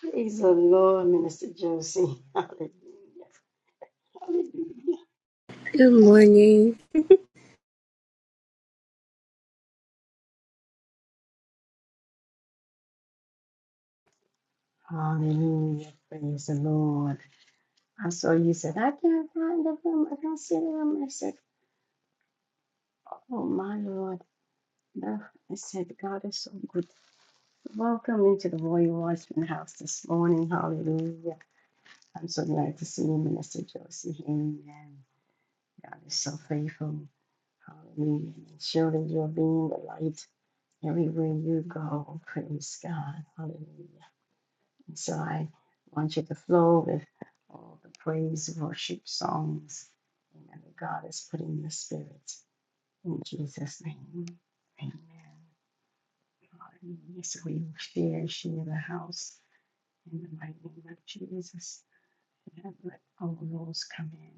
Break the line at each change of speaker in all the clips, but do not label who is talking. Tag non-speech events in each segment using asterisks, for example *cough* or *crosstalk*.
Praise the Lord, Minister Josie. *laughs* Hallelujah. Hallelujah.
Good morning.
Hallelujah. Praise the Lord. I saw you said, I can't find the room. I don't see the room. I said, Oh my Lord. No. I said, God is so good. Welcome into the Royal Watchman House this morning. Hallelujah. I'm so glad to see you, Minister Josie. Amen. God is so faithful. Hallelujah. And Surely you're being the light everywhere you go. Praise God. Hallelujah. So I want you to flow with all the praise, worship, songs, amen, that God has put in your spirit. In Jesus' name, amen. Hallelujah. So we will share, share the house in the mighty name of Jesus. And let all those come in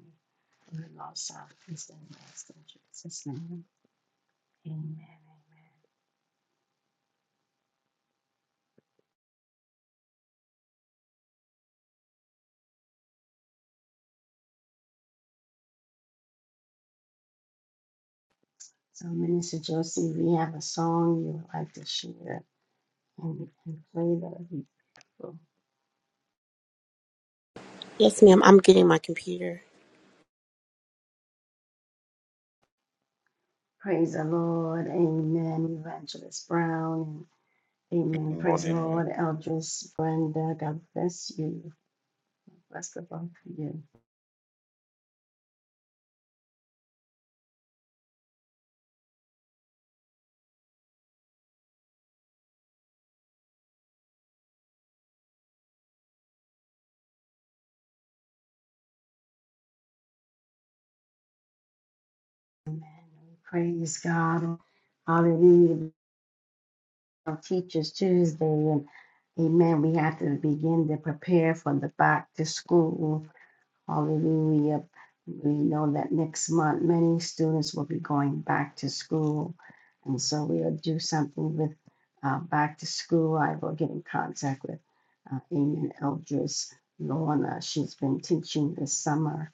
from the north, south, east, and west. In Jesus' name, amen, amen. So, Minister Josie, we have a song you would like to share and, and play that. we will
Yes, ma'am. I'm getting my computer.
Praise the Lord. Amen. Evangelist Brown. Amen.
Good
Praise the
morning, man.
Lord. Eldris Brenda. God bless you. Bless the both of you. Amen. Praise God. Hallelujah. Teachers Tuesday. And amen. We have to begin to prepare for the back to school. Hallelujah. We know that next month many students will be going back to school. And so we'll do something with uh, back to school. I will get in contact with uh, Amen Eldris Lorna. She's been teaching this summer.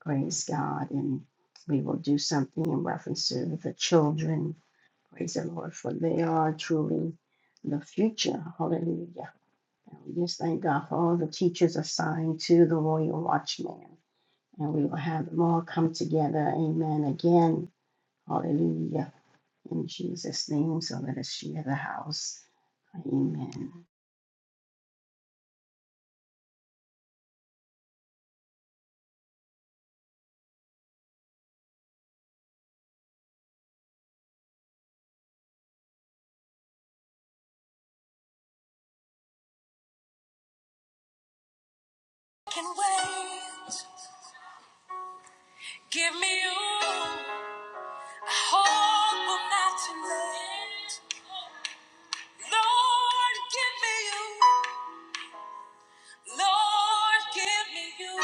Praise God. And we will do something in reference to the children. Praise the Lord, for they are truly the future. Hallelujah. And we just thank God for all the teachers assigned to the Royal Watchman. And we will have them all come together. Amen. Again, hallelujah. In Jesus' name. So let us share the house. Amen.
Can wait. Give me you. I hope I'm not too late. Lord, give me you. Lord, give me you.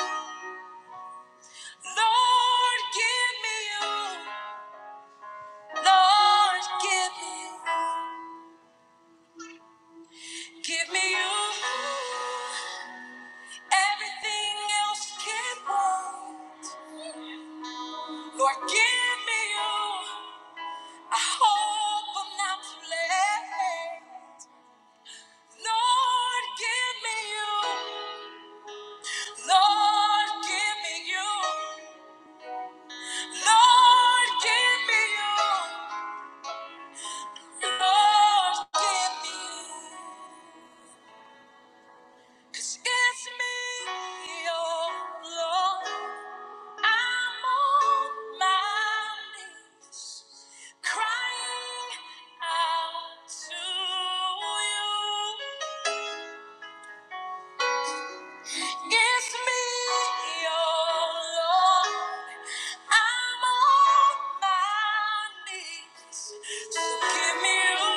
Lord, give me you. Lord, give me you. Give me you. Everything else can wait. Lord, give me you. I hope I'm not too late. Lord, give me you. Lord, give me you. Lord, give me you. Lord, give me you. 'Cause it's me, oh Lord. I'm on my knees, crying out to you. It's me, your Lord. I'm on my knees. So give me you.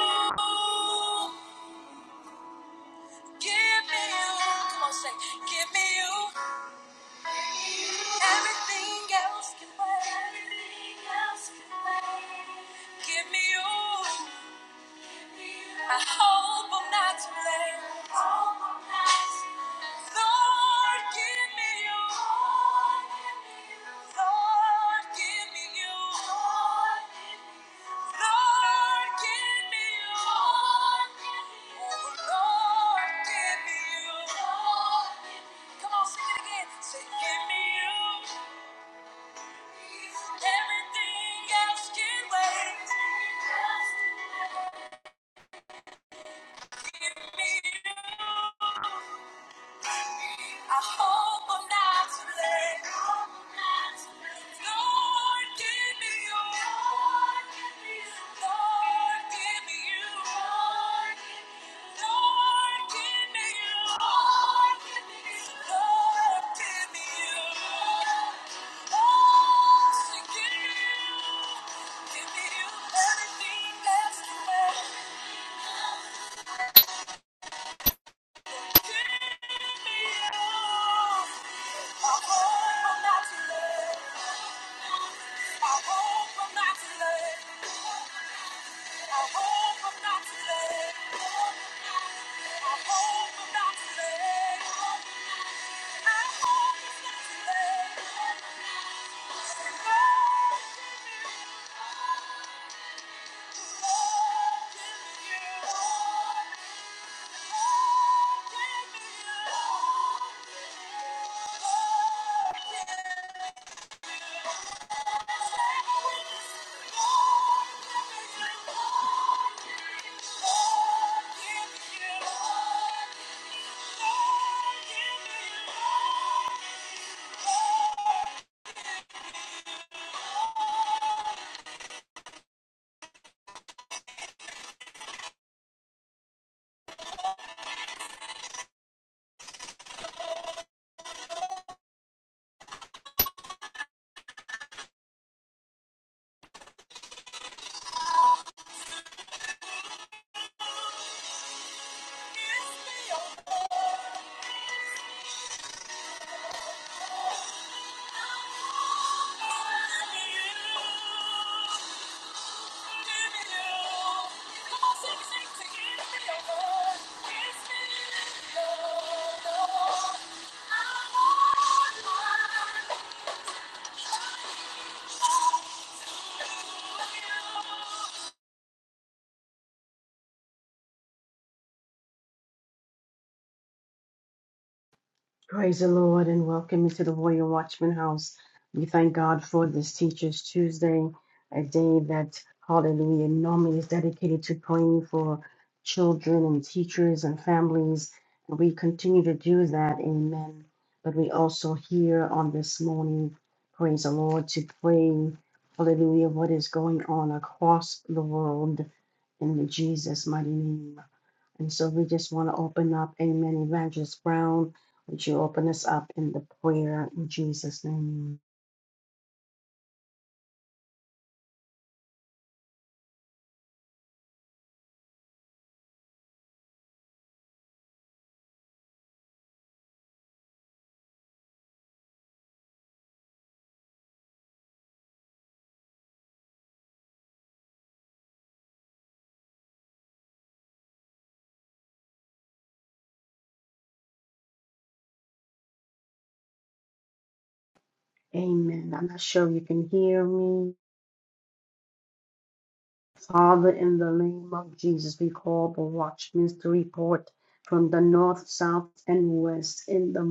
Give me you. Come on, say, give me you. Everything else can wait. Everything else can wait. Give me you. I hope I'm not too late. Lord, give me you. Lord, give me you. Lord, give me you. Oh, Lord, give me you. Come on, sing it again. Say, give me you. Everything else can wait. I hope I'm not too late. Lord, give me you. Lord, give me you. Lord, give me you. Lord, give me you. Lord, give me you. Oh, so give me you. Give me you everything that's left. I I'm hope I'm not too late. Thank you.
Praise the Lord and welcome into the Warrior Watchman House. We thank God for this Teachers Tuesday, a day that, hallelujah, normally is dedicated to praying for children and teachers and families. And we continue to do that, amen. But we also here on this morning, praise the Lord, to pray, hallelujah, what is going on across the world in Jesus' mighty name. And so we just want to open up, Amen, Evangelist Brown. Would you open us up in the prayer in Jesus' name? Amen. I'm not sure you can hear me. Father, in the name of Jesus, we call the watchmen to report from the north, south, and west in the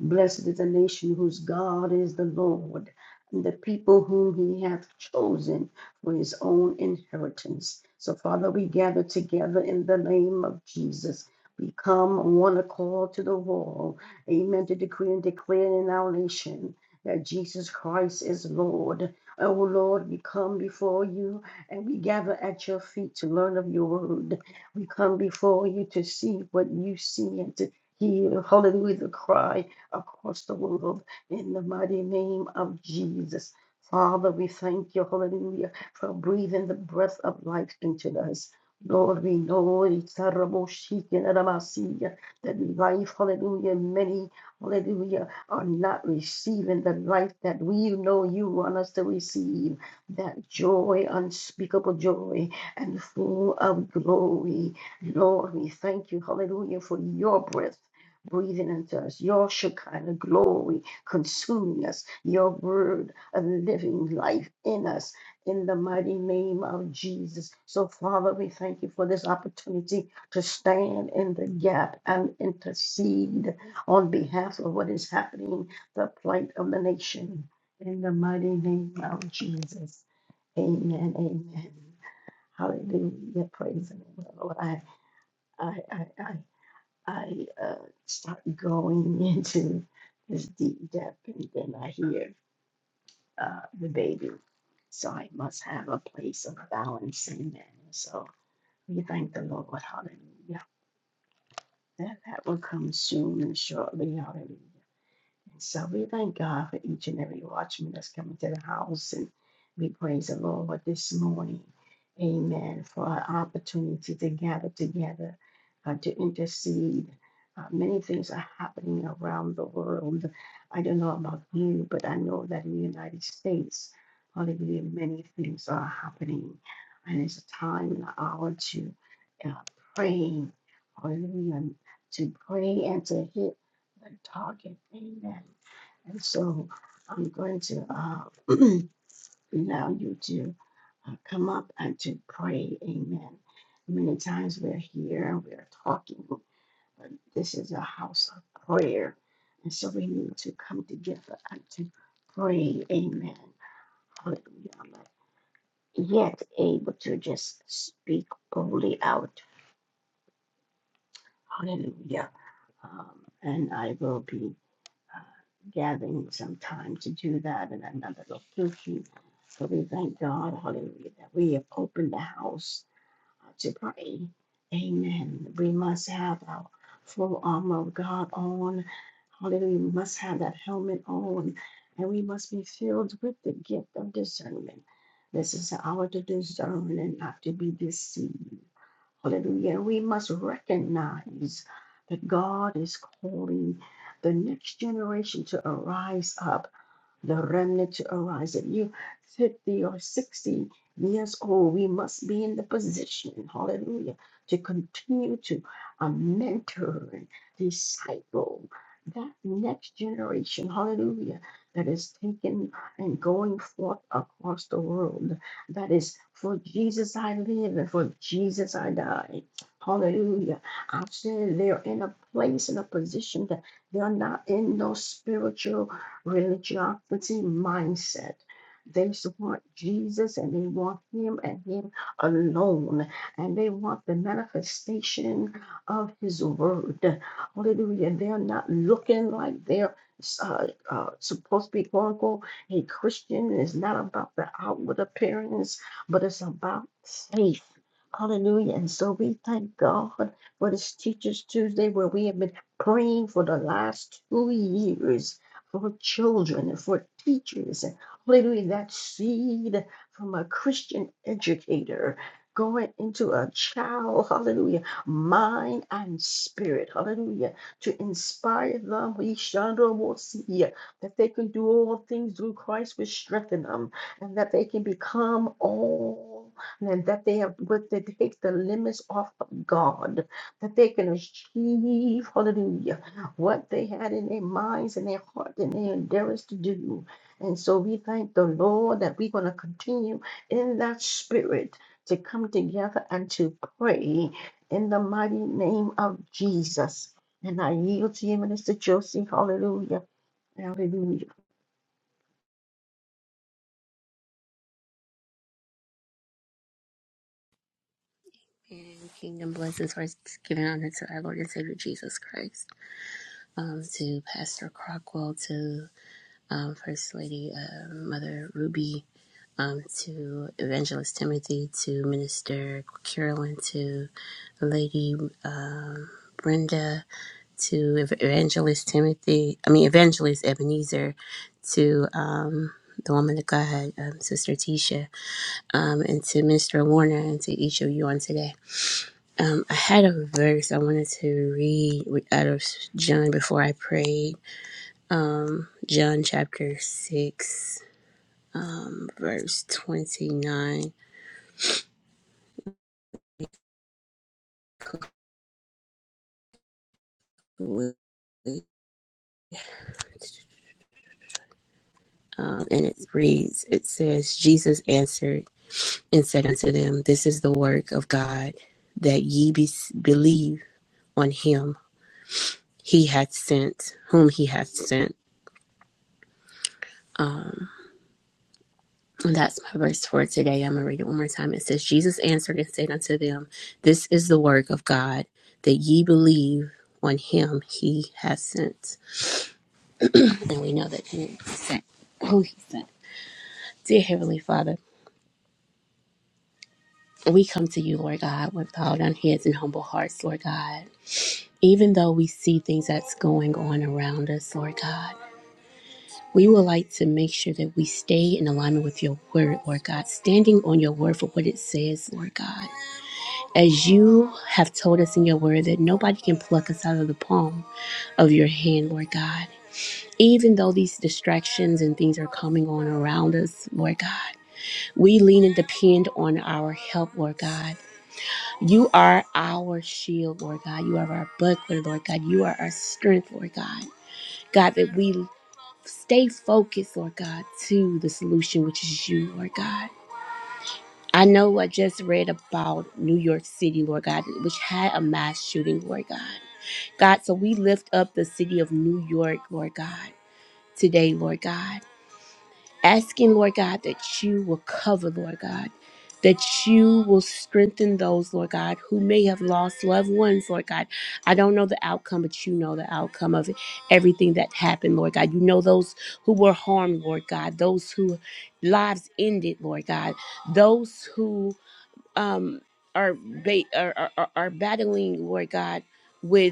Blessed is the nation whose God is the Lord, and the people whom he hath chosen for his own inheritance. So, Father, we gather together in the name of Jesus. We come on one accord to the wall, amen, to decree and declare in our nation that Jesus Christ is Lord. Oh Lord, we come before you and we gather at your feet to learn of your word. We come before you to see what you see and to hear, hallelujah, the cry across the world in the mighty name of Jesus. Father, we thank you, hallelujah, for breathing the breath of life into us. Lord, we know it's terrible, and adamasia, that life, hallelujah, many, hallelujah, are not receiving the life that we know you want us to receive, that joy, unspeakable joy, and full of glory. Lord, we thank you, hallelujah, for your breath breathing into us, your Shekinah glory consuming us, your word of living life in us, in the mighty name of Jesus. So, Father, we thank you for this opportunity to stand in the gap and intercede on behalf of what is happening, the plight of the nation, in the mighty name of Jesus. Amen. Amen. Hallelujah. Praise the name of the Lord. I, I, I, I I uh, start going *laughs* into this deep depth, and then I hear uh, the baby. So I must have a place of balance. Amen. So we thank the Lord. Hallelujah. That, that will come soon and shortly. Hallelujah. And so we thank God for each and every watchman that's coming to the house. And we praise the Lord this morning. Amen. For our opportunity to gather together, uh, to intercede. Uh, many things are happening around the world. I don't know about you, but I know that in the United States, hallelujah, many things are happening. And it's a time and an hour to uh, pray. Hallelujah. To pray and to hit the target. Amen and so I'm going to uh, *clears throat* allow you to uh, come up and to pray. Amen. Many times we're here, we're talking, but this is a house of prayer. And so we need to come together and to pray. Amen. Hallelujah. I'm not yet able to just speak boldly out. Hallelujah. Um, and I will be. uh, gathering some time to do that in another location. So we thank God, hallelujah, that we have opened the house uh, to pray. Amen. We must have our full armor of God on. Hallelujah. We must have that helmet on. And we must be filled with the gift of discernment. This is our to discern and not to be deceived. Hallelujah. And we must recognize that God is calling the next generation to arise up the remnant to arise. If you 50 or 60 years old, we must be in the position, hallelujah, to continue to uh, mentor and disciple that next generation, hallelujah, that is taken and going forth across the world. That is for Jesus I live and for Jesus I die. Hallelujah. I've said they're in a place, in a position that they're not in no spiritual religiosity mindset. They want Jesus and they want Him and Him alone, and they want the manifestation of His word. Hallelujah. They're not looking like they're uh, uh, supposed to be, quote unquote, a Christian. It's not about the outward appearance, but it's about faith. Hallelujah. And so we thank God for this Teachers Tuesday where we have been praying for the last two years for children for teachers hallelujah that seed from a christian educator going into a child hallelujah mind and spirit hallelujah to inspire them we Chandra will see that they can do all things through christ which strengthen them and that they can become all and that they have but they take the limits off of god that they can achieve hallelujah what they had in their minds and their heart and their endeavors to do. And so we thank the Lord that we're going to continue in that spirit to come together and to pray in the mighty name of Jesus. And I yield to you, Minister Josie. Hallelujah. Hallelujah.
And kingdom blessings for given honor to our Lord and Savior Jesus Christ, um, to Pastor Crockwell, to. um, First Lady uh, Mother Ruby um, to Evangelist Timothy to Minister Carolyn to Lady uh, Brenda to Ev- Evangelist Timothy, I mean, Evangelist Ebenezer, to um, the woman of God, um, Sister Tisha, um, and to Minister Warner, and to each of you on today. Um, I had a verse I wanted to read out of John before I prayed. Um, John chapter 6 um, verse 29. Um, and it reads, it says, Jesus answered and said unto them, This is the work of God, that ye be- believe on him he hath sent, whom he hath sent. Um, and that's my verse for today. I'm going to read it one more time. It says, Jesus answered and said unto them, This is the work of God, that ye believe on him he hath sent. And we know that he sent who he sent. Dear Heavenly Father, we come to you, Lord God, with bowed down heads and humble hearts, Lord God. Even though we see things that's going on around us, Lord God, we would like to make sure that we stay in alignment with your word, Lord God, standing on your word for what it says, Lord God. As you have told us in your word that nobody can pluck us out of the palm of your hand, Lord God. Even though these distractions and things are coming on around us, Lord God, we lean and depend on our help, Lord God You are our shield, Lord God. You are our buckler, Lord God. You are our strength, Lord God. God, that we stay focused, Lord God, to the solution, which is you, Lord God. I know I just read about New York City, Lord God, which had a mass shooting, Lord God. God, so we lift up the city of New York, Lord God, today, Lord God. asking, Lord God, that you will cover, Lord God, that you will strengthen those, Lord God, who may have lost loved ones, Lord God. I don't know the outcome, but you know the outcome of everything that happened, Lord God. You know those who were harmed, Lord God, those who lives ended, Lord God, those who um, are, ba- are, are, are are battling, Lord God. With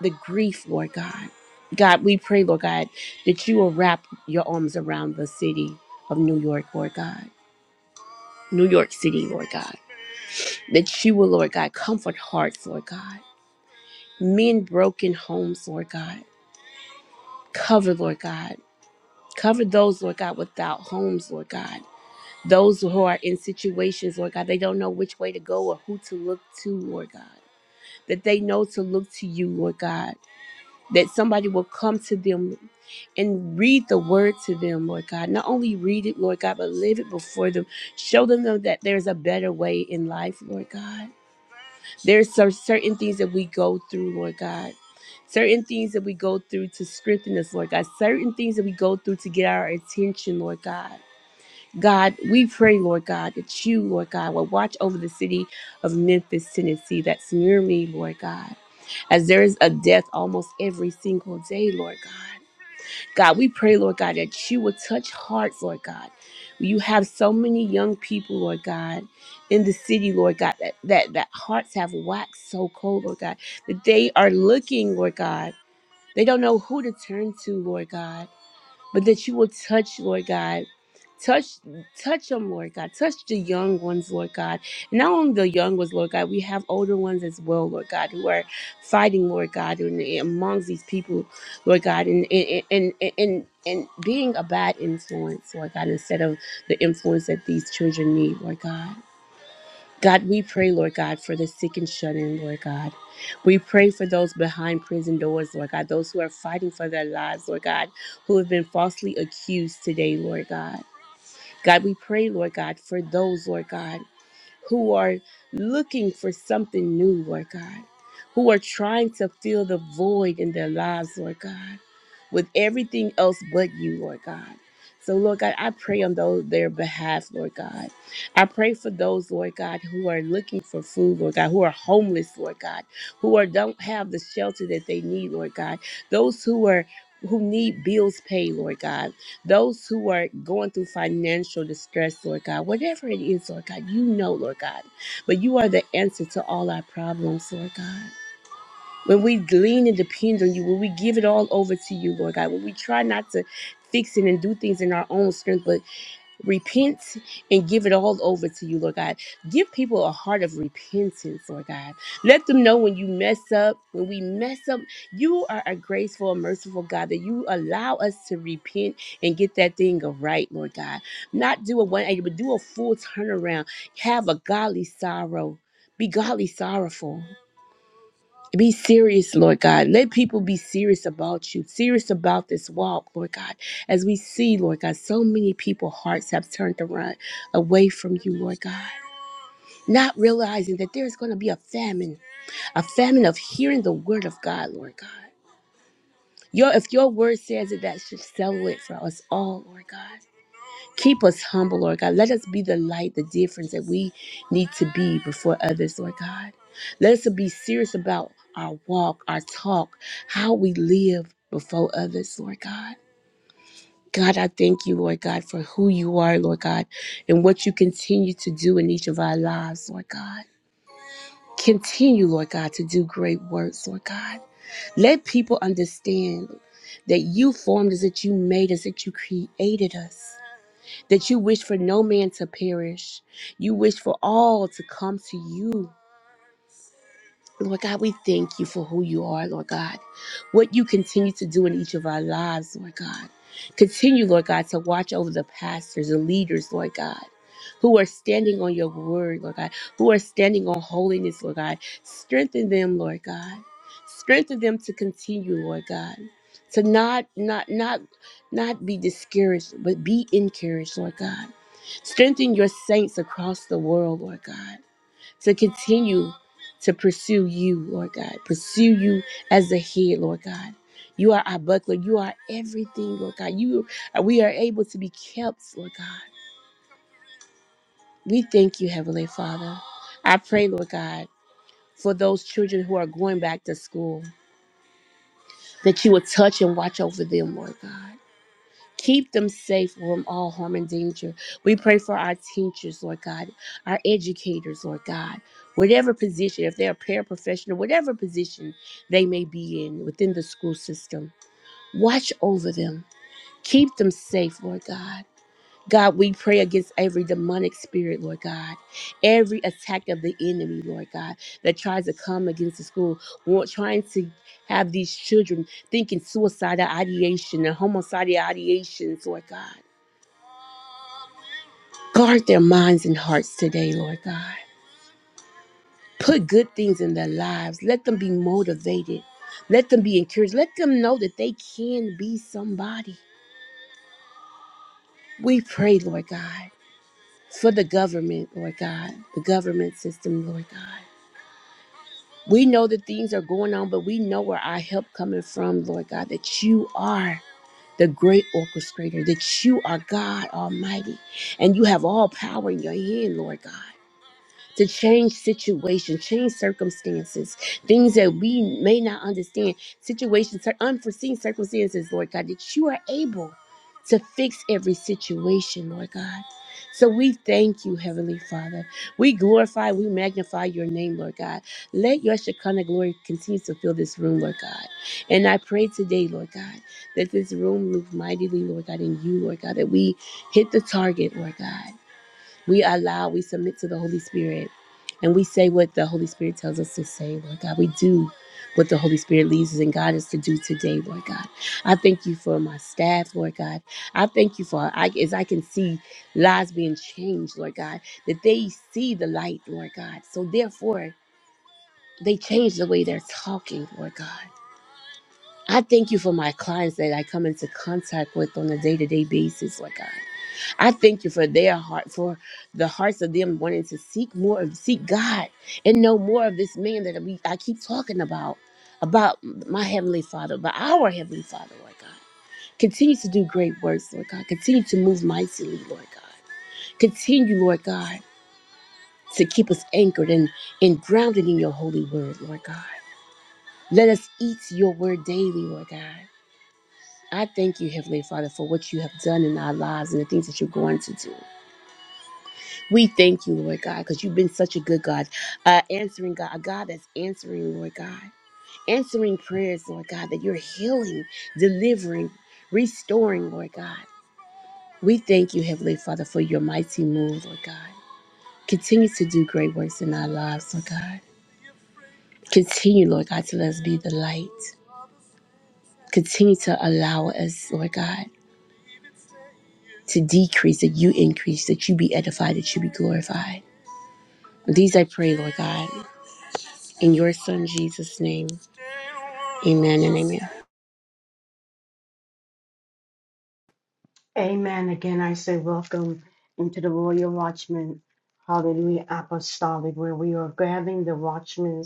the grief, Lord God. God, we pray, Lord God, that you will wrap your arms around the city of New York, Lord God. New York City, Lord God. That you will, Lord God, comfort hearts, Lord God. mend broken homes, Lord God. Cover, Lord God. Cover those, Lord God, without homes, Lord God. Those who are in situations, Lord God, they don't know which way to go or who to look to, Lord God. That they know to look to you, Lord God that somebody will come to them and read the word to them, Lord God. Not only read it, Lord God, but live it before them. Show them though, that there's a better way in life, Lord God. There's some certain things that we go through, Lord God. Certain things that we go through to strengthen us, Lord God. Certain things that we go through to get our attention, Lord God. God, we pray, Lord God, that you, Lord God, will watch over the city of Memphis, Tennessee. That's near me, Lord God as there is a death almost every single day, Lord God. God, we pray, Lord God, that you would touch hearts, Lord God. You have so many young people, Lord God, in the city, Lord God, that, that, that hearts have waxed so cold, Lord God, that they are looking, Lord God. They don't know who to turn to, Lord God but that you will touch, Lord God. Touch, touch them, Lord God. Touch the young ones, Lord God. And not only the young ones, Lord God, we have older ones as well, Lord God, who are fighting, Lord God, and amongst these people, Lord God, and and and and, and, and being a bad influence, Lord God, instead of the influence that these children need, Lord God. God, we pray, Lord God, for the sick and shut in, Lord God. We pray for those behind prison doors, Lord God, those who are fighting for their lives, Lord God, who have been falsely accused today, Lord God. God, we pray, Lord God, for those, Lord God who are looking for something new, Lord God, who are trying to fill the void in their lives, Lord God, with everything else but you, Lord God. So, Lord God, I pray on those, their behalf, Lord God. I pray for those, Lord God, who are looking for food, Lord God, who are homeless, Lord God, who are don't have the shelter that they need, Lord God. Those who are who need bills paid, Lord God those who are going through financial distress, Lord God, whatever it is, Lord God, you know, Lord God. But you are the answer to all our problems, Lord God. When we lean and depend on you, when we give it all over to you, Lord God, when we try not to fix it and do things in our own strength, but repent and give it all over to you, Lord God. Give people a heart of repentance, Lord God. Let them know when you mess up, when we mess up, you are a graceful and merciful God that you allow us to repent and get that thing right, Lord God. Not do a 180, but do a full turnaround. Have a godly sorrow. Be godly sorrowful. Be serious, Lord God. Let people be serious about you, serious about this walk, Lord God. As we see, Lord God, so many people's hearts have turned around away from you, Lord God. Not realizing that there's going to be a famine, a famine of hearing the word of God, Lord God. Your, if your word says it, that should settle it for us all, Lord God. Keep us humble, Lord God. Let us be the light, the difference that we need to be before others, Lord God. Let us be serious about our walk, our talk, how we live before others, Lord God. God, I thank you, Lord God, for who you are, Lord God, and what you continue to do in each of our lives, Lord God. Continue, Lord God, to do great works, Lord God. Let people understand that you formed us, that you made us, that you created us that you wish for no man to perish. You wish for all to come to you Lord God, we thank you for who you are, Lord God. What you continue to do in each of our lives, Lord God. Continue, Lord God, to watch over the pastors and leaders, Lord God, who are standing on your word, Lord God, who are standing on holiness, Lord God. Strengthen them, Lord God. Strengthen them to continue, Lord God. To not, not, not, not be discouraged, but be encouraged, Lord God. Strengthen your saints across the world, Lord God to continue to pursue you, Lord God. Pursue you as the head, Lord God. You are our buckler. You are everything, Lord God. You we are able to be kept, Lord God. We thank you, Heavenly Father. I pray, Lord God, for those children who are going back to school, that you will touch and watch over them, Lord God. Keep them safe from all harm and danger. We pray for our teachers, Lord God, our educators, Lord God, whatever position, if they're a paraprofessional, whatever position they may be in within the school system, watch over them. Keep them safe, Lord God. God, we pray against every demonic spirit, Lord God, every attack of the enemy, Lord God, that tries to come against the school, wa- trying to have these children thinking suicidal ideation and homicidal ideations, Lord God. Guard their minds and hearts today, Lord God. Put good things in their lives. Let them be motivated. Let them be encouraged. Let them know that they can be somebody. We pray, Lord God, for the government, Lord God, the government system, Lord God. We know that things are going on, but we know where our help coming from, Lord God, that you are the great orchestrator, that you are God Almighty, and you have all power in your hand, Lord God. to change situations, change circumstances, things that we may not understand, situations, cir- unforeseen circumstances, Lord God, that you are able to fix every situation, Lord God. So we thank you, Heavenly Father. We glorify, we magnify your name, Lord God. Let your Shekinah glory continue to fill this room, Lord God. And I pray today, Lord God, that this room move mightily, Lord God, in you, Lord God, that we hit the target, Lord God we allow, we submit to the Holy Spirit, and we say what the Holy Spirit tells us to say, Lord God. We do what the Holy Spirit leads us and God is to do today, Lord God. I thank you for my staff, Lord God. I thank you for, I, as I can see lives being changed, Lord God, that they see the light, Lord God. So therefore, they change the way they're talking, Lord God. I thank you for my clients that I come into contact with on a day to day basis, Lord God. I thank you for their heart, for the hearts of them wanting to seek more of seek God and know more of this man that we I keep talking about, about my heavenly Father, about our heavenly Father, Lord God. Continue to do great works, Lord God. Continue to move mightily, Lord God. Continue, Lord God, to keep us anchored and, and grounded in your holy word, Lord God. Let us eat your word daily, Lord God. I thank you, Heavenly Father, for what you have done in our lives and the things that you're going to do. We thank you, Lord God, because you've been such a good God, uh, answering God, a God that's answering, Lord God, answering prayers, Lord God, that you're healing, delivering, restoring, Lord God. We thank you, Heavenly Father, for your mighty move, Lord God. Continue to do great works in our lives, Lord God. Continue, Lord God, to let us be the light. Continue to allow us, Lord God, to decrease, that you increase, that you be edified, that you be glorified. These I pray, Lord God, in your Son Jesus' name. Amen and amen.
Amen. Again, I say welcome into the Royal Watchman, Hallelujah Apostolic, where we are grabbing the watchmen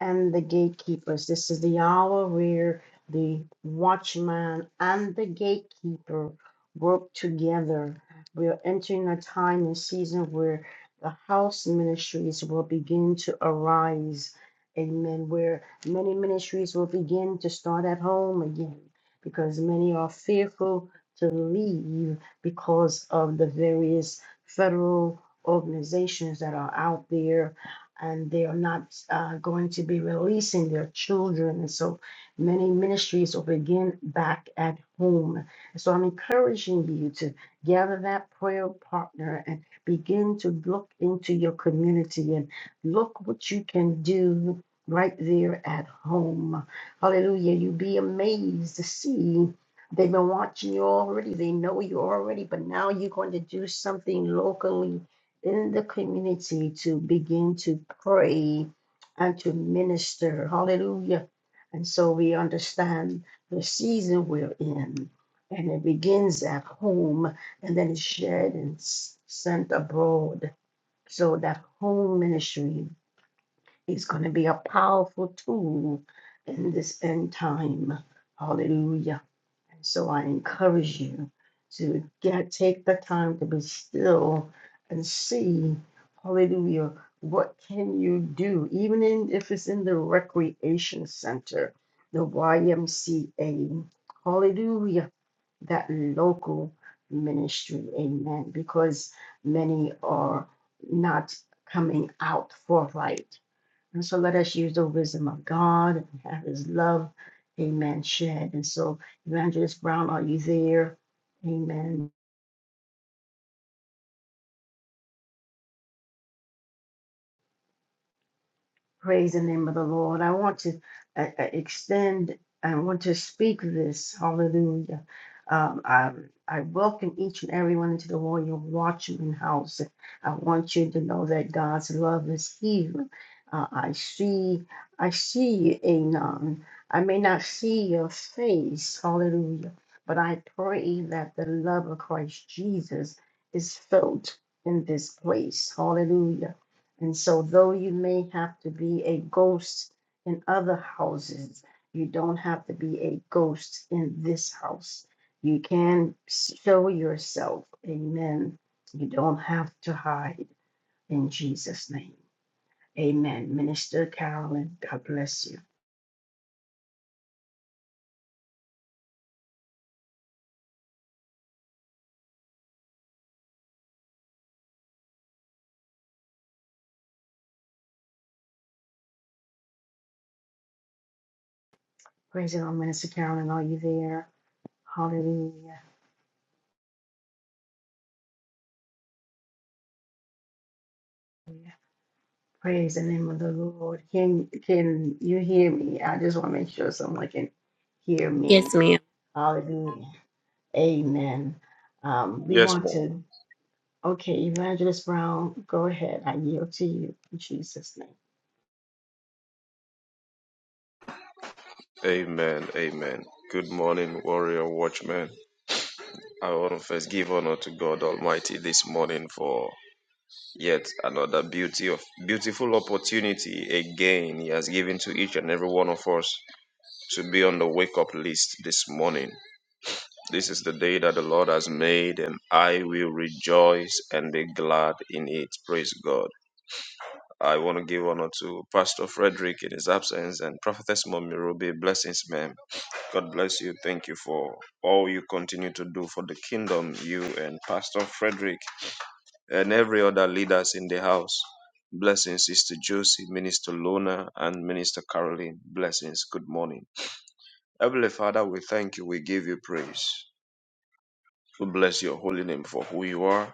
and the gatekeepers. This is the hour where the watchman and the gatekeeper work together. We are entering a time and season where the house ministries will begin to arise. Amen. Where many ministries will begin to start at home again because many are fearful to leave because of the various federal organizations that are out there and they are not uh, going to be releasing their children. And so many ministries will begin back at home. So I'm encouraging you to gather that prayer partner and begin to look into your community and look what you can do right there at home. Hallelujah. you will be amazed to see. They've been watching you already. They know you already, but now you're going to do something locally in the community to begin to pray and to minister. Hallelujah. And so we understand the season we're in, and it begins at home and then is shared and s- sent abroad. So that home ministry is going to be a powerful tool in this end time. Hallelujah. So I encourage you to get take the time to be still and see, hallelujah, what can you do, even in, if it's in the recreation center, the YMCA, hallelujah, that local ministry, amen, because many are not coming out for right. And so let us use the wisdom of God and have his love, amen, shed. And so, Evangelist Brown, are you there? Amen. Praise the name of the Lord. I want to uh, uh, extend, I want to speak this. Hallelujah. Um, I, I welcome each and everyone into the Royal Watchman House. I want you to know that God's love is here. Uh, I see, I see you, Anon. I may not see your face, hallelujah, but I pray that the love of Christ Jesus is felt in this place, hallelujah and so, though you may have to be a ghost in other houses, you don't have to be a ghost in this house. You can show yourself. Amen. You don't have to hide in Jesus' name. Amen. Minister Carolyn, God bless you. Praise the Lord, Minister Carolyn. Are you there? Hallelujah. Praise the name of the Lord. Can can you hear me? I just want to make sure someone can hear me.
Yes, ma'am.
Hallelujah. Amen. Um, we
Yes,
want
man.
to, okay, Evangelist Brown, go ahead. I yield to you in Jesus' name.
Amen. Amen. Good morning, warrior watchman. I want to first give honor to God Almighty this morning for yet another beauty of beautiful opportunity again He has given to each and every one of us to be on the wake up list this morning. This is the day that the Lord has made, and I will rejoice and be glad in it. Praise God. I want to give honor to Pastor Frederick in his absence and Prophetess Mommy Ruby. Blessings, ma'am. God bless you. Thank you for all you continue to do for the kingdom, you and Pastor Frederick and every other leaders in the house. Blessings, Sister Josie, Minister Lona, and Minister Caroline. Blessings. Good morning. Heavenly Father, we thank you. We give you praise. We bless your holy name for who you are.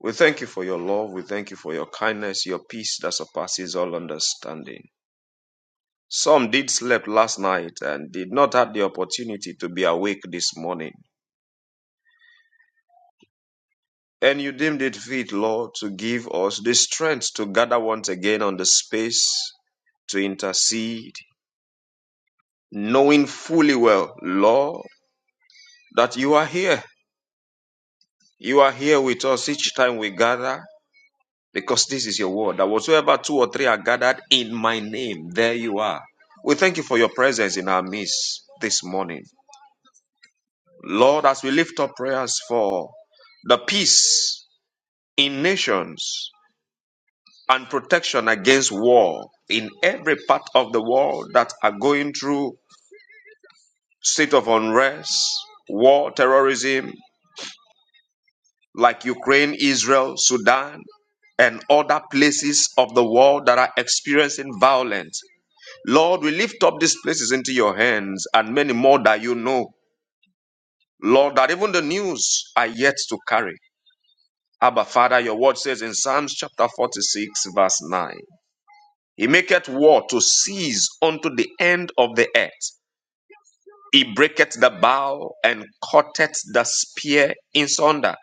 We thank you for your love. We thank you for your kindness, your peace that surpasses all understanding. Some did sleep last night and did not have the opportunity to be awake this morning. and you deemed it fit, Lord, to give us the strength to gather once again on the space to intercede, knowing fully well, Lord, that you are here. You are here with us each time we gather, because this is your word. That whatsoever two or three are gathered in my name, there you are. We thank you for your presence in our midst this morning. Lord, as we lift up prayers for the peace in nations, and protection against war in every part of the world that are going through state of unrest, war, terrorism, like Ukraine, Israel, Sudan, and other places of the world that are experiencing violence. Lord, we lift up these places into your hands and many more that you know. Lord, that even the news are yet to carry. Abba, Father, your word says in Psalms chapter 46, verse 9, He maketh war to cease unto the end of the earth. He breaketh the bow and cutteth the spear in sunder.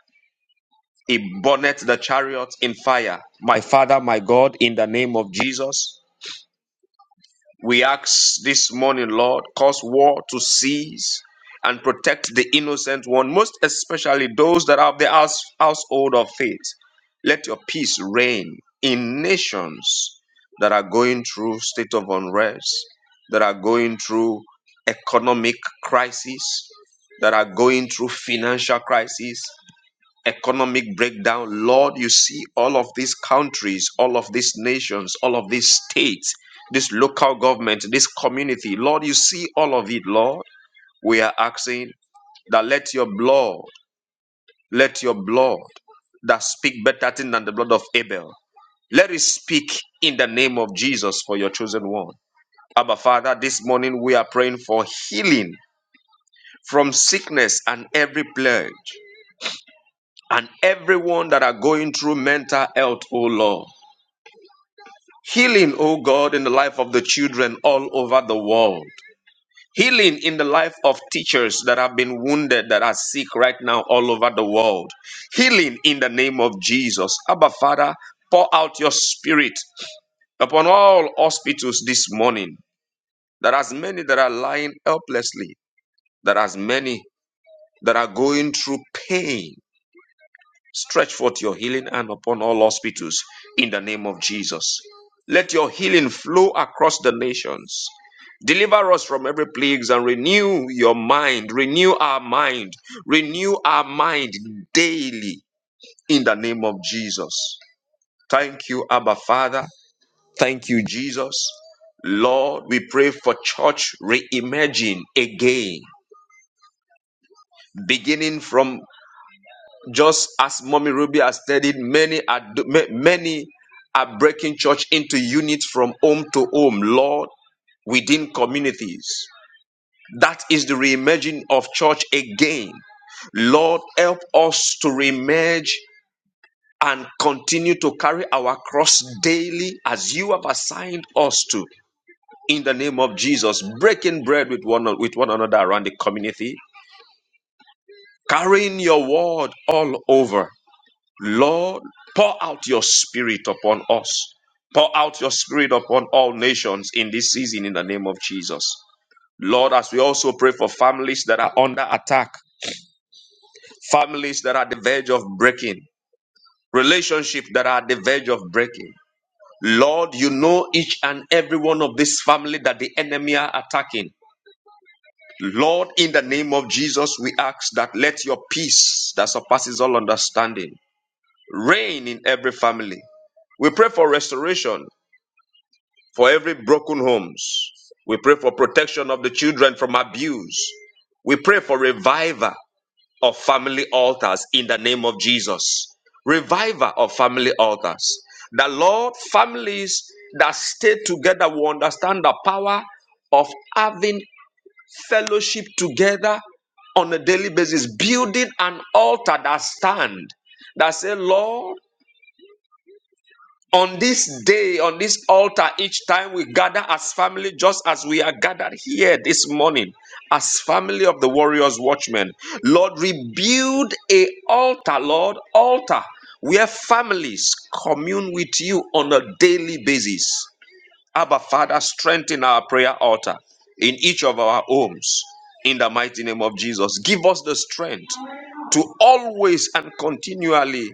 He burneth the chariot in fire. My Father, my God, in the name of Jesus, we ask this morning, Lord, cause war to cease and protect the innocent one, most especially those that are of the house, household of faith. Let your peace reign in nations that are going through state of unrest, that are going through economic crisis, that are going through financial crisis economic breakdown. Lord, you see all of these countries, all of these nations, all of these states, this local government, this community. Lord, you see all of it, Lord. We are asking that let your blood, let your blood that speak better thing than the blood of Abel. Let it speak in the name of Jesus for your chosen one. Abba Father, this morning we are praying for healing from sickness and every plague and everyone that are going through mental health, oh Lord. Healing, oh God, in the life of the children all over the world. Healing in the life of teachers that have been wounded, that are sick right now all over the world. Healing in the name of Jesus. Abba, Father, pour out your spirit upon all hospitals this morning. There are as many that are lying helplessly. There are as many that are going through pain. Stretch forth your healing hand upon all hospitals in the name of Jesus. Let your healing flow across the nations. Deliver us from every plague and renew your mind, renew our mind, renew our mind daily in the name of Jesus. Thank you, Abba Father. Thank you, Jesus. Lord, we pray for church reimagining again, beginning from just as Mommy Ruby has studied, many are do- ma- many are breaking church into units from home to home, Lord, within communities. That is the reimagining of church again. Lord, help us to reemerge and continue to carry our cross daily as you have assigned us to. In the name of Jesus, breaking bread with one, with one another around the community, carrying your word all over Lord, pour out your spirit upon us. Pour out your spirit upon all nations in this season in the name of Jesus. Lord, as we also pray for families that are under attack, families that are at the verge of breaking, relationships that are at the verge of breaking. Lord, you know each and every one of this family that the enemy are attacking. Lord, in the name of Jesus, we ask that let your peace that surpasses all understanding reign in every family. We pray for restoration for every broken homes. We pray for protection of the children from abuse. We pray for revival of family altars in the name of Jesus. Revival of family altars. The Lord, families that stay together will understand the power of having fellowship together on a daily basis, building an altar that stand that say, Lord on this day, on this altar, each time we gather as family, just as we are gathered here this morning, as family of the Warriors Watchmen, Lord, rebuild a altar, Lord, altar where families commune with you on a daily basis. Abba, Father, strengthen our prayer altar in each of our homes. In the mighty name of Jesus, give us the strength to always and continually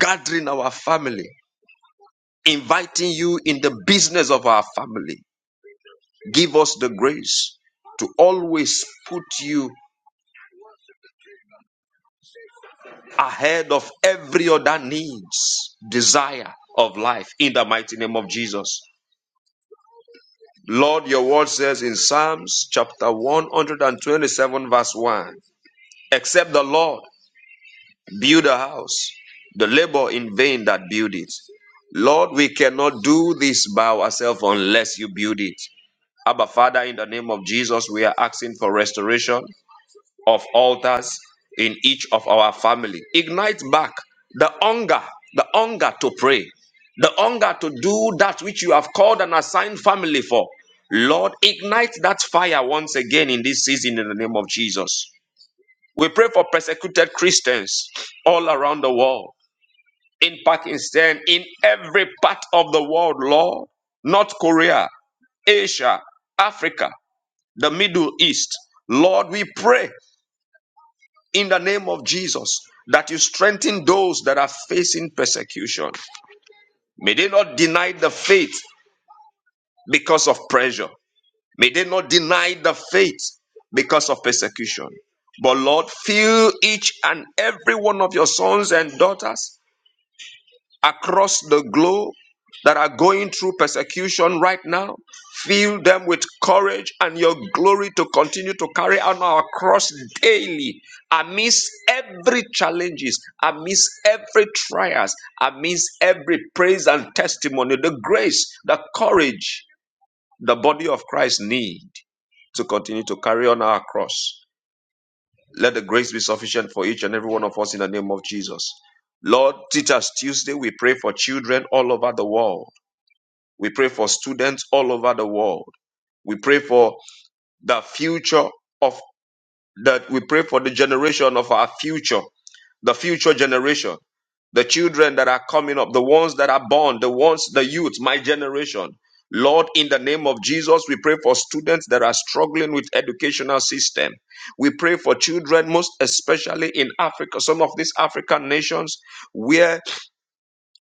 gathering our family inviting you in the business of our family. Give us the grace to always put you ahead of every other needs, desire of life in the mighty name of Jesus. Lord, your word says in Psalms chapter 127, verse 1 Except the Lord build a house, the labor in vain that build it. Lord, we cannot do this by ourselves unless you build it. Abba Father, in the name of Jesus, we are asking for restoration of altars in each of our family. Ignite back the hunger, the hunger to pray, the hunger to do that which you have called and assigned family for. Lord, ignite that fire once again in this season in the name of Jesus. We pray for persecuted Christians all around the world, in Pakistan, in every part of the world, Lord, North Korea, Asia, Africa the Middle East. Lord, we pray in the name of Jesus that you strengthen those that are facing persecution. May they not deny the faith because of pressure. May they not deny the faith because of persecution. But Lord, fill each and every one of your sons and daughters across the globe that are going through persecution right now. Fill them with courage and your glory to continue to carry on our cross daily amidst every challenges, amidst every trials, amidst every praise and testimony, the grace, the courage the body of Christ need to continue to carry on our cross. Let the grace be sufficient for each and every one of us in the name of Jesus. Lord, Teachers Tuesday, we pray for children all over the world. We pray for students all over the world. We pray for the future of that. We pray for the generation of our future the future generation, the children that are coming up, the ones that are born, the ones, the youth, my generation. Lord, in the name of Jesus, we pray for students that are struggling with educational system. We pray for children, most especially in Africa, some of these African nations, where.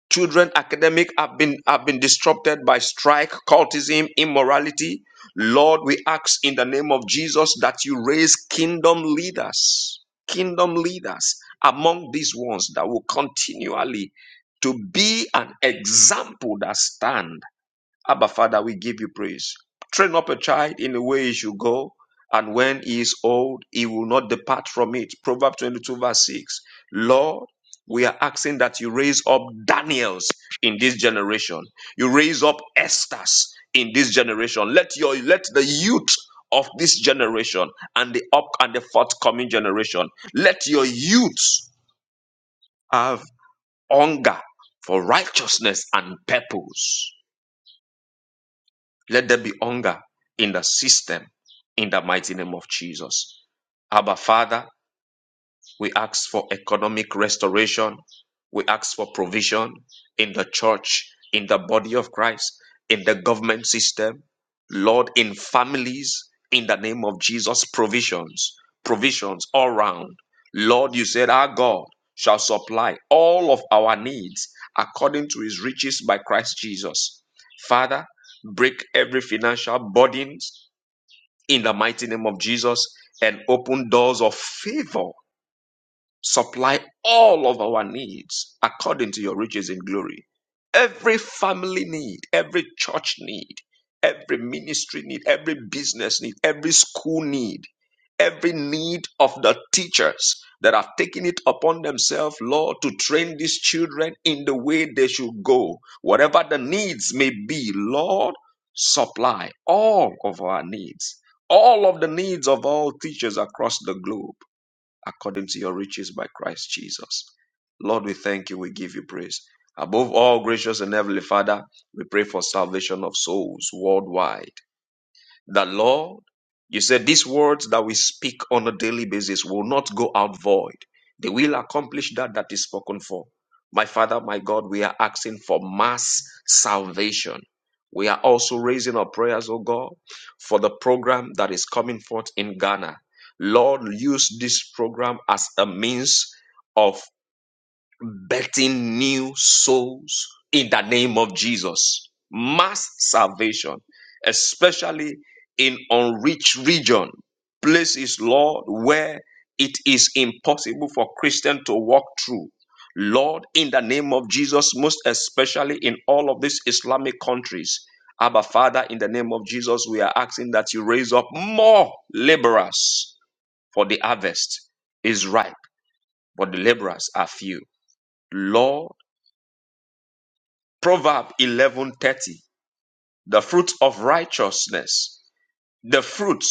Children academic have been have been disrupted by strike, cultism, immorality. Lord, we ask in the name of Jesus that you raise kingdom leaders, kingdom leaders among these ones that will continually to be an example that stand Abba, Father, we give you praise. Train up a child in the way he should go, and when he is old, he will not depart from it. Proverbs 22, verse 6. Lord, we are asking that you raise up Daniels in this generation. You raise up Esther's in this generation. Let your let the youth of this generation and the up and the forthcoming generation let your youth have hunger for righteousness and purpose Let there be hunger in the system in the mighty name of Jesus. Abba, Father, we ask for economic restoration. We ask for provision in the church, in the body of Christ, in the government system, Lord, in families, in the name of Jesus, provisions, provisions all round. Lord, you said our God shall supply all of our needs according to his riches by Christ Jesus. Father, break every financial burdens in the mighty name of Jesus and open doors of favor supply all of our needs according to your riches in glory. Every family need, every church need, every ministry need, every business need, every school need, every need of the teachers that have taken it upon themselves, Lord, to train these children in the way they should go. Whatever the needs may be, Lord, supply all of our needs, all of the needs of all teachers across the globe according to your riches by Christ Jesus. Lord, we thank you. We give you praise. Above all, gracious and heavenly Father, we pray for salvation of souls worldwide that Lord, you said these words that we speak on a daily basis will not go out void. They will accomplish that that is spoken for. My Father, my God, we are asking for mass salvation. We are also raising our prayers, oh God, for the program that is coming forth in Ghana. Lord, use this program as a means of. Betting new souls in the name of Jesus. Mass salvation, especially in unreached region, places, Lord, where it is impossible for Christian to walk through. Lord, in the name of Jesus, most especially in all of these Islamic countries. Abba Father, in the name of Jesus, we are asking that you raise up more laborers for the harvest is ripe, but the laborers are few. Lord, Proverb 11:30 The fruit of righteousness the fruit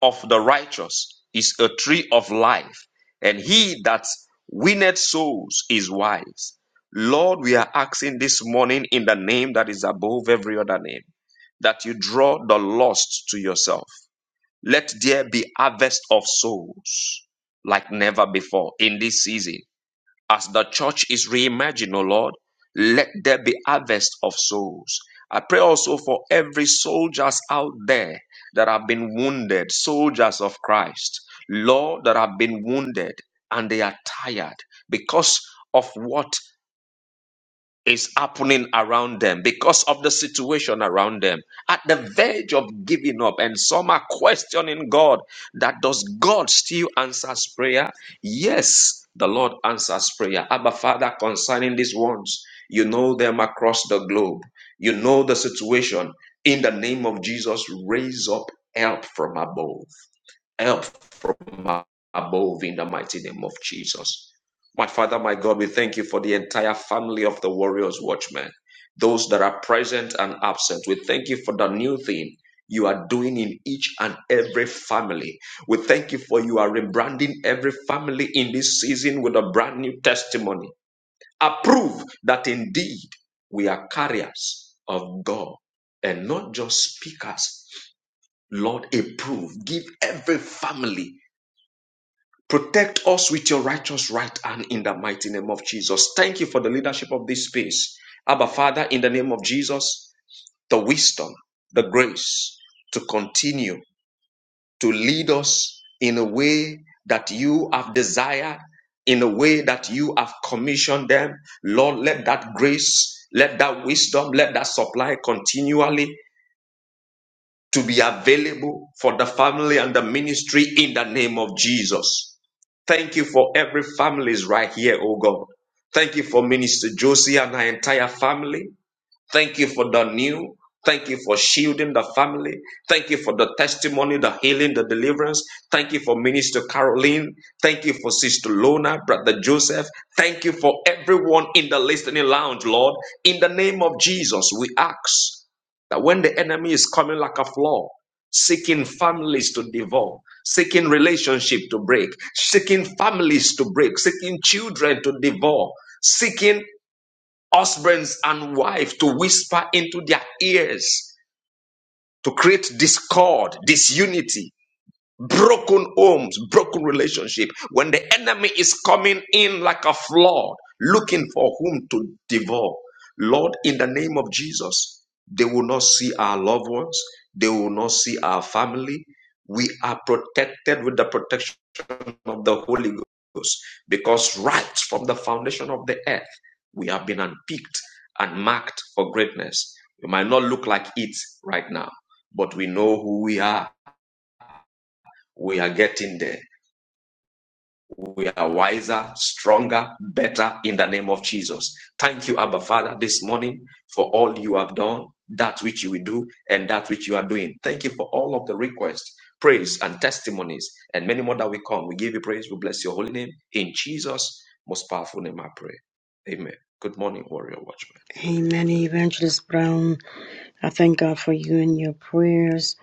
of the righteous is a tree of life and he that winneth souls is wise Lord we are asking this morning in the name that is above every other name that you draw the lost to yourself let there be harvest of souls like never before in this season as the church is reimagined, O Lord, let there be harvest of souls. I pray also for every soldiers out there that have been wounded, soldiers of Christ, Lord, that have been wounded and they are tired because of what is happening around them because of the situation around them at the verge of giving up and some are questioning god that does god still answers prayer yes the lord answers prayer abba father concerning these ones you know them across the globe you know the situation in the name of jesus raise up help from above help from above in the mighty name of Jesus. My Father, my God, we thank you for the entire family of the Warriors Watchmen, those that are present and absent. We thank you for the new thing you are doing in each and every family. We thank you for you are rebranding every family in this season with a brand new testimony. Approve that indeed we are carriers of God and not just speakers. Lord, approve. Give every family Protect us with your righteous right hand in the mighty name of Jesus. Thank you for the leadership of this space. Abba, Father, in the name of Jesus, the wisdom, the grace to continue to lead us in a way that you have desired, in a way that you have commissioned them. Lord, let that grace, let that wisdom, let that supply continually to be available for the family and the ministry in the name of Jesus. Thank you for every families right here, oh God. Thank you for Minister Josie and her entire family. Thank you for the new. Thank you for shielding the family. Thank you for the testimony, the healing, the deliverance. Thank you for Minister Caroline. Thank you for Sister Lona, Brother Joseph. Thank you for everyone in the listening lounge, Lord. In the name of Jesus, we ask that when the enemy is coming like a flood, seeking families to devour, seeking relationship to break, seeking families to break, seeking children to devour, seeking husbands and wives to whisper into their ears to create discord, disunity, broken homes, broken relationship. When the enemy is coming in like a flood, looking for whom to devour. Lord, in the name of Jesus, they will not see our loved ones. They will not see our family. We are protected with the protection of the Holy Ghost because right from the foundation of the earth, we have been unpicked and marked for greatness. We might not look like it right now, but we know who we are. We are getting there we are wiser, stronger, better in the name of Jesus. Thank you, Abba Father, this morning for all you have done, that which you will do, and that which you are doing. Thank you for all of the requests, praise, and testimonies, and many more that we come. We give you praise. We bless your holy name. In Jesus' most powerful name, I pray. Amen. Good morning, Warrior Watchman.
Amen, Evangelist Brown. I thank God for you and your prayers.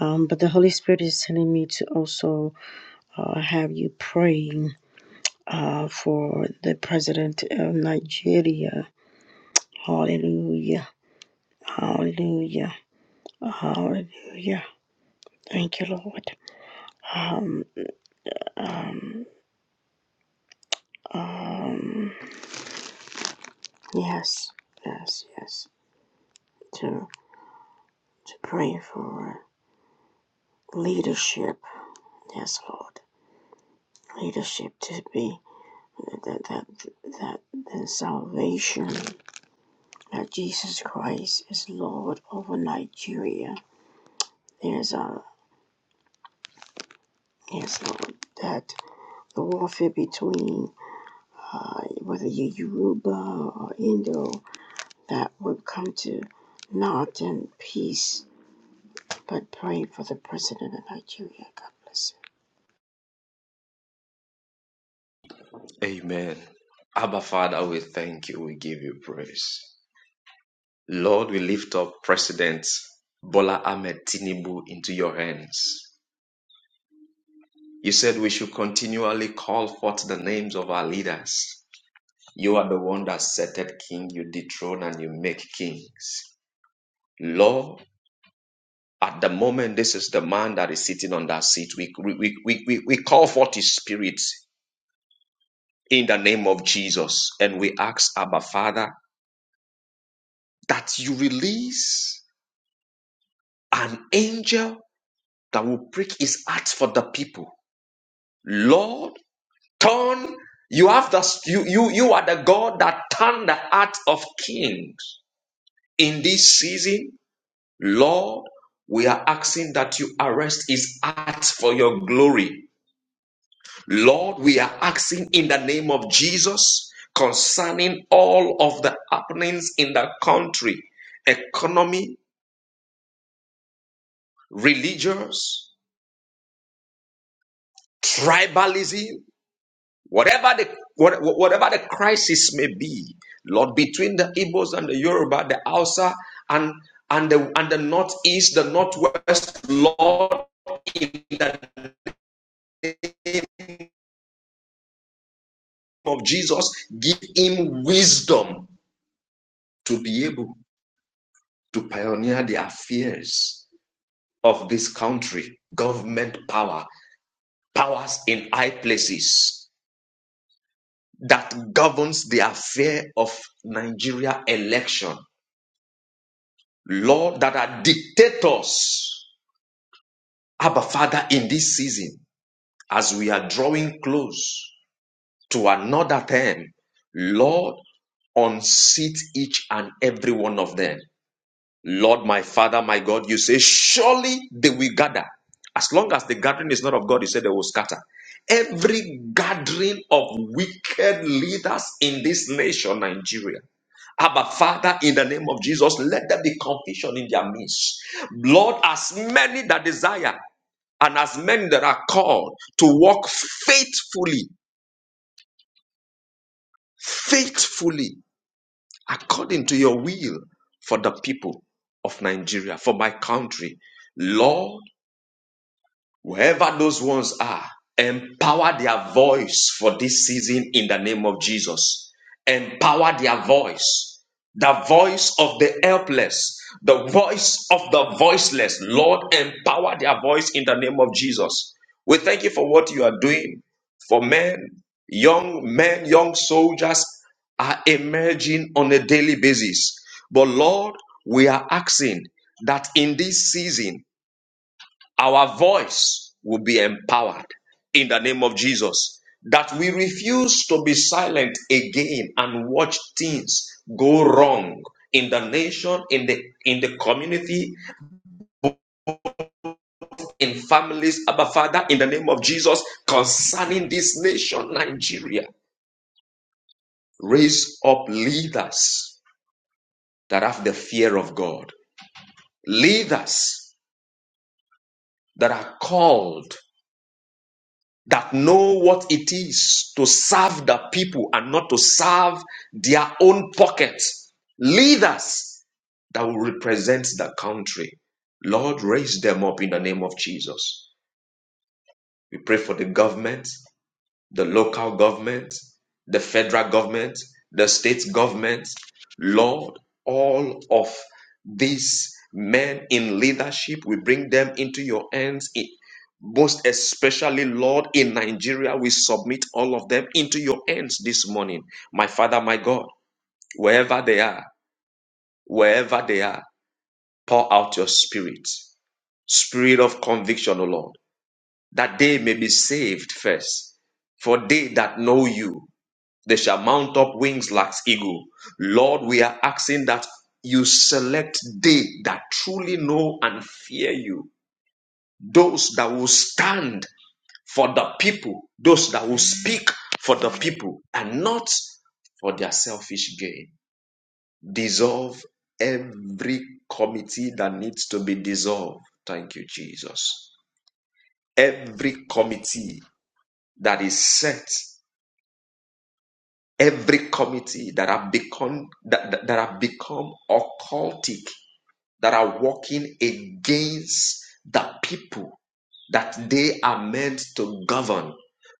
Um, but the Holy Spirit is telling me to also uh, have you praying uh, for the president of Nigeria. Hallelujah. Hallelujah. Hallelujah. Thank you, Lord. Um, um, um, Yes, yes, yes. To to pray for leadership. Yes, Lord, leadership to be that that that, the salvation that Jesus Christ is Lord over Nigeria. There's a yes, Lord, that the warfare between uh, whether you're Yoruba or Indo that would come to not in peace, but pray for the president of Nigeria. God bless him.
Amen. Abba Father, we thank you. We give you praise. Lord, we lift up President Bola Ahmed Tinubu into your hands. You said we should continually call forth the names of our leaders. You are the one that settled king, you dethrone and you make kings. Lord, at the moment, this is the man that is sitting on that seat. We, we, we, we, we call forth his spirit in the name of Jesus and we ask Abba Father that you release an angel that will break his heart for the people. Lord, Turn, you have the you you you are the God that turned the heart of kings. In this season, Lord, we are asking that you arrest his heart for your glory. Lord, we are asking in the name of Jesus concerning all of the happenings in the country, economy, religious, tribalism. Whatever the what- whatever the crisis may be, Lord, between the Igbos and the Yoruba, the Hausa and and the and the northeast, the northwest, Lord, in the name of Jesus, give him wisdom to be able to pioneer the affairs of this country. Government power, powers in high places that governs the affair of Nigeria election. Lord, that are dictators Abba, Father, in this season, as we are drawing close to another term, Lord, unseat each and every one of them. Lord, my Father, my God, you say, surely they will gather. As long as the gathering is not of God, you say they will scatter. Every gathering of wicked leaders in this nation, Nigeria. Abba, Father, in the name of Jesus, let there be confusion in their midst. Lord, as many that desire and as men that are called to walk faithfully, faithfully, according to your will for the people of Nigeria, for my country, Lord. Wherever those ones are, empower their voice for this season in the name of Jesus. Empower their voice, the voice of the helpless, the voice of the voiceless. Lord, empower their voice in the name of Jesus. We thank you for what you are doing for men, young men, young soldiers are emerging on a daily basis. But Lord, we are asking that in this season, our voice will be empowered in the name of Jesus. That we refuse to be silent again and watch things go wrong in the nation, in the in the community, in families, Abba Father, in the name of Jesus, concerning this nation, Nigeria. Raise up leaders that have the fear of God, leaders that are called that know what it is to serve the people and not to serve their own pockets. Leaders that will represent the country. Lord, raise them up in the name of Jesus. We pray for the government the local government, the federal government, the state government. Lord, all of these men in leadership, we bring them into your hands. I- Most especially, Lord, in Nigeria, we submit all of them into your hands this morning. My Father, my God, wherever they are, wherever they are, pour out your spirit, spirit of conviction, O Lord, that they may be saved first, for they that know you. They shall mount up wings like eagle. Lord, we are asking that you select they that truly know and fear you. Those that will stand for the people. Those that will speak for the people and not for their selfish gain. Dissolve every committee that needs to be dissolved. Thank you, Jesus. Every committee that is set every committee that have become that, that, that have become occultic that are working against the people that they are meant to govern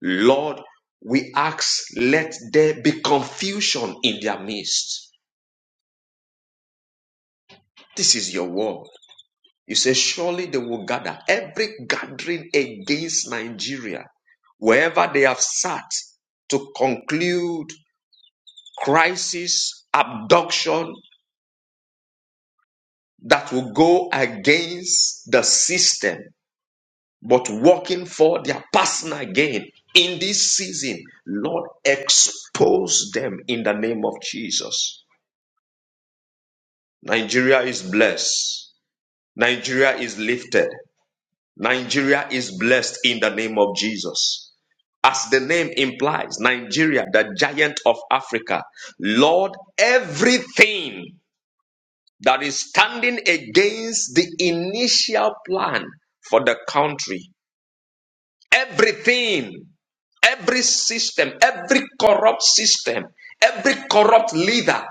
lord we ask let there be confusion in their midst this is your word you say surely they will gather every gathering against nigeria wherever they have sat to conclude crisis abduction that will go against the system, but working for their personal gain in this season. Lord, expose them in the name of Jesus. Nigeria is blessed. Nigeria is lifted. Nigeria is blessed in the name of Jesus. As the name implies, Nigeria, the giant of Africa. Lord, everything that is standing against the initial plan for the country Everything, every system, every corrupt system, every corrupt leader,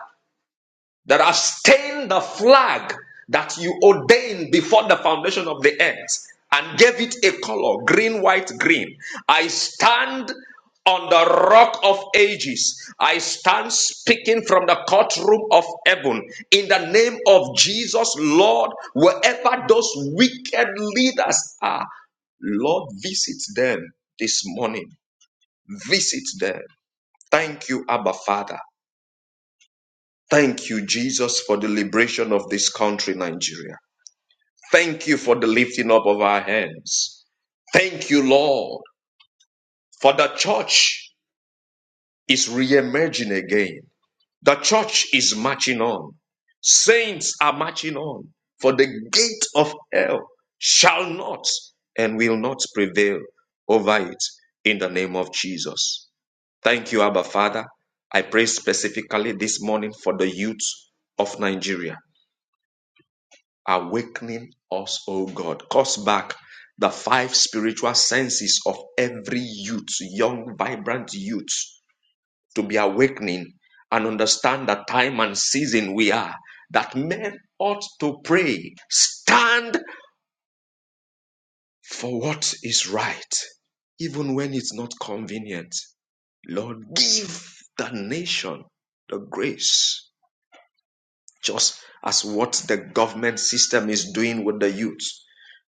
that have stained the flag that you ordained before the foundation of the earth and gave it a color green, white, green. I stand on the rock of ages. I stand speaking from the courtroom of heaven in the name of Jesus, Lord, wherever those wicked leaders are, Lord, visit them this morning. Visit them. Thank you, Abba Father. Thank you, Jesus, for the liberation of this country, Nigeria. Thank you for the lifting up of our hands. Thank you, Lord, for the church is re-emerging again. The church is marching on. Saints are marching on, for the gate of hell shall not and will not prevail over it in the name of Jesus. Thank you, Abba Father. I pray specifically this morning for the youth of Nigeria. awakening us, O God. Cause back the five spiritual senses of every youth, young, vibrant youth, to be awakening and understand the time and season we are, that men ought to pray, stand for what is right, even when it's not convenient. Lord, give the nation the grace just as what the government system is doing with the youth.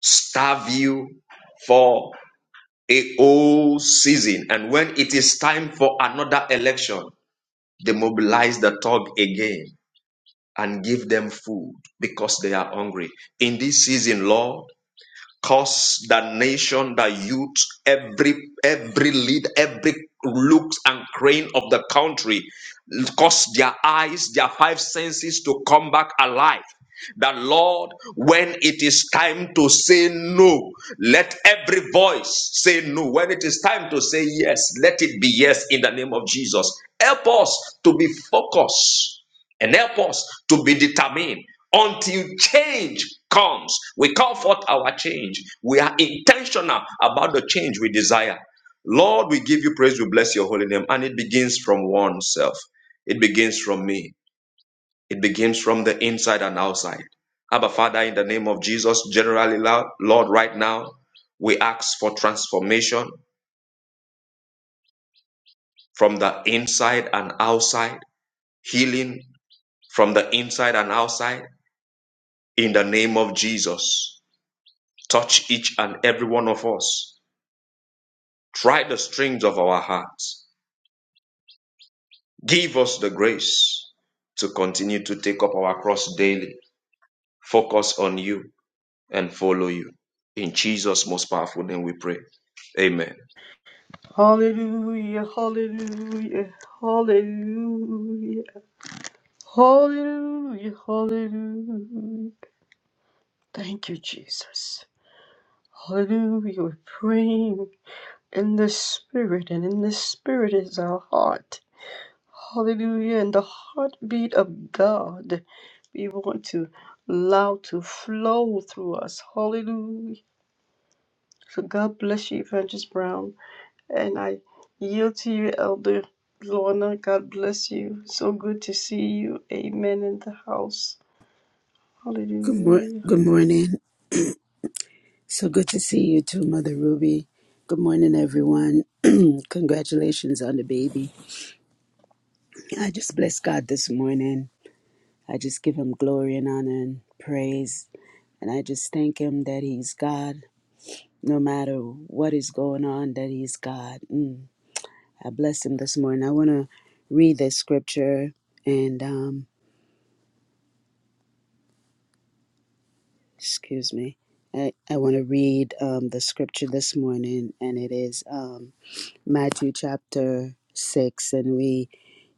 Starve you for a whole season. And when it is time for another election, they mobilize the thug again and give them food because they are hungry. In this season, Lord, cause the nation, the youth, every every lead, every looks and crane of the country, cause their eyes, their five senses to come back alive. That Lord, when it is time to say no, let every voice say no. When it is time to say yes, let it be yes in the name of Jesus. Help us to be focused and help us to be determined until change comes. We call forth our change. We are intentional about the change we desire. Lord, we give you praise, we bless your holy name. And it begins from oneself, it begins from me, it begins from the inside and outside. Abba, Father, in the name of Jesus, generally, Lord, Lord, right now, we ask for transformation from the inside and outside, healing from the inside and outside, in the name of Jesus. Touch each and every one of us. Try the strings of our hearts. Give us the grace to continue to take up our cross daily, focus on you, and follow you. In Jesus' most powerful name we pray. Amen.
Hallelujah, hallelujah, hallelujah, hallelujah, hallelujah. Thank you, Jesus. Hallelujah. We're praying in the Spirit, and in the Spirit is our heart. Hallelujah. And the heartbeat of God, we want to allow to flow through us. Hallelujah. So God bless you, Evangelist Brown. And I yield to you, Elder Lorna. God bless you. So good to see you. Amen in the house.
Good mor-
Hallelujah.
good morning. So good to see you too, Mother Ruby. Good morning, everyone. *clears throat* Congratulations on the baby. I just bless God this morning. I just give him glory and honor and praise. And I just thank him that he's God. No matter what is going on, that he's God. Mm. I bless him this morning. I want to read the scripture and, um, excuse me, I, I want to read um, the scripture this morning, and it is. Um, Matthew chapter 6 and we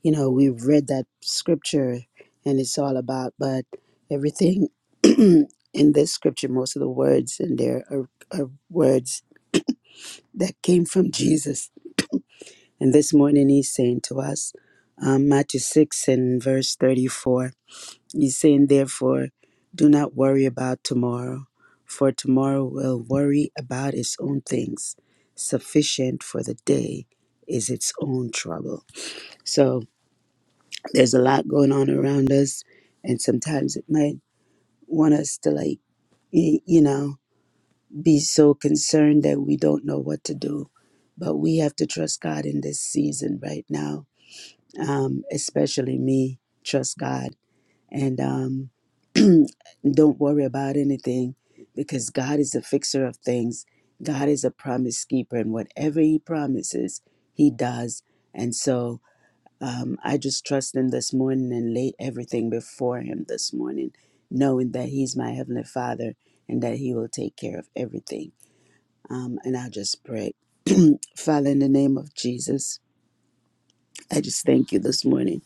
you know we've read that scripture and it's all about but everything *clears throat* in this scripture most of the words in there are, are words that came from Jesus and this morning he's saying to us um, Matthew 6 and verse 34 he's saying therefore do not worry about tomorrow for tomorrow will worry about its own things sufficient for the day is its own trouble so there's a lot going on around us, and sometimes it might want us to like y- you know be so concerned that we don't know what to do, but we have to trust God in this season right now. Um, especially me, trust God and um, don't worry about anything because God is the fixer of things. God is a promise keeper, and whatever He promises, He does. And so Um, I just trust him this morning and lay everything before him this morning, knowing that he's my heavenly father and that he will take care of everything. Um, and I just pray. Father, in the name of Jesus, I just thank you this morning.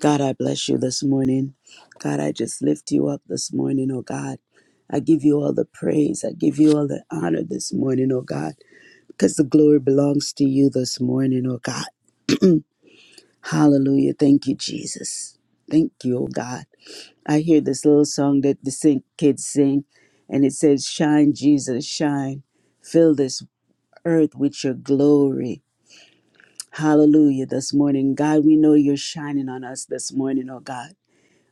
God, I bless you this morning. God, I just lift you up this morning, oh God. I give you all the praise. I give you all the honor this morning, oh God, because the glory belongs to you this morning, oh God. Hallelujah. Thank you, Jesus. Thank you, oh God. I hear this little song that the sing, kids sing, and it says, Shine, Jesus, shine. Fill this earth with your glory. Hallelujah this morning. God, we know you're shining on us this morning, oh God.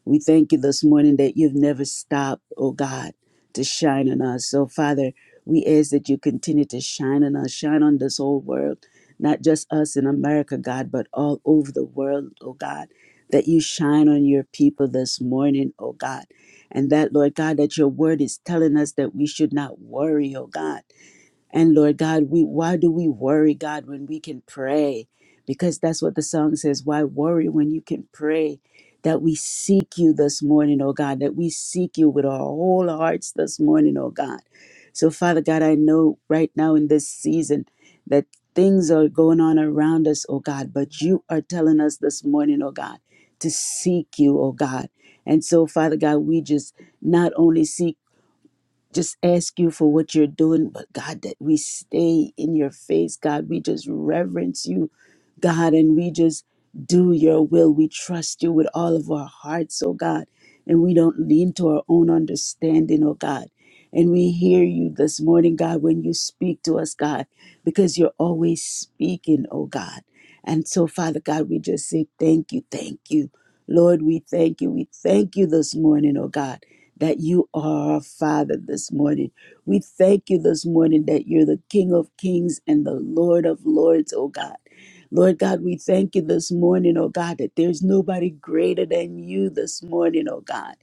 We thank you this morning that you've never stopped, oh God, to shine on us. So, Father, we ask that you continue to shine on us, shine on this whole world, not just us in America, God, but all over the world, oh God, that you shine on your people this morning, oh God. And that, Lord God, that your word is telling us that we should not worry, oh God and Lord God, we why do we worry, God, when we can pray? Because that's what the song says. Why worry when you can pray? That we seek you this morning, oh God, that we seek you with our whole hearts this morning, oh God. So, Father God, I know right now in this season that things are going on around us, oh God, but you are telling us this morning, oh God, to seek you, oh God. And so, Father God, we just not only seek just ask you for what you're doing, but God, that we stay in your face, God. We just reverence you, God, and we just do your will. We trust you with all of our hearts, oh God, and we don't lean to our own understanding, oh God. And we hear you this morning, God, when you speak to us, God, because you're always speaking, oh God. And so, Father God, we just say thank you, thank you. Lord, we thank you. We thank you this morning, oh God that you are our Father this morning. We thank you this morning that you're the King of kings and the Lord of lords, oh God. Lord God, we thank you this morning, oh God, that there's nobody greater than you this morning, oh God.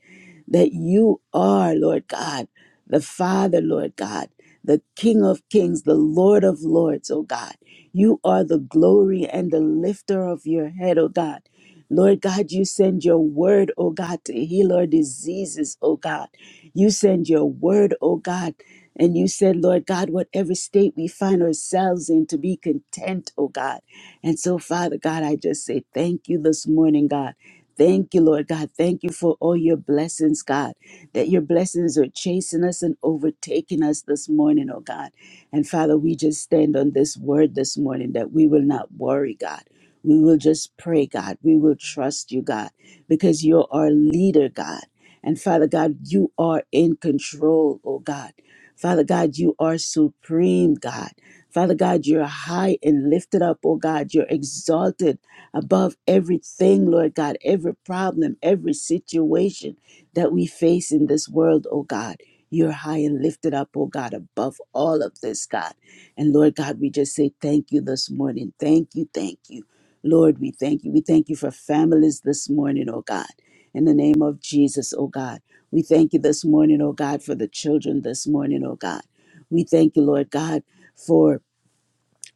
That you are, Lord God, the Father, Lord God, the King of kings, the Lord of lords, oh God. You are the glory and the lifter of your head, oh God. Lord God, you send your word, oh God, to heal our diseases, oh God. You send your word, oh God, and you said, Lord God, whatever state we find ourselves in, to be content, oh God. And so, Father God, I just say thank you this morning, God. Thank you, Lord God. Thank you for all your blessings, God, that your blessings are chasing us and overtaking us this morning, oh God. And Father, we just stand on this word this morning that we will not worry, God. We will just pray, God. We will trust you, God, because you're our leader, God. And Father God, you are in control, oh God. Father God, you are supreme, God. Father God, you're high and lifted up, oh God. You're exalted above everything, Lord God, every problem, every situation that we face in this world, oh God. You're high and lifted up, oh God, above all of this, God. And Lord God, we just say thank you this morning. Thank you, thank you. Lord, we thank you. We thank you for families this morning, oh God. In the name of Jesus, oh God. We thank you this morning, oh God, for the children this morning, oh God. We thank you, Lord God, for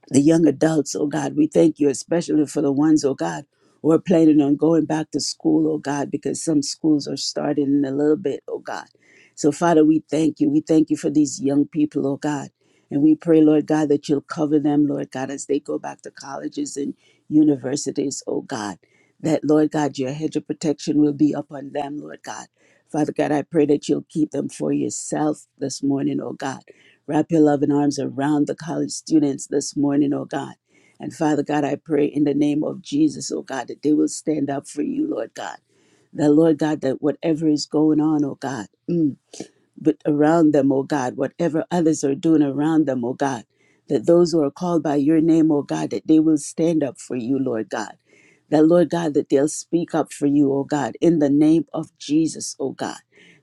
the young adults, oh God. We thank you, especially for the ones, oh God, who are planning on going back to school, oh God, because some schools are starting in a little bit, oh God. So, Father, we thank you. We thank you for these young people, oh God. And we pray, Lord God, that you'll cover them, Lord God, as they go back to colleges and universities, oh God. That, Lord God, your hedge of protection will be upon them, Lord God. Father God, I pray that you'll keep them for yourself this morning, oh God. Wrap your loving arms around the college students this morning, oh God. And Father God, I pray in the name of Jesus, oh God, that they will stand up for you, Lord God. That, Lord God, that whatever is going on, oh God. mm, but around them, O God, whatever others are doing around them, O God, that those who are called by your name, O God, that they will stand up for you, Lord God. That, Lord God, that they'll speak up for you, O God, in the name of Jesus, O God.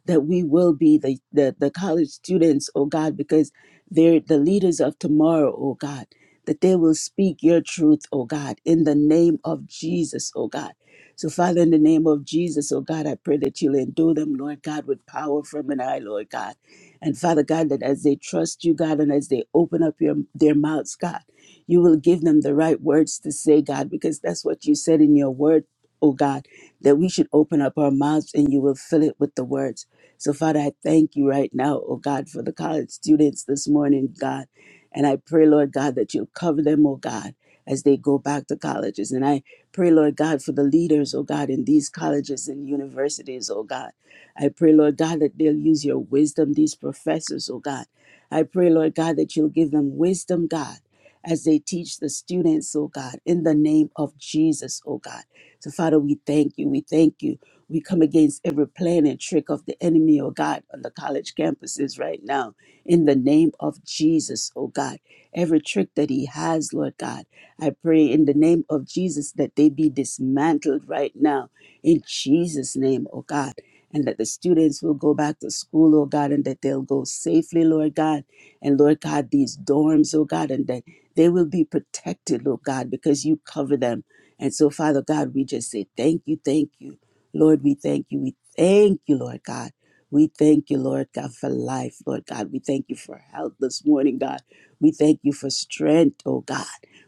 That we will be the, the, the college students, O God, because they're the leaders of tomorrow, O God. That they will speak your truth, O God, in the name of Jesus, O God so, Father, in the name of Jesus, oh God, I pray that you'll endure them, Lord God, with power from an eye, Lord God. And Father God, that as they trust you, God, and as they open up your, their mouths, God, you will give them the right words to say, God, because that's what you said in your word, oh God, that we should open up our mouths and you will fill it with the words. So, Father, I thank you right now, oh God, for the college students this morning, God. And I pray, Lord God, that you'll cover them, oh God, as they go back to colleges. And I Pray, Lord God, for the leaders, oh God, in these colleges and universities, oh God. I pray, Lord God, that they'll use your wisdom, these professors, oh God. I pray, Lord God, that you'll give them wisdom, God, as they teach the students, oh God, in the name of Jesus, oh God. So, Father, we thank you. We thank you. We come against every plan and trick of the enemy, oh God, on the college campuses right now, in the name of Jesus, oh God. Every trick that he has, Lord God. I pray in the name of Jesus that they be dismantled right now in Jesus' name, oh God, and that the students will go back to school, oh God, and that they'll go safely, Lord God, and Lord God, these dorms, oh God, and that they will be protected, Lord God, because you cover them. And so, Father God, we just say thank you, thank you. Lord, we thank you. We thank you, Lord God. We thank you, Lord God, for life, Lord God. We thank you for health this morning, God. We thank you for strength, oh God.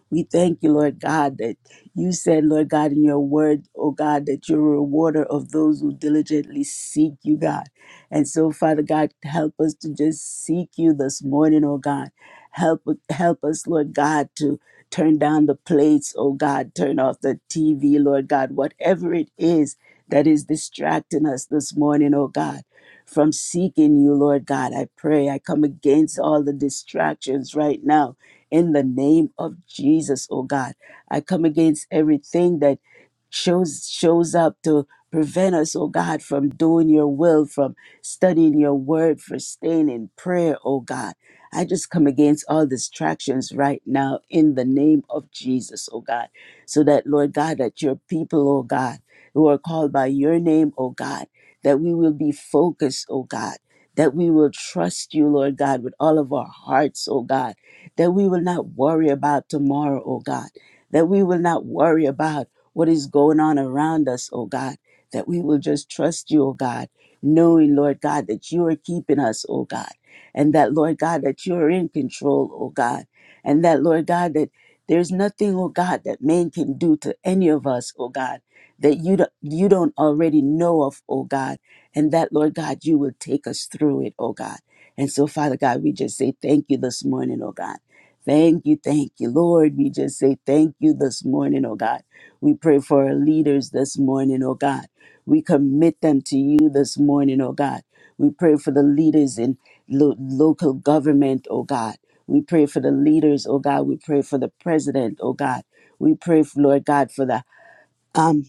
We thank you, Lord God, that you said, Lord God, in your word, oh God, that you're a rewarder of those who diligently seek you, God. And so, Father God, help us to just seek you this morning, oh God. Help help us, Lord God, to turn down the plates, oh God, turn off the TV, Lord God, whatever it is that is distracting us this morning, oh God. From seeking you, Lord God, I pray. I come against all the distractions right now in the name of Jesus, oh God. I come against everything that shows shows up to prevent us, oh God, from doing your will, from studying your word, for staying in prayer, oh God. I just come against all distractions right now in the name of Jesus, oh God. So that, Lord God, that your people, oh God, who are called by your name, oh God, that we will be focused, oh God, that we will trust you, Lord God, with all of our hearts, oh God that we will not worry about tomorrow, oh God, that we will not worry about what is going on around us, oh God, that we will just trust you, oh God, knowing, Lord God, that you are keeping us, oh God, and that, Lord God, that you are in control, oh God, and that, Lord God, that there's nothing, oh God, that man can do to any of us, oh God, that you don't, you don't already know of, oh God, and that, Lord God, you will take us through it, oh God. And so, Father God, we just say thank you this morning, oh God. Thank you, thank you, Lord. We just say thank you this morning, oh God. We pray for our leaders this morning, oh God. We commit them to you this morning, oh God. We pray for the leaders in lo- local government, oh God. We pray for the leaders, oh God. We pray for the president, oh God. We pray, Lord God, for the um.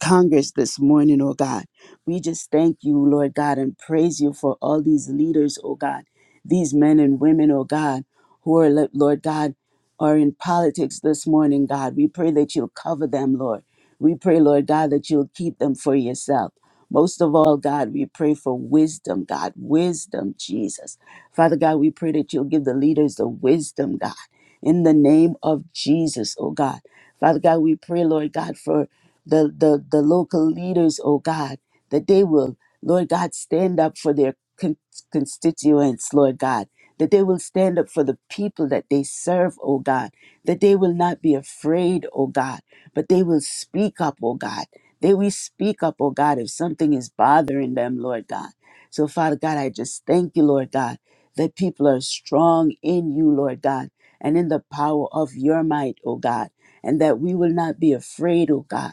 Congress this morning, oh God. We just thank you, Lord God, and praise you for all these leaders, oh God, these men and women, oh God, who are, Lo- Lord God, are in politics this morning, God. We pray that you'll cover them, Lord. We pray, Lord God, that you'll keep them for yourself. Most of all, God, we pray for wisdom, God, wisdom, Jesus. Father God, we pray that you'll give the leaders the wisdom, God, in the name of Jesus, oh God. Father God, we pray, Lord God, for the, the, the local leaders, oh God, that they will, Lord God, stand up for their con- constituents, Lord God, that they will stand up for the people that they serve, oh God, that they will not be afraid, oh God, but they will speak up, oh God. They will speak up, oh God, if something is bothering them, Lord God. So, Father God, I just thank you, Lord God, that people are strong in you, Lord God, and in the power of your might, oh God, and that we will not be afraid, oh God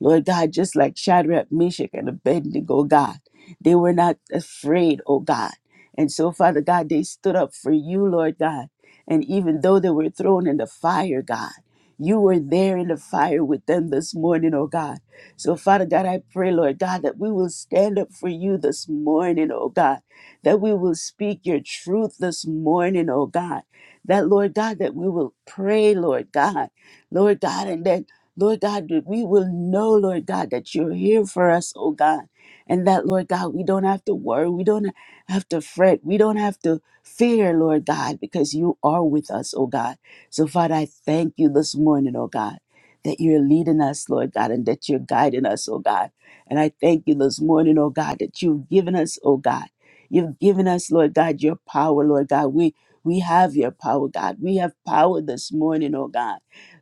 Lord God, just like Shadrach, Meshach, and Abednego, God, they were not afraid, oh God. And so, Father God, they stood up for you, Lord God. And even though they were thrown in the fire, God, you were there in the fire with them this morning, oh God. So, Father God, I pray, Lord God, that we will stand up for you this morning, oh God, that we will speak your truth this morning, oh God. That, Lord God, that we will pray, Lord God, Lord God, and that Lord God, that we will know, Lord God, that you're here for us, oh God. And that, Lord God, we don't have to worry. We don't have to fret. We don't have to fear, Lord God, because you are with us, oh God. So, Father, I thank you this morning, oh God, that you're leading us, Lord God, and that you're guiding us, oh God. And I thank you this morning, oh God, that you've given us, oh God. You've given us, Lord God, your power, Lord God. We we have your power, God. We have power this morning, oh God.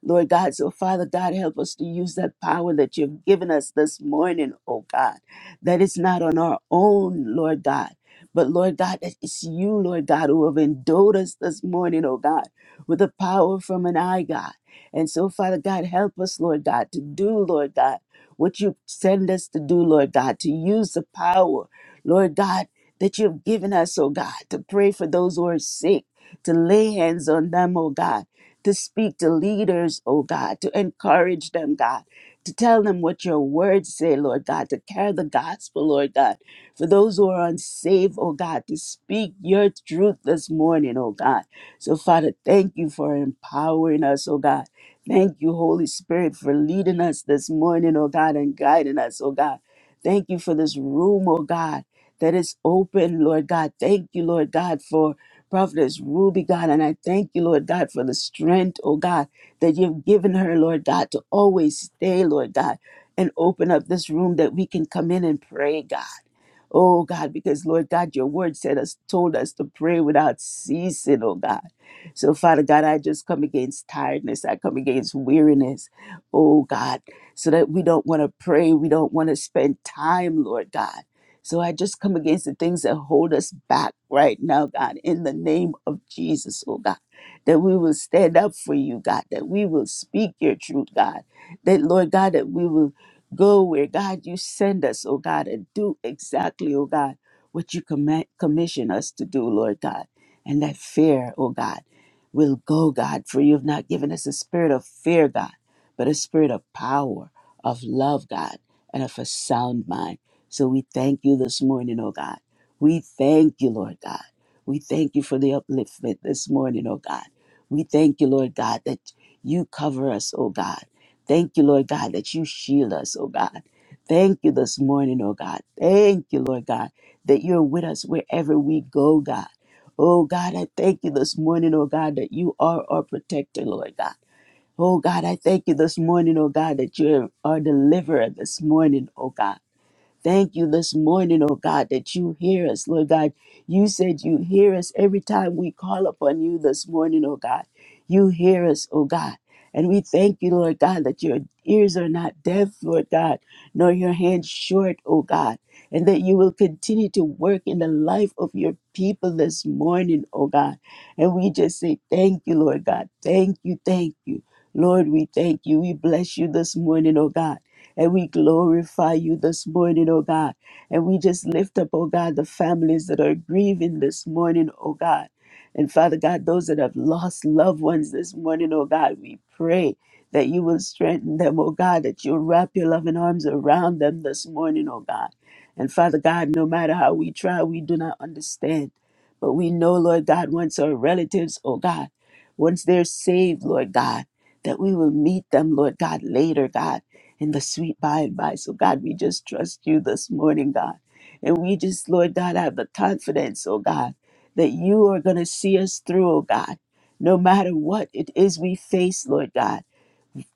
Lord God. So, Father God, help us to use that power that you've given us this morning, oh God, that it's not on our own, Lord God. But Lord God, that it's you, Lord God, who have endowed us this morning, oh God, with the power from an eye, God. And so, Father God, help us, Lord God, to do, Lord God, what you send us to do, Lord God, to use the power, Lord God, that you've given us, oh God, to pray for those who are sick, to lay hands on them, oh God to speak to leaders, oh God, to encourage them, God, to tell them what your words say, Lord God, to carry the gospel, Lord God, for those who are unsaved, oh God, to speak your truth this morning, oh God. So, Father, thank you for empowering us, oh God. Thank you, Holy Spirit, for leading us this morning, oh God, and guiding us, oh God. Thank you for this room, oh God, that is open, Lord God. Thank you, Lord God, for Prophetess Ruby, God, and I thank you, Lord God, for the strength, oh God, that you've given her, Lord God, to always stay, Lord God, and open up this room that we can come in and pray, God. Oh God, because Lord God, your word said us, told us to pray without ceasing, oh God. So Father God, I just come against tiredness. I come against weariness, oh God, so that we don't want to pray. We don't want to spend time, Lord God. So I just come against the things that hold us back right now, God, in the name of Jesus, oh God. That we will stand up for you, God, that we will speak your truth, God. That, Lord God, that we will Go where God you send us, oh God, and do exactly, oh God, what you command, commission us to do, Lord God. And that fear, oh God, will go, God, for you have not given us a spirit of fear, God, but a spirit of power, of love, God, and of a sound mind. So we thank you this morning, oh God. We thank you, Lord God. We thank you for the upliftment this morning, oh God. We thank you, Lord God, that you cover us, oh God. Thank you, Lord God, that you shield us, oh God. Thank you this morning, oh God. Thank you, Lord God, that you're with us wherever we go, God. Oh God, I thank you this morning, oh God, that you are our protector, Lord God. Oh God, I thank you this morning, oh God, that you are our deliverer this morning, oh God. Thank you this morning, oh God, that you hear us, Lord God. You said you hear us every time we call upon you this morning, oh God. You hear us, oh God. And we thank you, Lord God, that your ears are not deaf, Lord God, nor your hands short, oh God, and that you will continue to work in the life of your people this morning, oh God. And we just say, Thank you, Lord God. Thank you, thank you. Lord, we thank you. We bless you this morning, oh God. And we glorify you this morning, oh God. And we just lift up, oh God, the families that are grieving this morning, oh God. And Father God, those that have lost loved ones this morning, oh God, we pray that you will strengthen them, oh God, that you'll wrap your loving arms around them this morning, oh God. And Father God, no matter how we try, we do not understand. But we know, Lord God, once our relatives, oh God, once they're saved, Lord God, that we will meet them, Lord God, later, God, in the sweet by and by. So, God, we just trust you this morning, God. And we just, Lord God, have the confidence, oh God, that you are going to see us through, oh God, no matter what it is we face, Lord God.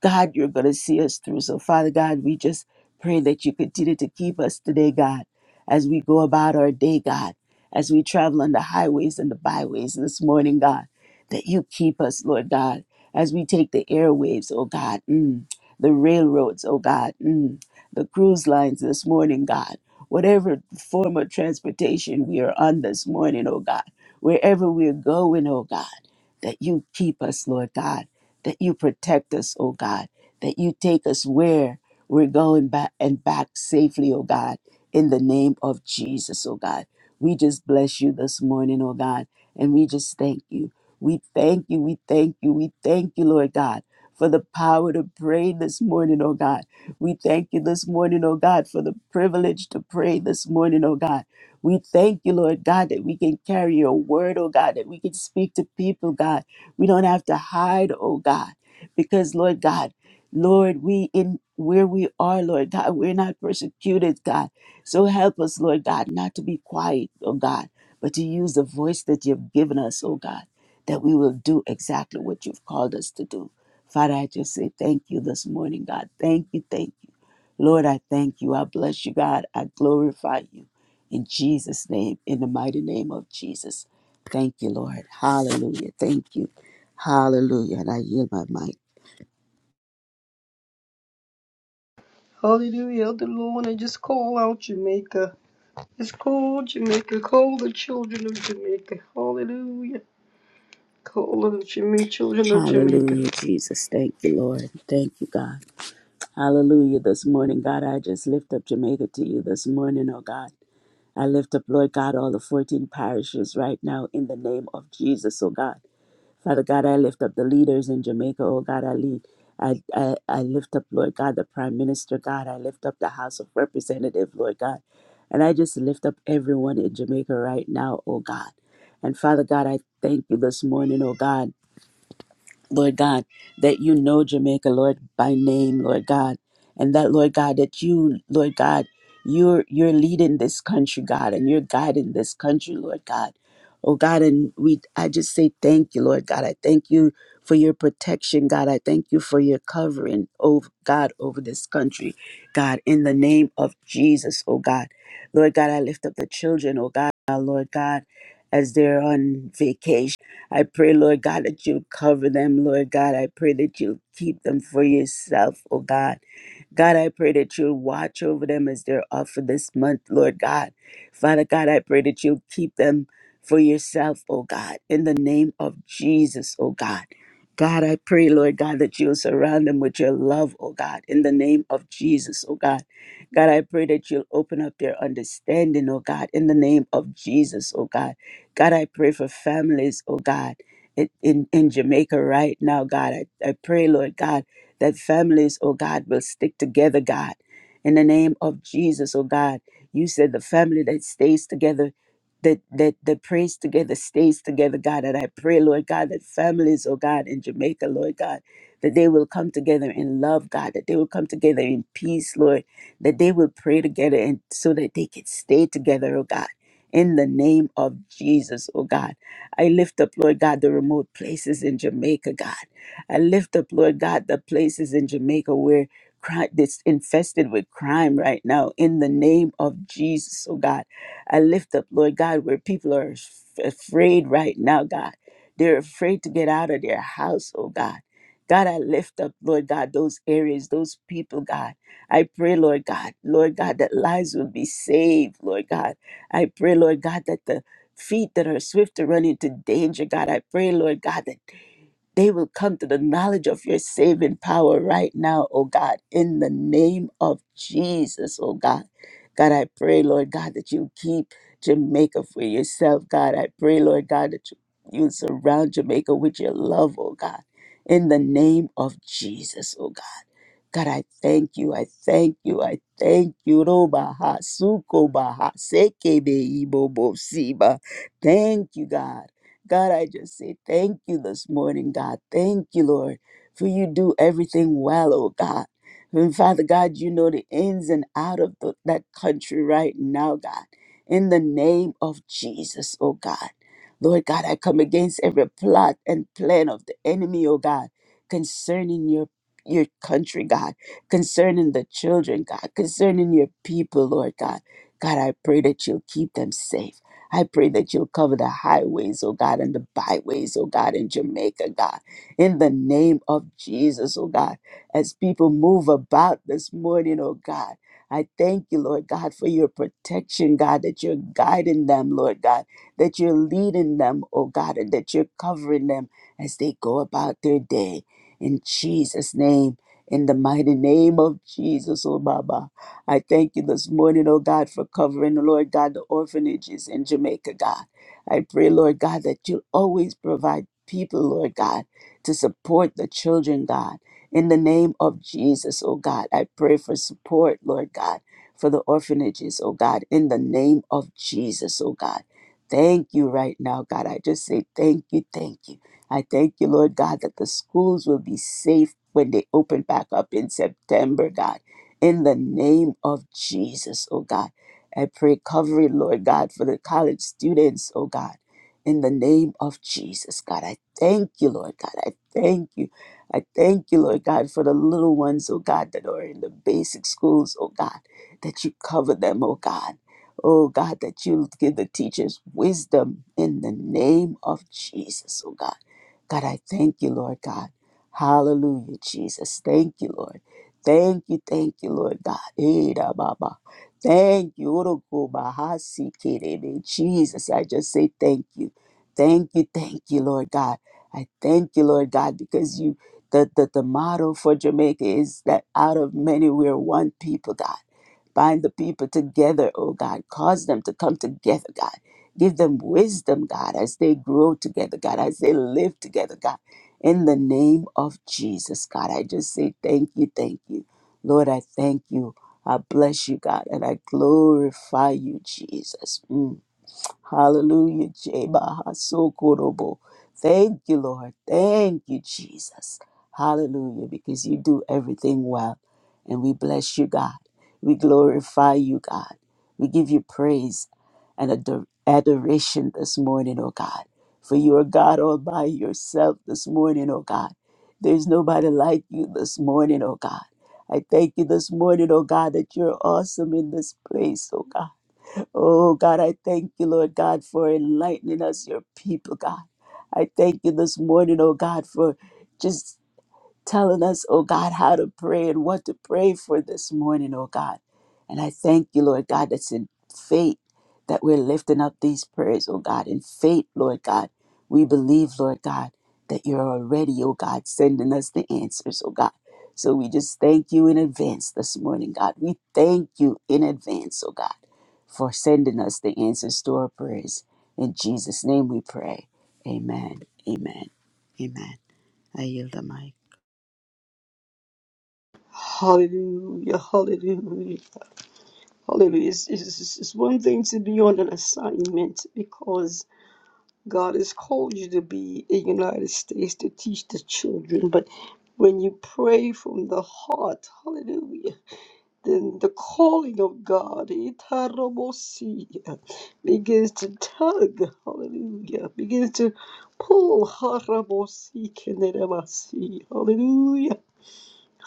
God, you're going to see us through. So, Father God, we just pray that you continue to keep us today, God, as we go about our day, God, as we travel on the highways and the byways this morning, God, that you keep us, Lord God, as we take the airwaves, oh God, mm, the railroads, oh God, mm, the cruise lines this morning, God, whatever form of transportation we are on this morning, oh God, wherever we're going, oh God, that you keep us, Lord God that you protect us, oh God, that you take us where we're going back and back safely, oh God, in the name of Jesus, oh God. We just bless you this morning, oh God, and we just thank you. We thank you, we thank you, we thank you, Lord God, for the power to pray this morning, oh God. We thank you this morning, oh God, for the privilege to pray this morning, oh God. We thank you, Lord God, that we can carry your word, oh God, that we can speak to people, God we don't have to hide, oh God, because Lord God, Lord, we in where we are, Lord God, *laughs* we're not persecuted, God. So help us, Lord God, not to be quiet, oh God, but to use the voice that you've given us, oh God, that we will do exactly what you've called us to do. Father, I just say thank you this morning, God. Thank you, thank you. Lord, I thank you. I bless you, God. I glorify you. In Jesus' name, in the mighty name of Jesus. Thank you, Lord. Hallelujah. Thank you. Hallelujah. And I yield my mic.
Hallelujah, Elder Lorna. Just call out Jamaica. Just call Jamaica. Call the children of Jamaica. Hallelujah. Call the Jama- children of Jamaica.
Hallelujah, Jesus. Thank you, Lord. Thank you, God. Hallelujah. This morning, God, I just lift up Jamaica to you this morning, oh God. I lift up, Lord God, all the 14 parishes right now in the name of Jesus, oh God. Father God, I lift up the leaders in Jamaica. Oh God, I lead. I, I, I lift up, Lord God, the Prime Minister, God. I lift up the House of Representatives, Lord God. And I just lift up everyone in Jamaica right now, oh God. And Father God, I thank you this morning, oh God. Lord God, that you know Jamaica, Lord, by name, Lord God, and that, Lord God, that you, Lord God, you're you're leading this country, God, and you're guiding this country, Lord God. Oh God, and we I just say thank you, Lord God. I thank you for your protection, God. I thank you for your covering, oh God, over this country, God, in the name of Jesus, oh God. Lord God, I lift up the children, oh God, Lord God, as they're on vacation. I pray, Lord God, that you'll cover them, Lord God. I pray that you'll keep them for yourself, oh God. God, I pray that you'll watch over them as they're off for this month, Lord God. Father God, I pray that you'll keep them for yourself, oh God, in the name of Jesus, oh God. God, I pray, Lord God, that you'll surround them with your love, oh God, in the name of Jesus, oh God. God, I pray that you'll open up their understanding, oh God, in the name of Jesus, oh God. God, I pray for families, oh God, in, in in Jamaica right now, God. I, I pray, Lord God, that families, oh God, will stick together, God. In the name of Jesus, oh God, you said the family that stays together, that that that prays together stays together, God. And I pray, Lord God, that families, oh God, in Jamaica, Lord God, that they will come together in love, God, that they will come together in peace, Lord, that they will pray together and so that they can stay together, oh God in the name of Jesus, oh God. I lift up, Lord God, the remote places in Jamaica, God. I lift up, Lord God, the places in Jamaica where crime that's infested with crime right now in the name of Jesus, oh God. I lift up, Lord God, where people are f- afraid right now, God. They're afraid to get out of their house, oh God. God, I lift up, Lord God, those areas, those people, God. I pray, Lord God, Lord God, that lives will be saved, Lord God I pray, Lord God, that the feet that are swift to run into danger, God, I pray, Lord God, that they will come to the knowledge of your saving power right now, oh God, in the name of Jesus, oh God. God, I pray, Lord God, that you keep Jamaica for yourself, God. I pray, Lord God, that you, you surround Jamaica with your love, oh God, in the name of Jesus, oh God. God, I thank you. I thank you. I thank you. Roba ha suko baha, sekebe ibobo siba. Thank you, God. God, I just say thank you this morning, God. Thank you, Lord, for you do everything well, oh God. And Father God, you know the ins and out of the, that country right now, God. In the name of Jesus, oh God. Lord God, I come against every plot and plan of the enemy, oh God, concerning your your country, God, concerning the children, God, concerning your people, Lord God. God, I pray that you'll keep them safe. I pray that you'll cover the highways, oh God, and the byways, oh God, in Jamaica, God, in the name of Jesus, oh God, as people move about this morning, oh God. I thank you, Lord God, for your protection, God, that you're guiding them, Lord God, that you're leading them, oh God, and that you're covering them as they go about their day. In Jesus' name, in the mighty name of Jesus, oh Baba. I thank you this morning, oh God, for covering, Lord God, the orphanages in Jamaica, God. I pray, Lord God, that you'll always provide people, Lord God, to support the children, God. In the name of Jesus, oh God, I pray for support, Lord God, for the orphanages, oh God, in the name of Jesus, oh God. Thank you right now, God. I just say thank you, thank you. I thank you, Lord God, that the schools will be safe when they open back up in September, God. In the name of Jesus, oh God. I pray covering, Lord God, for the college students, oh God. In the name of Jesus, God, I thank you, Lord God. I thank you. I thank you, Lord God, for the little ones, oh God, that are in the basic schools, oh God, that you cover them, oh God. Oh God, that you give the teachers wisdom in the name of Jesus, oh God. God, I thank you, Lord God. Hallelujah, Jesus. Thank you, Lord. Thank you, thank you, Lord God. Eh, da, ba, ba. Thank you. Oro, ko, ba, ha, si, ke, de, de. Jesus, I just say thank you. Thank you, thank you, Lord God. I thank you, Lord God, because you the, the, the motto for Jamaica is that out of many we're one people, God. Bind the people together, oh God. Cause them to come together, God. Give them wisdom, God, as they grow together, God, as they live together, God. In the name of Jesus, God, I just say thank you, thank you. Lord, I thank you. I bless you, God, and I glorify you, Jesus. Mm. Hallelujah. Jebahasokorobo. Thank you, Lord. Thank you, Jesus. Hallelujah. Because you do everything well. And we bless you, God. We glorify you, God. We give you praise and ador- adoration this morning, oh God. For you are God all by yourself this morning, oh God. There's nobody like you this morning, oh God. I thank you this morning, oh God, that you're awesome in this place, oh God. Oh, God, I thank you, Lord God, for enlightening us, your people, God. I thank you this morning, oh God, for just telling us, oh God, how to pray and what to pray for this morning, oh God. And I thank you, Lord God, that's in faith that we're lifting up these prayers, oh God. In faith, Lord God, we believe, Lord God, that you're already, oh God, sending us the answers, oh God. So we just thank you in advance this morning, God. We thank you in advance, oh God, for sending us the answers to our prayers. In Jesus' name we pray. Amen. Amen. Amen. I yield the
Hallelujah. Hallelujah. Hallelujah. It's, it's, it's it's one thing to be on an assignment because God has called you to be in the United States to teach the children, but when you pray from the heart, hallelujah, then the calling of God, itarobosia, begins to tug, hallelujah, begins to pull, harabosi, kenerabasi, hallelujah.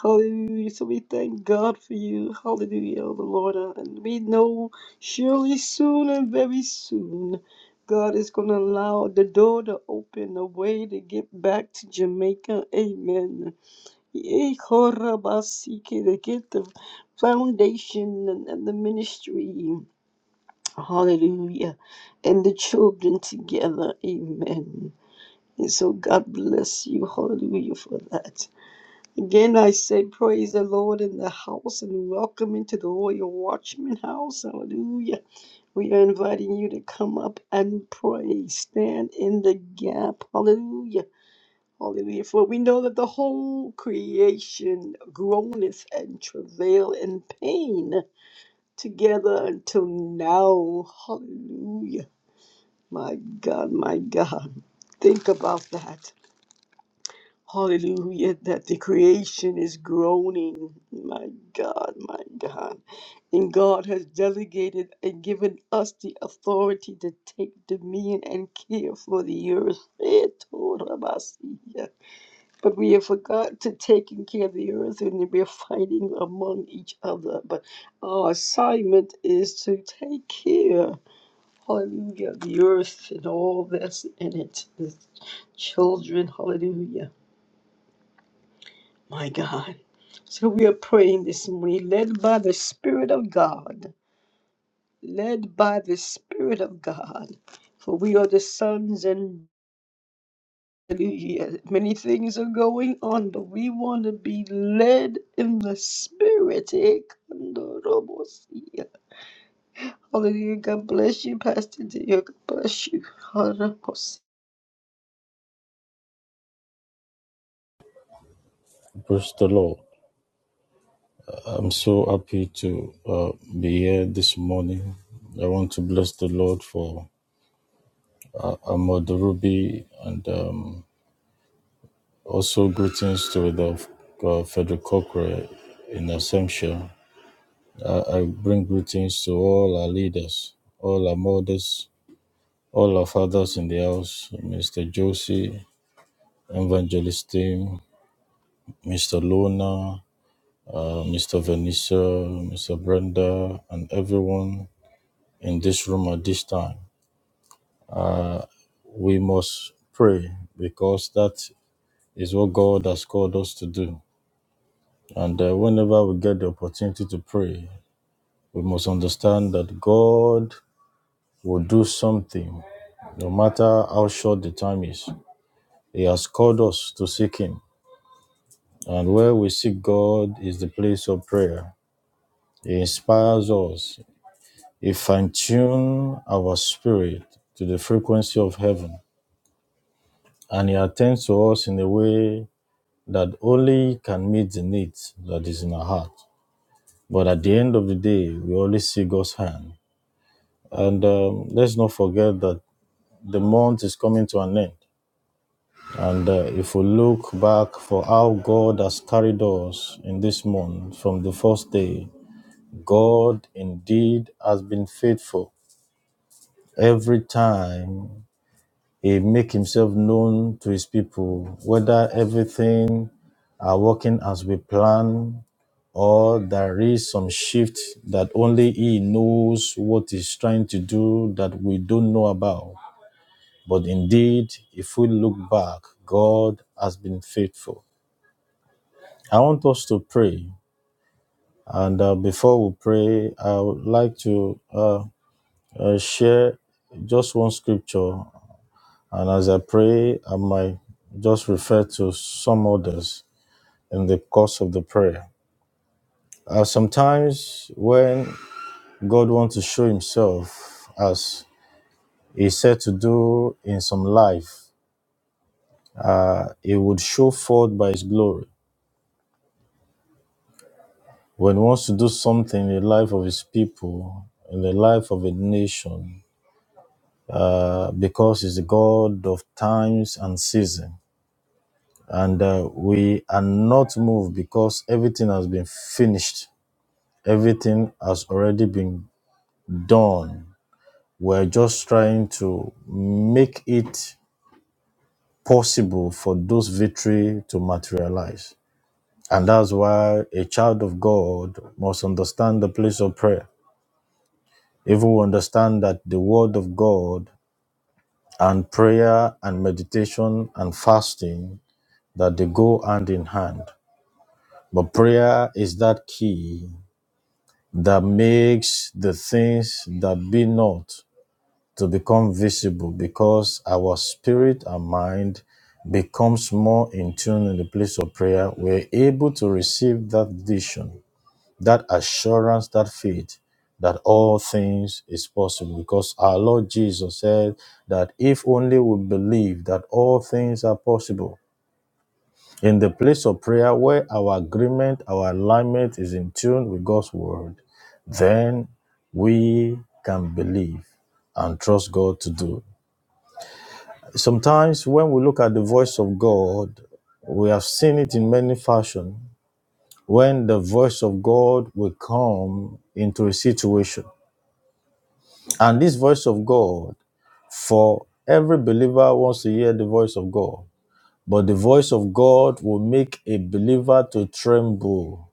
Hallelujah. So we thank God for you. Hallelujah, oh the Lord. Uh, And we know surely soon and very soon, God is going to allow the door to open, a way to get back to Jamaica. Amen. Yea, korabasike, To get the foundation and, and the ministry. Hallelujah. And the children together. Amen. And so God bless you. Hallelujah for that. Again, I say praise the Lord in the house and welcome into the Royal Watchman house. Hallelujah. We are inviting you to come up and pray. Stand in the gap. Hallelujah. Hallelujah. For we know that the whole creation groaneth and travail in pain together until now. Hallelujah. My God, my God. Think about that. Hallelujah, that the creation is groaning. My God, my God. And God has delegated and given us the authority to take dominion and care for the earth. But we have forgot to taking care of the earth and we are fighting among each other. But our assignment is to take care, hallelujah, of the earth and all that's in it. The children, hallelujah. My God. So we are praying this morning, led by the Spirit of God, led by the Spirit of God. For we are the sons and hallelujah. many things are going on, but we want to be led in the Spirit. Eh, kandorobosia. Hallelujah. God bless you, Pastor dear. God bless you.
Praise the Lord. I'm so happy to uh, be here this morning. I want to bless the Lord for uh, Ahmad Ruby and um, also greetings to the uh, Frederick Cochrane in Assumption. I, I bring greetings to all our leaders, all our mothers, all our fathers in the house, Mr. Josie, Evangelist team, Mr. Lona, uh, Mr. Vanessa, Mr. Brenda, and everyone in this room at this time. We must pray because that is what God has called us to do. And uh, whenever we get the opportunity to pray, we must understand that God will do something no matter how short the time is. He has called us to seek Him. And where we seek God is the place of prayer. He inspires us. He fine tunes our spirit to the frequency of heaven. And He attends to us in a way that only can meet the needs that is in our heart. But at the end of the day, we always see God's hand. And um, let's not forget that the month is coming to an end. And uh, if we look back for how God has carried us in this month from the first day, God indeed has been faithful. Every time He make himself known to his people, whether everything are working as we plan or there is some shift that only he knows what he's trying to do that we don't know about. But indeed, if we look back, God has been faithful. I want us to pray. And uh, before we pray, I would like to uh, uh, share just one scripture And as I pray, I might just refer to some others in the course of the prayer. Uh, sometimes when God wants to show himself as he said to do in some life, uh, he would show forth by his glory. When he wants to do something in the life of his people, in the life of a nation, uh, because he's the God of times and season. And uh, we are not moved because everything has been finished Everything has already been done. We're just trying to make it possible for those victory to materialize. And that's why a child of God must understand the place of prayer. If we understand that the word of God and prayer and meditation and fasting that they go hand in hand. But prayer is that key that makes the things that be not to become visible because our spirit and mind becomes more in tune in the place of prayer we're able to receive that vision that assurance that faith that all things is possible because our lord jesus said that if only we believe that all things are possible in the place of prayer where our agreement our alignment is in tune with god's word then we can believe and trust god to do sometimes when we look at the voice of God, we have seen it in many fashion. When the voice of God will come into a situation, and this voice of God, for every believer wants to hear the voice of God, but the voice of God will make a believer to tremble.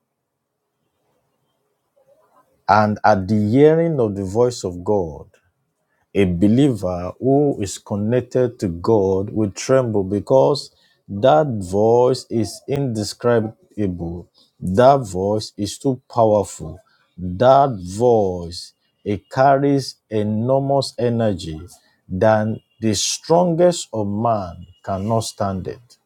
And at the hearing of the voice of God, A believer who is connected to God will tremble because that voice is indescribable. That voice is too powerful. That voice, it carries enormous energy than the strongest of man cannot stand it.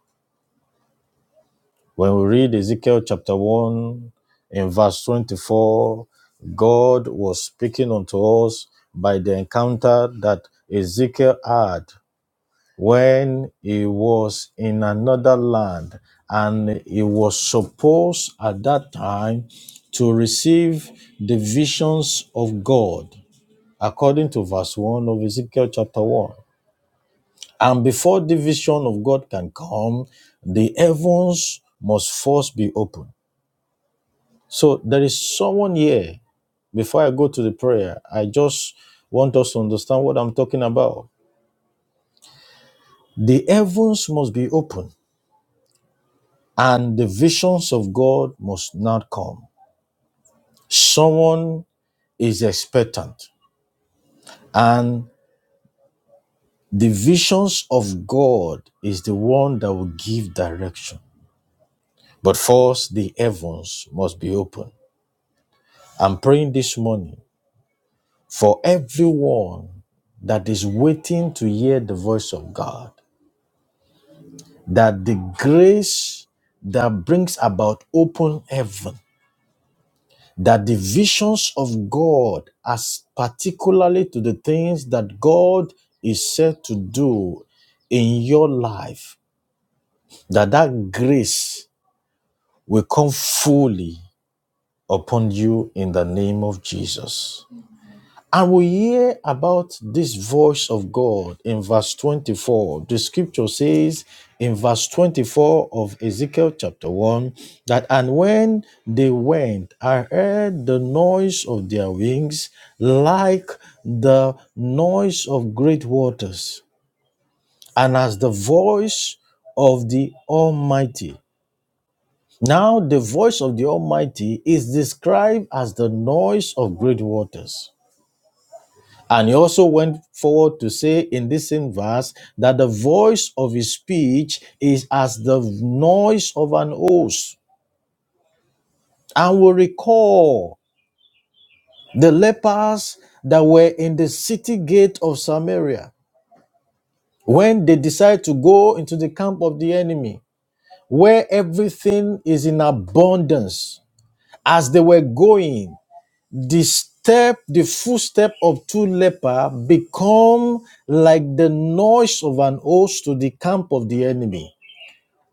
When we read Ezekiel chapter 1 in verse 24, God was speaking unto us by the encounter that Ezekiel had when he was in another land and he was supposed at that time to receive the visions of God according to verse 1 of Ezekiel chapter 1. And before the vision of God can come, the heavens must first be opened So there is someone here. Before I go to the prayer, I just want us to understand what I'm talking about. The heavens must be open and the visions of God must not come. Someone is expectant and the visions of God is the one that will give direction. But first, the heavens must be open. I'm praying this morning for everyone that is waiting to hear the voice of God. that the grace that brings about open heaven, that the visions of God, as particularly to the things that God is said to do in your life, that that grace will come fully upon you in the name of Jesus. And we hear about this voice of God in verse 24. The scripture says in verse 24 of Ezekiel chapter 1 that, and when they went, I heard the noise of their wings like the noise of great waters, and as the voice of the Almighty. Now, the voice of the Almighty is described as the noise of great waters. And he also went forward to say in this same verse that the voice of his speech is as the noise of an host. And we recall the lepers that were in the city gate of Samaria when they decide to go into the camp of the enemy, where everything is in abundance. As they were going, the step the footstep of two lepers, become like the noise of an host to the camp of the enemy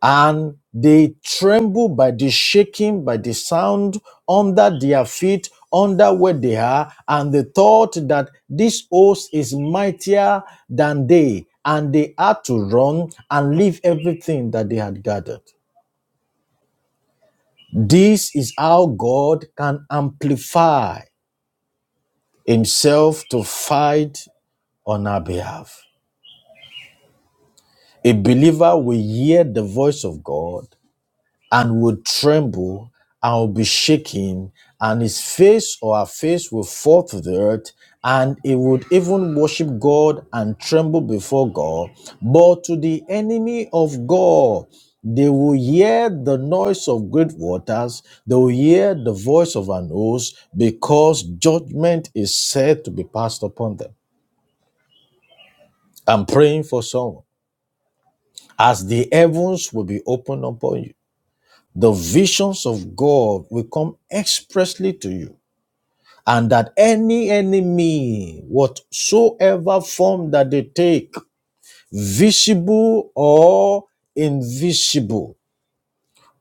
and they tremble by the shaking by the sound under their feet under where they are and the thought that this host is mightier than they and they had to run and leave everything that they had gathered this is how god can amplify himself to fight on our behalf. A believer will hear the voice of God and will tremble and will be shaken, and his face or her face will fall to the earth, and he would even worship God and tremble before God. But to the enemy of God, they will hear the noise of great waters, they will hear the voice of an host, because judgment is said to be passed upon them. I'm praying for someone. As the heavens will be opened upon you, the visions of God will come expressly to you, and that any enemy, whatsoever form that they take, visible or invisible,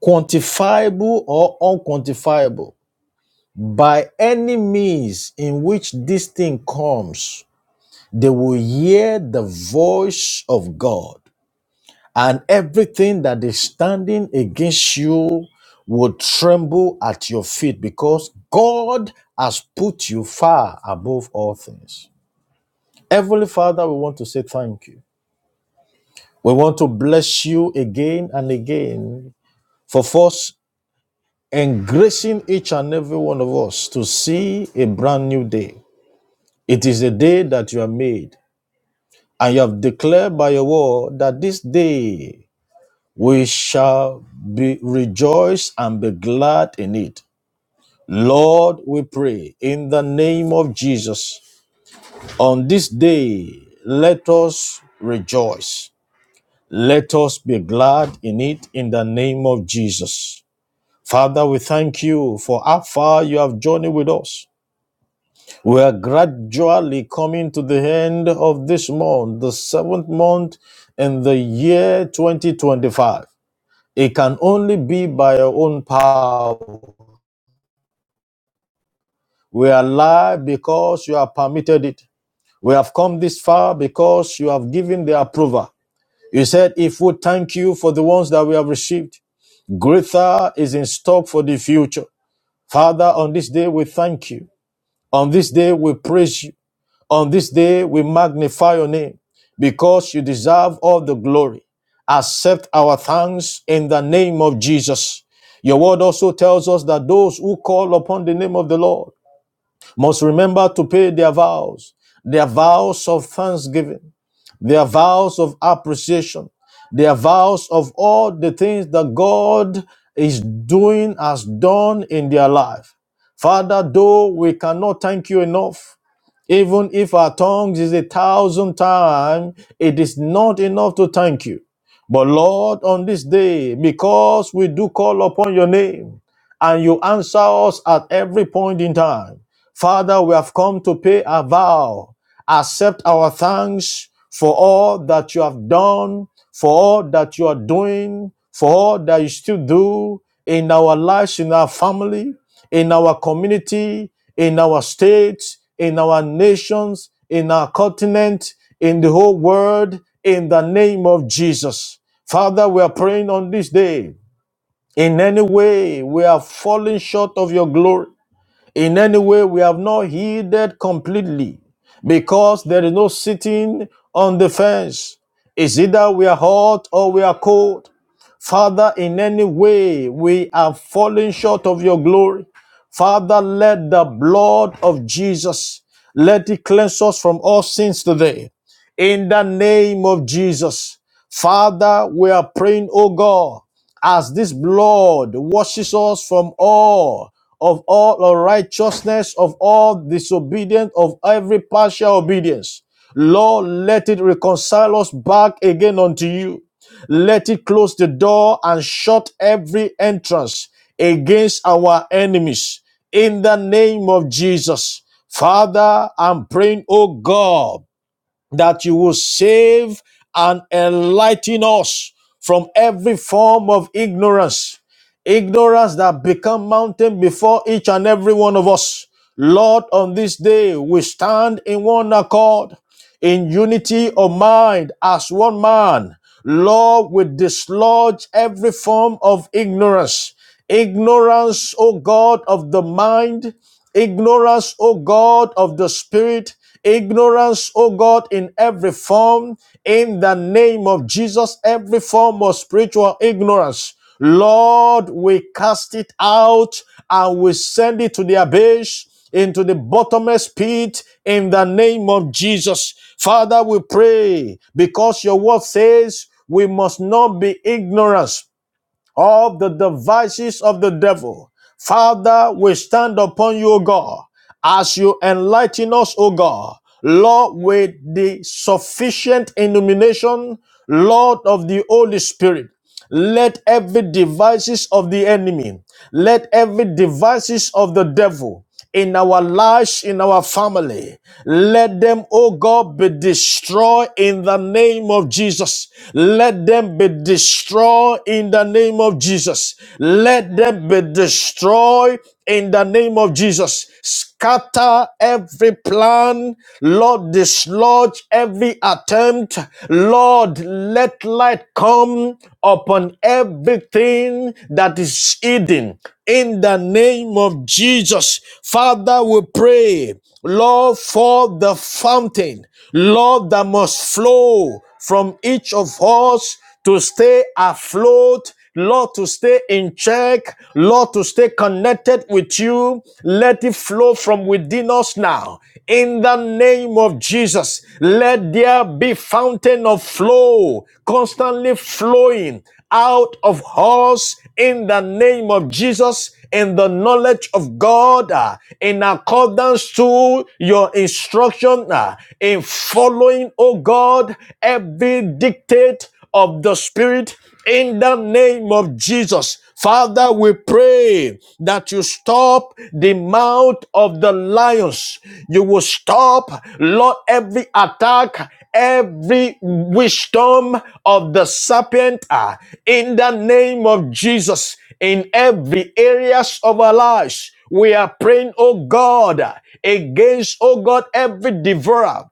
quantifiable or unquantifiable, by any means in which this thing comes, they will hear the voice of God and everything that is standing against you will tremble at your feet because God has put you far above all things. Heavenly Father, we want to say thank you. We want to bless you again and again for first engracing each and every one of us to see a brand new day. It is a day that you have made, and you have declared by your word that this day We shall be rejoice and be glad in it. Lord, we pray in the name of Jesus. On this day, let us rejoice. Let us be glad in it in the name of Jesus. Father, we thank you for how far you have journeyed with us. We are gradually coming to the end of this month, the seventh month in the year 2025. It can only be by your own power. We are alive because you have permitted it. We have come this far because you have given the approval. You said, if we thank you for the ones that we have received, greater is in stock for the future. Father, on this day we thank you. On this day we praise you. On this day, we magnify your name because you deserve all the glory. Accept our thanks in the name of Jesus. Your word also tells us that those who call upon the name of the Lord must remember to pay their vows, their vows of thanksgiving, their vows of appreciation, their vows of all the things that God is doing, has done in their life. Father, though we cannot thank you enough, even if our tongues is a thousand times, it is not enough to thank you. But Lord, on this day, because we do call upon your name and you answer us at every point in time, Father, we have come to pay a vow. Accept our thanks for all that you have done, for all that you are doing, for all that you still do in our lives, in our family in our community, in our states, in our nations, in our continent, in the whole world, in the name of Jesus. Father, we are praying on this day. In any way we are falling short of your glory. In any way, we have not heeded completely because there is no sitting on the fence. It's either we are hot or we are cold. Father, in any way, we are falling short of your glory. Father, let the blood of Jesus, let it cleanse us from all sins today. In the name of Jesus. Father, we are praying, oh God, as this blood washes us from all of all unrighteousness, of all disobedience, of every partial obedience. Lord, let it reconcile us back again unto you. Let it close the door and shut every entrance against our enemies. In the name of Jesus. Father, I'm praying, oh God, that you will save and enlighten us from every form of ignorance. Ignorance that become mountain before each and every one of us. Lord, on this day, we stand in one accord, in unity of mind, as one man. Lord, we dislodge every form of ignorance ignorance, O God, of the mind, ignorance, O God, of the spirit, ignorance, O God, in every form, in the name of Jesus, every form of spiritual ignorance. Lord, we cast it out and we send it to the abyss into the bottomless pit in the name of Jesus. Father, we pray because your word says we must not be ignorant of the devices of the devil. Father, we stand upon you, O God, as you enlighten us, O God. Lord, with the sufficient illumination, Lord of the Holy Spirit, let every devices of the enemy, let every devices of the devil in our lives, in our family. Let them, oh God, be destroyed in the name of Jesus. Let them be destroyed in the name of Jesus. Let them be destroyed in the name of Jesus. Scatter every plan. Lord, dislodge every attempt. Lord, let light come rain upon everything that is hidden. In the name of Jesus, Father, we pray, Lord, for the fountain, Lord, that must flow from each of us to stay afloat Lord, to stay in check, Lord, to stay connected with you. Let it flow from within us now. In the name of Jesus, let there be fountain of flow, constantly flowing out of us in the name of Jesus, in the knowledge of God, uh, in accordance to your instruction, uh, in following, oh God, every dictate of the Spirit in the name of Jesus. Father, we pray that you stop the mouth of the lions. You will stop, Lord, every attack, every wisdom of the serpent ah, in the name of Jesus in every areas of our lives. We are praying, oh God, against, oh God, every devourer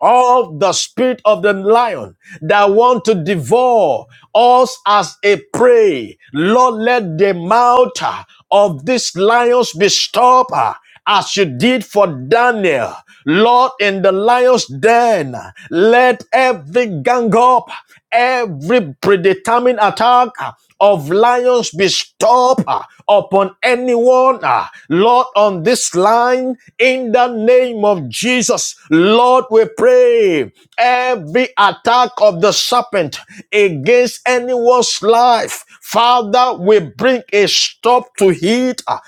of the spirit of the lion that want to devour us as a prey. Lord, let the mouth uh, of these lions be stopped uh, as you did for Daniel. Lord, in the lion's den, let every gang up, every predetermined attack. uh, of lions be stopped ah, upon anyone, ah, Lord, on this line, in the name of Jesus, Lord, we pray every attack of the serpent against anyone's life, Father, we bring a stop to it ah,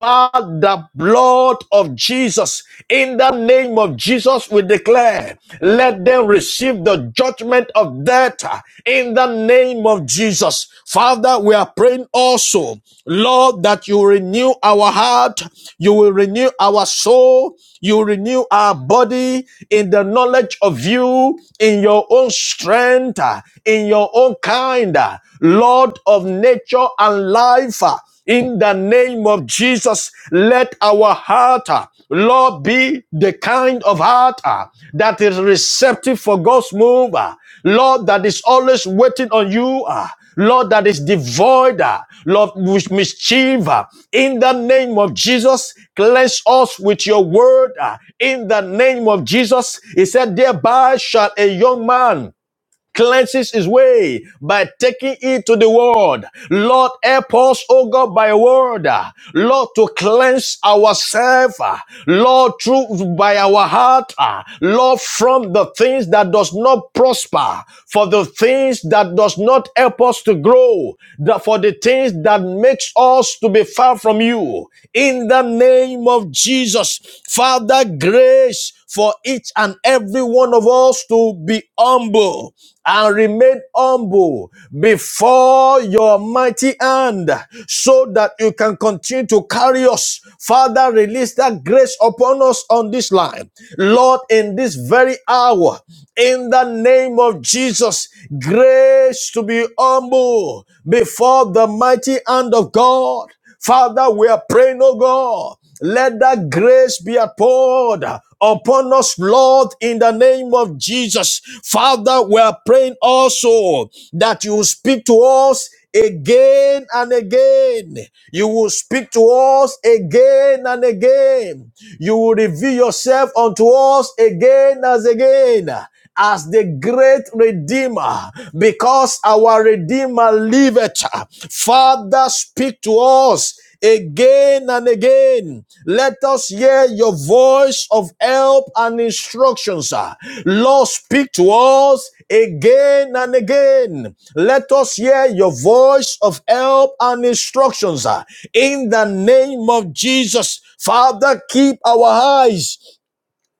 by the blood of Jesus. In the name of Jesus, we declare, let them receive the judgment of death in the name of Jesus. Father, we are praying also, Lord, that you renew our heart, you will renew our soul, you renew our body in the knowledge of you, in your own strength, in your own kind, Lord of nature and life. In the name of Jesus, let our heart, uh, Lord, be the kind of heart uh, that is receptive for God's move. uh, Lord, that is always waiting on you. uh, Lord, that is devoid, uh, Lord, with mischief. uh, In the name of Jesus, cleanse us with your word. uh, In the name of Jesus, he said, thereby shall a young man cleanses his way by taking it to the world. Lord, help us, oh God, by word. Lord, to cleanse ourselves. Lord, through by our heart. Lord, from the things that does not prosper, for the things that does not help us to grow, that for the things that makes us to be far from you. In the name of Jesus, Father, grace for each and every one of us to be humble and remain humble before your mighty hand so that you can continue to carry us. Father, release that grace upon us on this line. Lord, in this very hour, in the name of Jesus, grace to be humble before the mighty hand of God. Father, we are praying, oh God. Let that grace be poured upon us, Lord, in the name of Jesus. Father, we are praying also that you will speak to us again and again. You will speak to us again and again. You will reveal yourself unto us again as again as the great redeemer because our redeemer liveth. Father, speak to us again and again. Let us hear your voice of help and instructions. ah. Lord, speak to us again and again. Let us hear your voice of help and instructions. ah. In the name of Jesus, Father, keep our eyes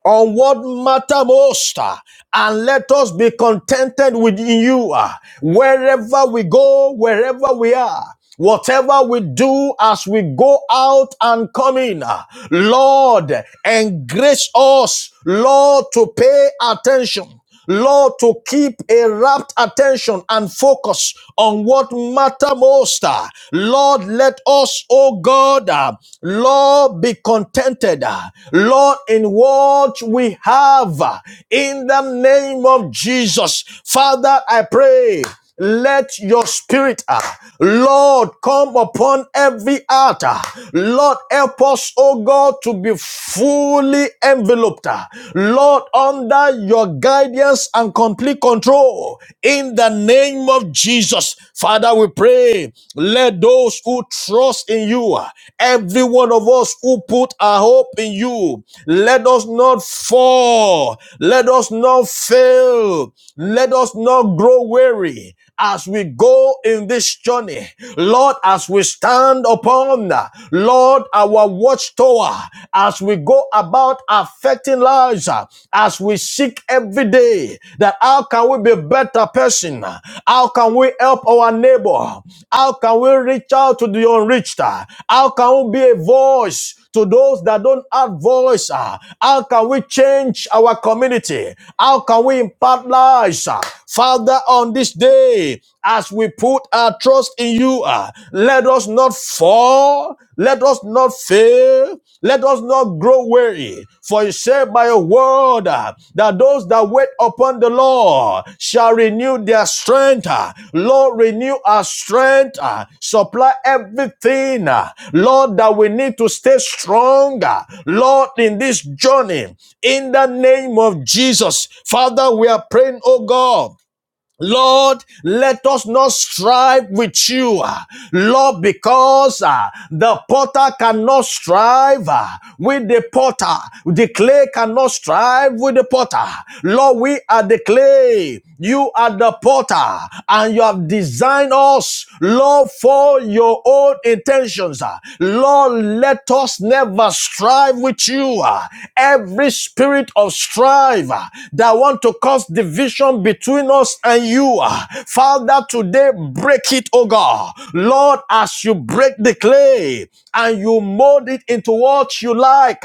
on what matter most uh, and let us be contented with you uh, wherever we go wherever we are Whatever we do as we go out and come in, uh, Lord, engrace us, Lord, to pay attention Lord, to keep a rapt attention and focus on what matter most. uh, Lord, let us, oh God, uh, Lord, be contented. uh, Lord, in what we have, uh, in the name of Jesus. Father, I pray. Let your spirit, ah, Lord, come upon every altar. Lord, help us, oh God, to be fully enveloped. ah. Lord, under your guidance and complete control. In the name of Jesus, Father, we pray. Let those who trust in you, ah, every one of us who put our hope in you, let us not fall. Let us not fail. Let us not grow weary weary as we go in this journey. Lord, as we stand upon, Lord, our watchtower, as we go about affecting lives, as we seek every day that how can we be a better person? How can we help our neighbor? How can we reach out to the unreached? How can we be a voice to those that don't have voice? ah? How can we change our community? How can we impact lives? ah? Father, on this day, as we put our trust in you, ah, let us not fall, let us not fail, let us not grow weary. For you said by your word ah, that those that wait upon the Lord shall renew their strength. ah. Lord, renew our strength, ah. supply everything, ah, Lord, that we need to stay stronger, Lord, in this journey. In the name of Jesus, Father, we are praying, oh God. Lord, let us not strive with you, ah, Lord, because ah, the potter cannot strive ah, with the potter. The clay cannot strive with the potter. Lord, we are the clay. You are the potter, and you have designed us, Lord, for your own intentions. ah. Lord, let us never strive with you. ah. Every spirit of strive ah, that want to cause division between us and you. Father, today break it, oh God. Lord, as you break the clay and you mold it into what you like,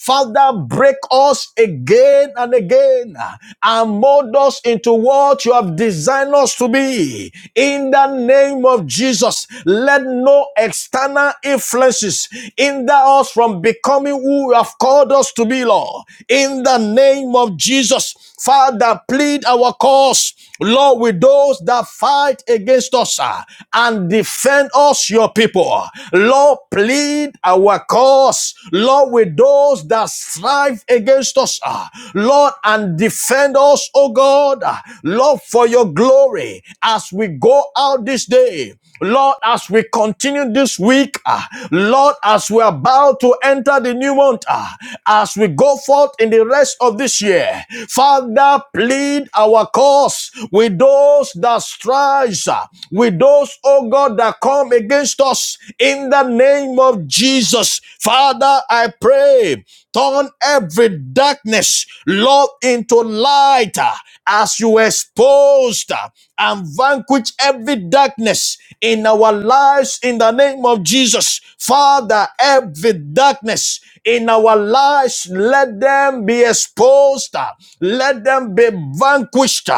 Father, break us again and again and mold us into what you have designed us to be. In the name of Jesus, let no external influences hinder us from becoming who you have called us to be, Lord. In the name of Jesus, Father, plead our cause, Lord, with those that fight against us ah, and defend us, your people. Lord, plead our cause, Lord, with those that strive against us, ah, Lord, and defend us, oh God, ah, Lord, for your glory as we go out this day. Lord, as we continue this week, ah, Lord, as we are about to enter the new month, ah, as we go forth in the rest of this year, Father, plead our cause with those that strive, ah, with those, oh God, that come against us in the name of Jesus. Father, I pray, turn every darkness, Lord, into light ah, as you exposed ah, and vanquish every darkness in our lives in the name of Jesus. Father, every darkness in our lives, let them be exposed. Let them be vanquished.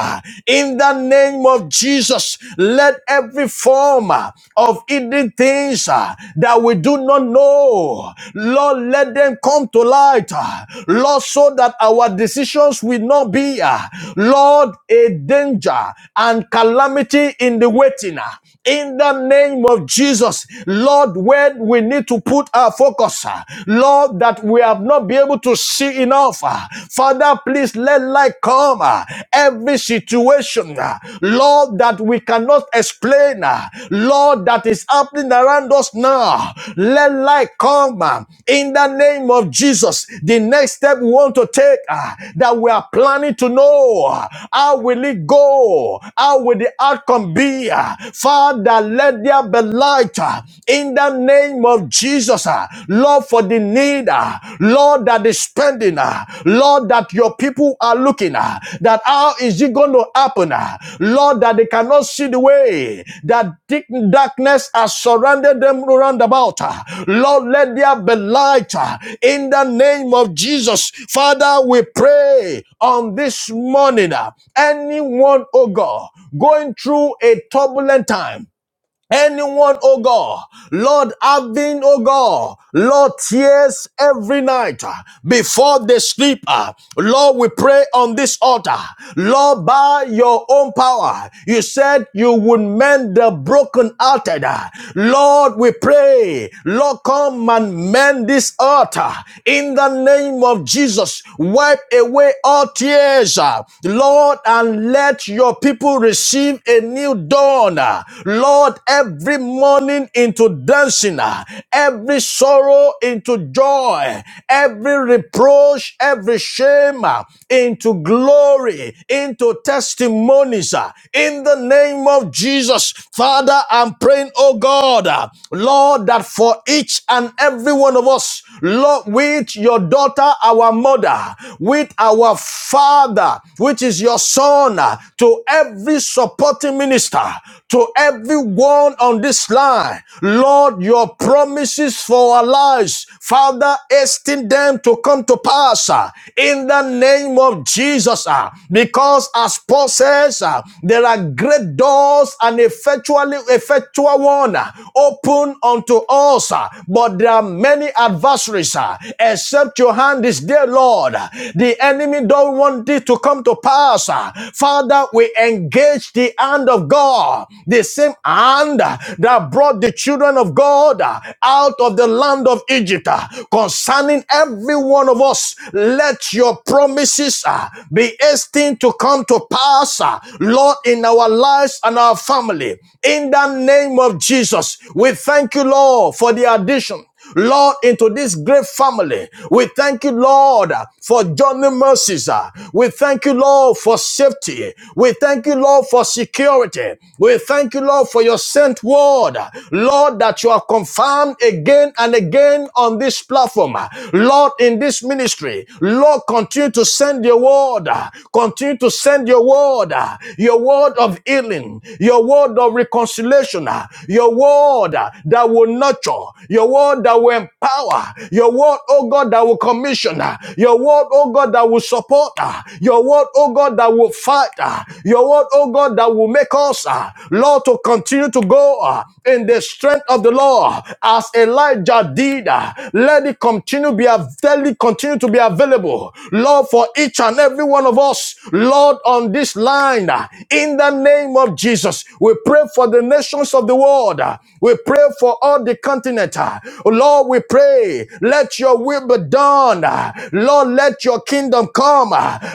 In the name of Jesus, let every form of hidden things uh, that we do not know, Lord, let them come to light. uh, Lord, so that our decisions will not be, uh, Lord, a danger and calamity in the waiting. uh, in the name of Jesus. Lord, where we need to put our focus, uh, Lord, that we have not been able to see enough. uh, Father, please let light come. uh, Every situation, uh, Lord, that we cannot explain, uh, Lord, that is happening around us now. Let light come. uh, in the name of Jesus. The next step we want to take ah, that we are planning to know ah, how will it go? How will the outcome be? ah? Father, let there be light ah, in the name of Jesus. ah. Lord, for the need, ah, Lord, that is spending, ah, Lord, that your people are looking. uh, uh, that how is it going to happen, uh, Lord, that they cannot see the way that thick darkness has surrounded them round about. uh, Lord, let there be light uh, in the name of Jesus. Father, we pray on this morning. uh, Anyone, oh God, going through a turbulent time, Anyone, oh God, Lord, having, oh God, Lord, tears every night uh, before they sleep. uh, Lord, we pray on this altar. Lord, by your own power, you said you would mend the brokenhearted. uh. Lord, we pray, Lord, come and mend this altar in the name of Jesus. Wipe away all tears, uh, Lord, and let your people receive receive a new dawn. uh, Lord, every morning into dancing, uh, every sorrow into joy, every reproach, every shame uh, into glory, into testimonies. uh, In the name of Jesus, Father, I'm praying, oh God, uh, Lord, that for each and every one of us, Lord, with your daughter, our mother, with our father, which is your son, uh, to every supporting minister, to everyone on this line. Lord, your promises for our lives, Father, hasten them to come to pass uh, in the name of Jesus. uh, Because as Paul says, uh, there are great doors and effectually effectual one uh, open unto us, uh, but there are many adversaries. uh, Except your hand is there day, Lord, the enemy don't want this to come to pass. Father, we engage the hand of God, the same hand that brought the children of God out of the land of Egypt. Concerning every one of us, let your promises uh, be destined to come to pass, uh, Lord, in our lives and our family. In the name of Jesus, we thank you, Lord, for the addition. Lord, into this great family. We thank you, Lord, for journey mercies. uh. We thank you, Lord, for safety. We thank you, Lord, for security. We thank you, Lord, for your sent word. Lord, that you are confirmed again and again on this platform. Lord, in this ministry, Lord, continue to send your word. Continue to send your word. Your word of healing. Your word of reconciliation. Your word word that will nurture, your word that will empower, your word, oh God, that will commission, your word, oh God, that will support, your word, oh God, that will fight, your word, oh God, that will make us, Lord, to continue to go uh, in the strength of the Lord as Elijah did. uh, Let it continue be av- continue to be available, Lord, for each and every one of us, Lord, on this line. uh, In the name of Jesus. Jesus. We pray for the nations of the world. We pray for all the continent. Lord, we pray. Let your will be done. Lord, let your kingdom come.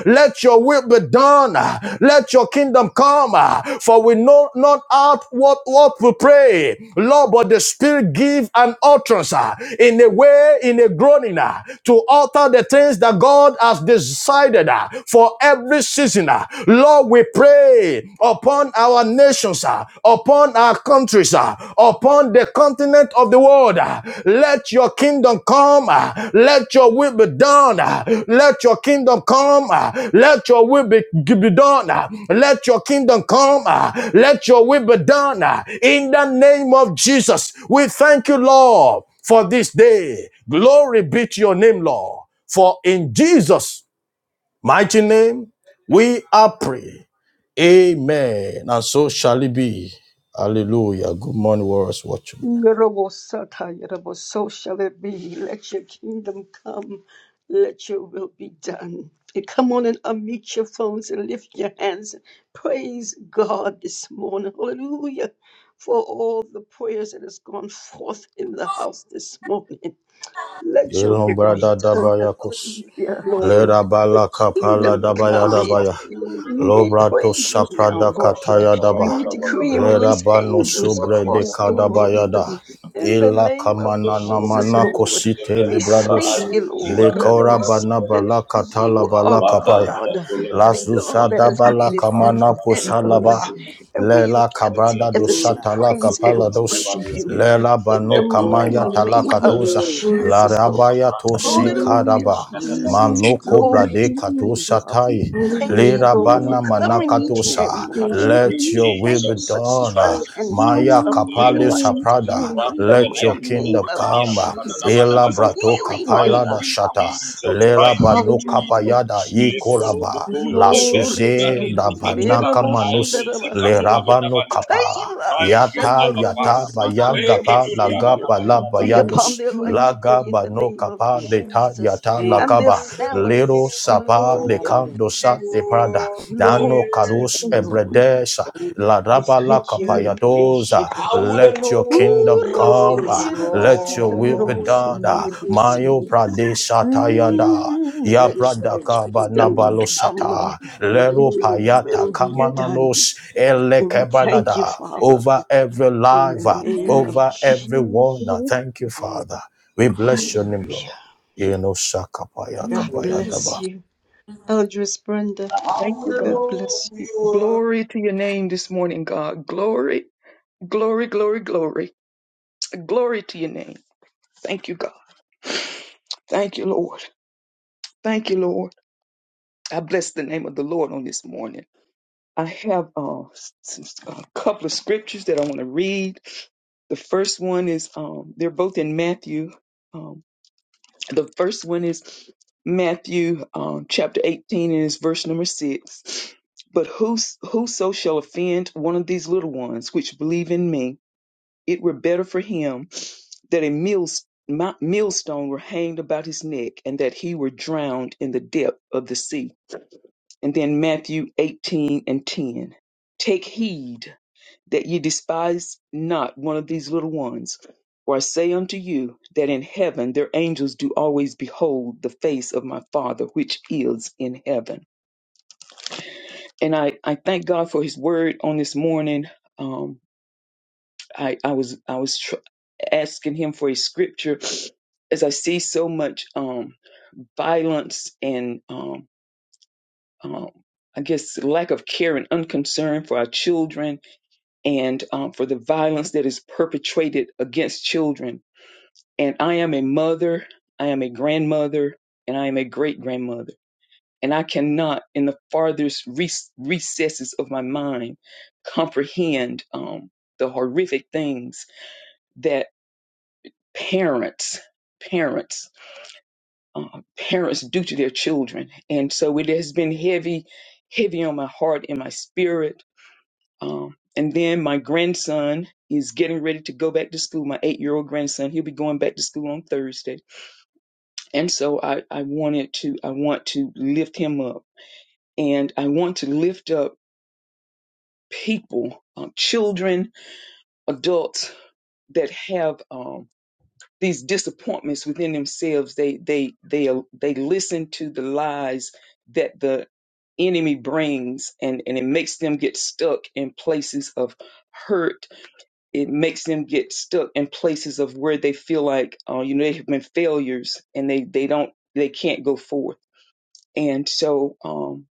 Let your will be done. Let your kingdom come. For we know not out what, what we pray. Lord, but the Spirit give an utterance uh, in a way, in a groaning uh, to alter the things that God has decided uh, for every season. uh. Lord, we pray upon our nations, ah, upon our countries, ah, upon the continent of the world. ah. Let your kingdom come. ah. Let your will be done. ah. Let your kingdom come. ah. Let your will be, be done. ah. Let your kingdom come. ah. Let your will be done. ah. In the name of Jesus, we thank you, Lord, for this day. Glory be to your name, Lord. For in Jesus' Mighty name, we are pray. Amen. And so shall it be. Hallelujah. Good morning, warriors watching.
Yorobosata, yoroboso shall it be. Let your kingdom come. Let your will be done. And come on and unmute your phones and lift your hands. Praise God this morning. Hallelujah. For all the prayers that has gone forth in the house this morning. Let your
Thank
will
you,
Yelon
God.
be
brada
done.
daba yakos.
Hallelujah.
Glory,
Lera
Your
bala
glory,
kapala
kingdom
glory.
dabaya
come,
dabaya.
Hetero.
Mm,
We
Lobrato
praise you now,
saprada
Lord.
kataya daba.
And
Thank
we
you, God.
decree and
Lera
release
bano
angels
subre de
Glory,
across the
glory,
*laughs*
glory,
kadabaya
world.
da.
glory.
In the
Ila
name of
The
kamana
Jesus,
namana
Kurubunduku,
Lord.
kosite
We
Seven, the
librados.
thank
Praibu,
you, Lord.
Thank you,
Sikatula,
Lekora
They
Lord.
see
Pradu,
bana
that
bala
Meliotu,
katala
You are
bala
Wada,
kapaya.
Thank
God,
you,
Katula,
the
Lazusa
God
Meliotu,
that has
dabala
Thank
created
you, thank
kamana
heaven
you.
and
Rambala,
Thank you, Lord
posalaba.
earth.
Jesus.
And we have
Lela
gathered
Ekkutumeria,
kabrada
together
dosa
Lutu,
to
talaka
praise and
Kukurana,
palados.
Thank
worship
you,
you.
Nabaliantu,
Lela
In the
bano
Ekala,
God.
mighty
kamaya
Glory, glory,
Bratu,
name
talaka
of
glory.
toza.
Shadabana,
Thank you.
Jesus, Lord.
rabaya
Ekala, Bratu,
tosi
Hallelujah,
Hallelujah.
karaba.
Yakuna,
Jesus.
Prana,
Hallelujah.
Manoko
Glory
Glory
to
to
brade
your
your
name.
name,
katosa
Father.
tai.
Thank
Thank
Hallelujah.
you,
you, Lord.
Lera
Thank you,
Lord, for
Lord.
bana
Thank
covering each and every
manakatosa.
Let
Thank
watchman.
you,
Let your will
Thank
be
you
you.
for
Jesus.
done.
Thank
strength
you,
and
Jesus.
health
Maya
upon their
kapale
Lero
Hallelujah.
life.
satula
saprada.
Yes,
In
God.
brato
the
Let
venia
your
mighty
kula
name
kingdom
duba
of
dia
come.
Yes,
tabada
Jesus,
daba
thank
Ela
you for
brato
healing in
kapaila
Thank
da
the
you,
shata.
house.
Jesus.
Lera
Thank you,
bano
God.
Jesus.
Hallelujah,
kapayada i
Jesus.
Lekoro
koraba.
dubo
La
Glory
sevendo
Glory
to
to
suze
your
your
name.
da
barisi ke
name.
tula
banaka
Merabo
braido
manus.
zika tula
shandarabasiya.
bada
Lerabano kapa
Saila
Thank you,
yata
Abba
yata
Father.
baya
Manareke
gapa
tulia
laga
shandarabosikinderabasiya.
mana
Yes,
bala
yes,
baliata.
Be
Lord.
upon
bayados
their life today
laga
in the
bano
name of
kapa leta
Jesus
yata
mic.
and their
lakaba lero
families.
Yes, Lord.
sapa
Hallelujah,
leka dosa
Jesus.
de prada
Glory
dano
to your
kados
Thank
name, Lord.
ebredesa la
We
raba la
thank you
kapa
and praise you.
yadoza
I would not
let your
know
kingdom
you
come
were
ah. let your will be
strong.
done ah. mayo
Urasitiyarabasikinderabosutiyarabasiya.
pradesha tayada
Mm,
Ya
You
let your
brada
deserve it.
kaba
kingdom
nabalo
come,
sata.
let
Lero
your
payata
will be done.
kamananos
And we thank you,
elekebadada.
Father,
Over every
in the
life, uh,
name of
over
Jesus.
everyone. Uh, Thank you, Father. We bless your name, Lord.
Hallelujah.
Yeno sakapaya
God bless
kabayadaba.
you. Eldris Brenda,
I would
you,
not
God
God.
know
bless you.
you were.
Glory to your name this morning, God. Glory, glory, glory, glory. Glory to your name. Thank you, God. Thank you, Lord. Thank you, Lord. I bless the name of the Lord on this morning. I have uh, s- s- a couple of scriptures that I want to read. The first one is, um, they're both in Matthew. Um, the first one is Matthew um, chapter 18, and it's verse number 6. But whos- whoso shall offend one of these little ones which believe in me, it were better for him that a mills- mi- millstone were hanged about his neck and that he were drowned in the depth of the sea. And then Matthew 18 and 10. Take heed that ye despise not one of these little ones. For I say unto you that in heaven their angels do always behold the face of my Father which is in heaven. And I, I thank God for His word on this morning. Um, I, I was I was tr- asking Him for a scripture as I see so much um, violence and um, um, I guess lack of care and unconcern for our children and um, for the violence that is perpetrated against children and I am a mother, I am a grandmother, and I am a great grandmother. And I cannot, in the farthest re- recesses of my mind, comprehend um, the horrific things that parents, parents, uh, parents do to their children. And so it has been heavy, heavy on my heart and my spirit. Um, and then my grandson is getting ready to go back to school. My eight-year-old grandson, he'll be going back to school on Thursday And so I, I wanted to, I want to lift him up and I want to lift up people, um, children, adults that have, um, these disappointments within themselves. They, they, they, they listen to the lies that the enemy brings and, and it makes them get stuck in places of hurt. It makes them get stuck in places of where they feel like, uh, you know, they have been failures and they, they don't, they can't go forward And so um,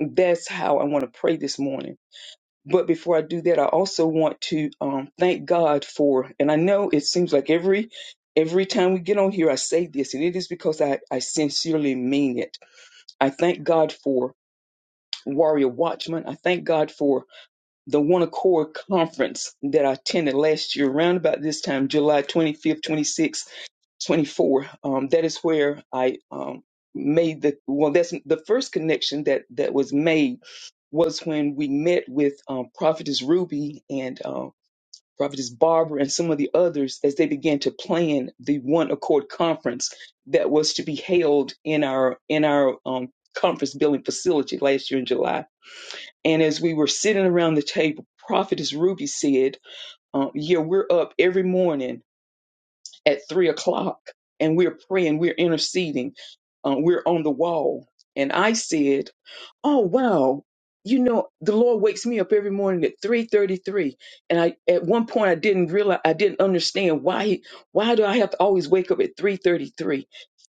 that's how I want to pray this morning. But before I do that, I also want to um, thank God for, and I know it seems like every every time we get on here, I say this, and it is because I, I sincerely mean it. I thank God for Warrior Watchman. I thank God for the One Accord Conference that I attended last year, around about this time, July 25th, 26th 24 um, that is where i um, made the well that's the first connection that that was made was when we met with um, prophetess ruby and um, prophetess barbara and some of the others as they began to plan the one accord conference that was to be held in our in our um, conference building facility last year in july and as we were sitting around the table prophetess ruby said um, yeah we're up every morning at three o'clock and we're praying, we're interceding, uh, we're on the wall. And I said, Oh wow, you know, the Lord wakes me up every morning at three thirty-three. And I at one point I didn't realize I didn't understand why he why do I have to always wake up at three thirty-three?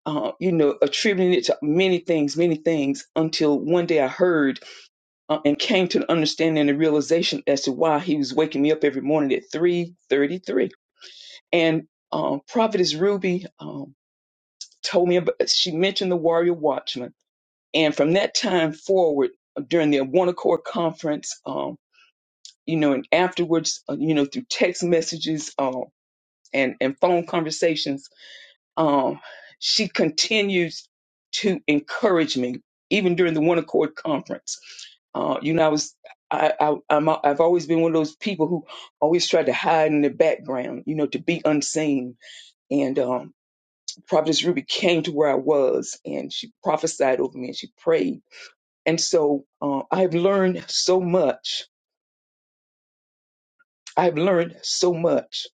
Uh, you know, attributing it to many things, many things, until one day I heard uh, and came to an understanding and realization as to why he was waking me up every morning at three thirty-three and um, Prophetess Ruby um, told me about, she mentioned the Warrior Watchman. And from that time forward, during the One Accord Conference, um, you know, and afterwards, uh, you know, through text messages um, and, and phone conversations, um, she continues to encourage me, even during the One Accord Conference. Uh, you know, I was, I, I, I'm, i I've always been one of those people who always tried to hide in the background, you know, to be unseen. And um, Prophetess Ruby came to where I was and she prophesied over me and she prayed. And so uh, I have learned so much. I have learned so much.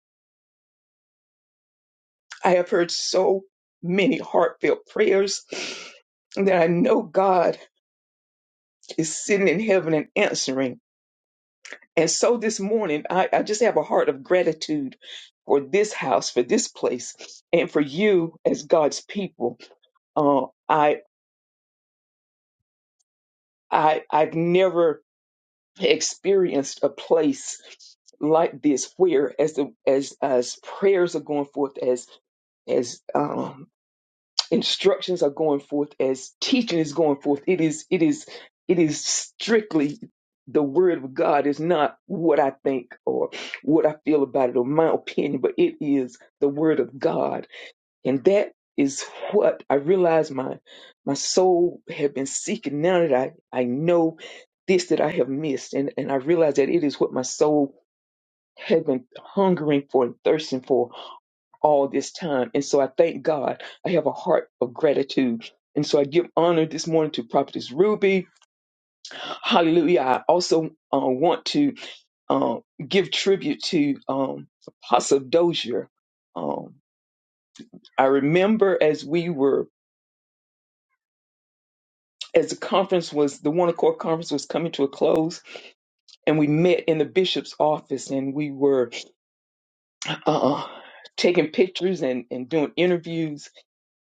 I have heard so many heartfelt prayers that I know God is sitting in heaven and answering. And so this morning, I, I just have a heart of gratitude for this house, for this place, and for you as God's people. Uh, I I I've never experienced a place like this where as the as as prayers are going forth as as um instructions are going forth as teaching is going forth it is it is it is strictly the word of god is not what i think or what i feel about it or my opinion but it is the word of god and that is what I realized my my soul had been seeking now that I, I know this that I have missed. And and I realized that it is what my soul had been hungering for and thirsting for all this time. And so I thank God. I have a heart of gratitude. And so I give honor this morning to Prophetess Ruby. Hallelujah. I also uh, want to um, give tribute to um, Apostle Dozier. Um, I remember as we were as the conference was the one accord conference was coming to a close and we met in the bishop's office and we were uh, taking pictures and, and doing interviews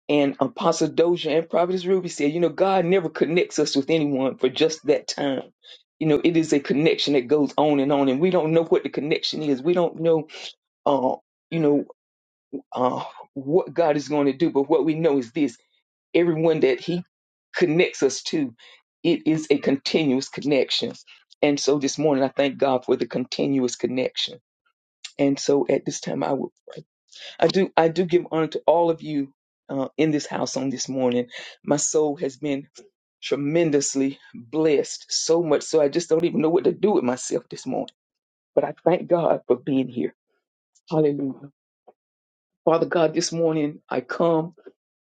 and apostle doja and Prophetess ruby said you know god never connects us with anyone for just that time you know it is a connection that goes on and on and we don't know what the connection is we don't know uh, you know uh, what god is going to do but what we know is this everyone that he connects us to, it is a continuous connection. And so this morning, I thank God for the continuous connection. And so at this time, I will pray. I do, I do give honor to all of you uh, in this house on this morning. My soul has been tremendously blessed, so much so I just don't even know what to do with myself this morning. But I thank God for being here. Hallelujah. Father God, this morning I come.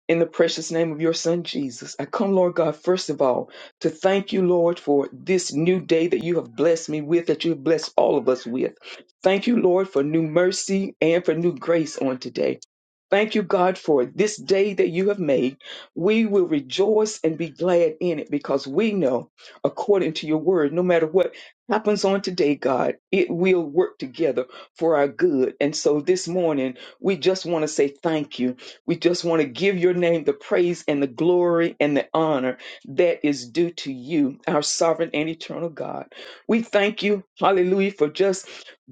In the precious name of your son, Jesus, I come, Lord God, first of all, to thank you, Lord, for this new day that you have blessed me with, that you have blessed all of us with. Thank you, Lord, for new mercy and for new grace on today. Thank you, God, for this day that you have made. We will rejoice and be glad in it because we know, according to your word, no matter what happens on today, God, it will work together for our good. And so this morning, we just want to say thank you. We just want to give your name the praise and the glory and the honor that is due to you, our sovereign and eternal God. We thank you, hallelujah, for just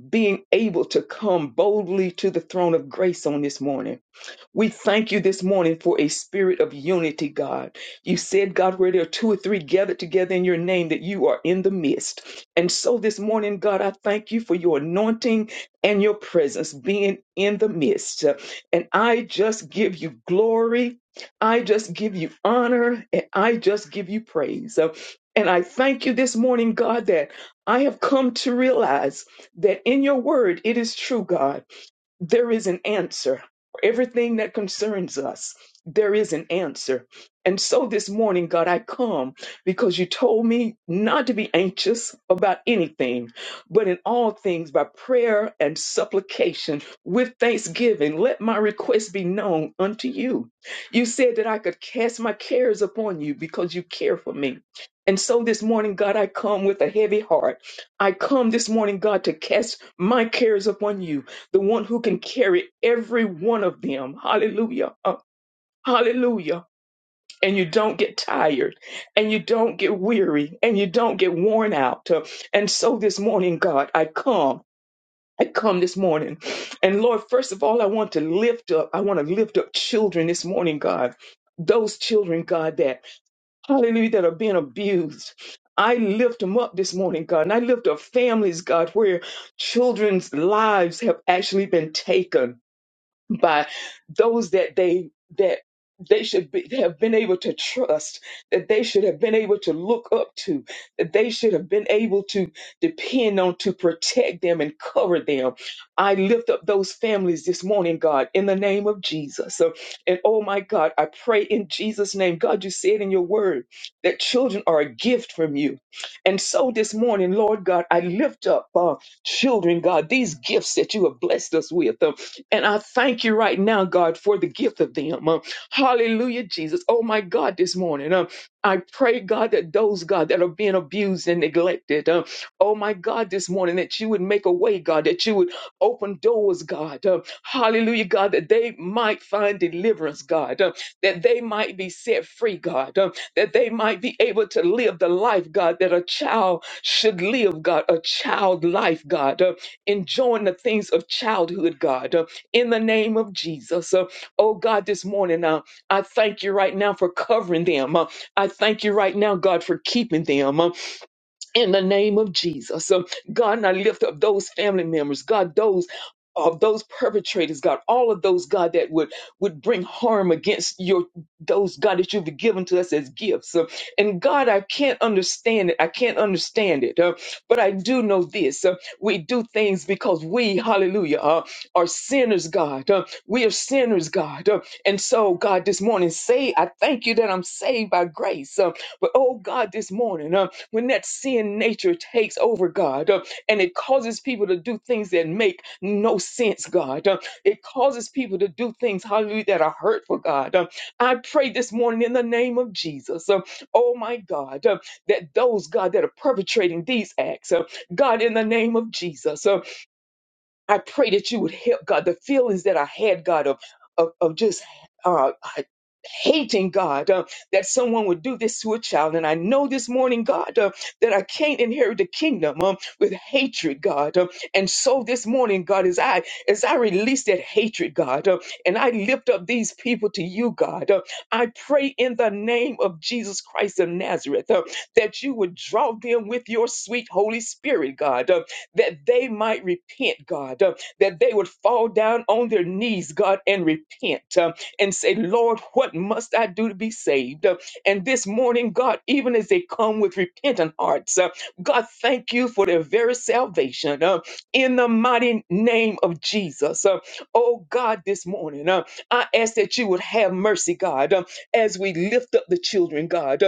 being able to come boldly to the throne of grace on this morning we thank you this morning for a spirit of unity, God. You said, God, where there are two or three gathered together in your name, that you are in the midst. And so this morning, God, I thank you for your anointing and your presence being in the midst. And I just give you glory. I just give you honor and I just give you praise. Uh, And I thank you this morning, God, that I have come to realize that in your word it is true, God there is an answer. For everything that concerns us, there is an answer. And so this morning, God, I come because you told me not to be anxious about anything, but in all things by prayer and supplication with thanksgiving, let my request be known unto you. You said that I could cast my cares upon you because you care for me. And so this morning, God, I come with a heavy heart. I come this morning, God, to cast my cares upon you the one who can carry every one of them. Hallelujah. Uh, hallelujah. And you don't get tired and you don't get weary and you don't get worn out. Uh, And so this morning, God, I come. I come this morning. And Lord, first of all, I want to lift up, I want to lift up children this morning, God. Those children, God, that, hallelujah, that are being abused. I lift them up this morning, God. And I lift up families, God, where children's lives have actually been taken by those that they that they should be, have been able to trust, that they should have been able to look up to, that they should have been able to depend on to protect them and cover them. I lift up those families this morning, God, in the name of Jesus. So, and oh my God, I pray in Jesus' name. God, you said in your word that children are a gift from you. And so this morning, Lord God, I lift up uh, children, God, these gifts that you have blessed us with. uh, and I thank you right now, God, for the gift of them. Um, hallelujah, Jesus. Oh my God, this morning. Um, I pray, God, that those, God, that are being abused and neglected. Um, oh my God, this morning, that you would make a way, God, that you would open doors, God. Um, hallelujah, God, that they might find deliverance, God, Um, that they might be set free, God, Um, that they might be able to live the life, God, that a child should live, God, a child life, God, Um, enjoying the things of childhood, God. Uh, in the name of Jesus. Uh, oh God, this morning, uh, I thank you right now for covering them. Uh, I thank you right now, God, for keeping them. Uh, in the name of Jesus. So, God, and I lift up those family members, God, those of those perpetrators, God, all of those, God, that would would bring harm against your those, God, that you've given to us as gifts. So, and God, I can't understand it. I can't understand it. uh, but I do know this. uh, we do things because we, hallelujah, uh, are sinners, God. uh, we are sinners, God. uh, and so, God, this morning, say, I thank you that I'm saved by grace. uh, but oh God, this morning, uh, when that sin nature takes over, God, uh, and it causes people to do things that make no sense, God. Uh, it causes people to do things, hallelujah, that are hurtful, God. Uh, I pray this morning in the name of Jesus, uh, oh my God, uh, that those, God, that are perpetrating these acts, uh, God, in the name of Jesus. uh, I pray that you would help God the feelings that I had, God, of of, of just uh, hating God uh, that someone would do this to a child. And I know this morning, God, uh, that I can't inherit the kingdom um, with hatred, God. Um, and so this morning, God, as I as I release that hatred, God, uh, and I lift up these people to you, God, uh, I pray in the name of Jesus Christ of Nazareth uh, that you would draw them with your sweet Holy Spirit, God. Uh, that they might repent, God, uh, that they would fall down on their knees, God, and repent uh, and say, Lord, what must I do to be saved? Uh, and this morning, God, even as they come with repentant hearts, uh, God, thank you for their very salvation uh, in the mighty name of Jesus. Uh, oh, God, this morning, uh, I ask that you would have mercy, God, uh, as we lift up the children, God. Uh,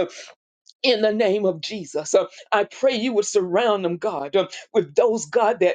in the name of Jesus. Uh, I pray you would surround them, God, uh, with those, God, that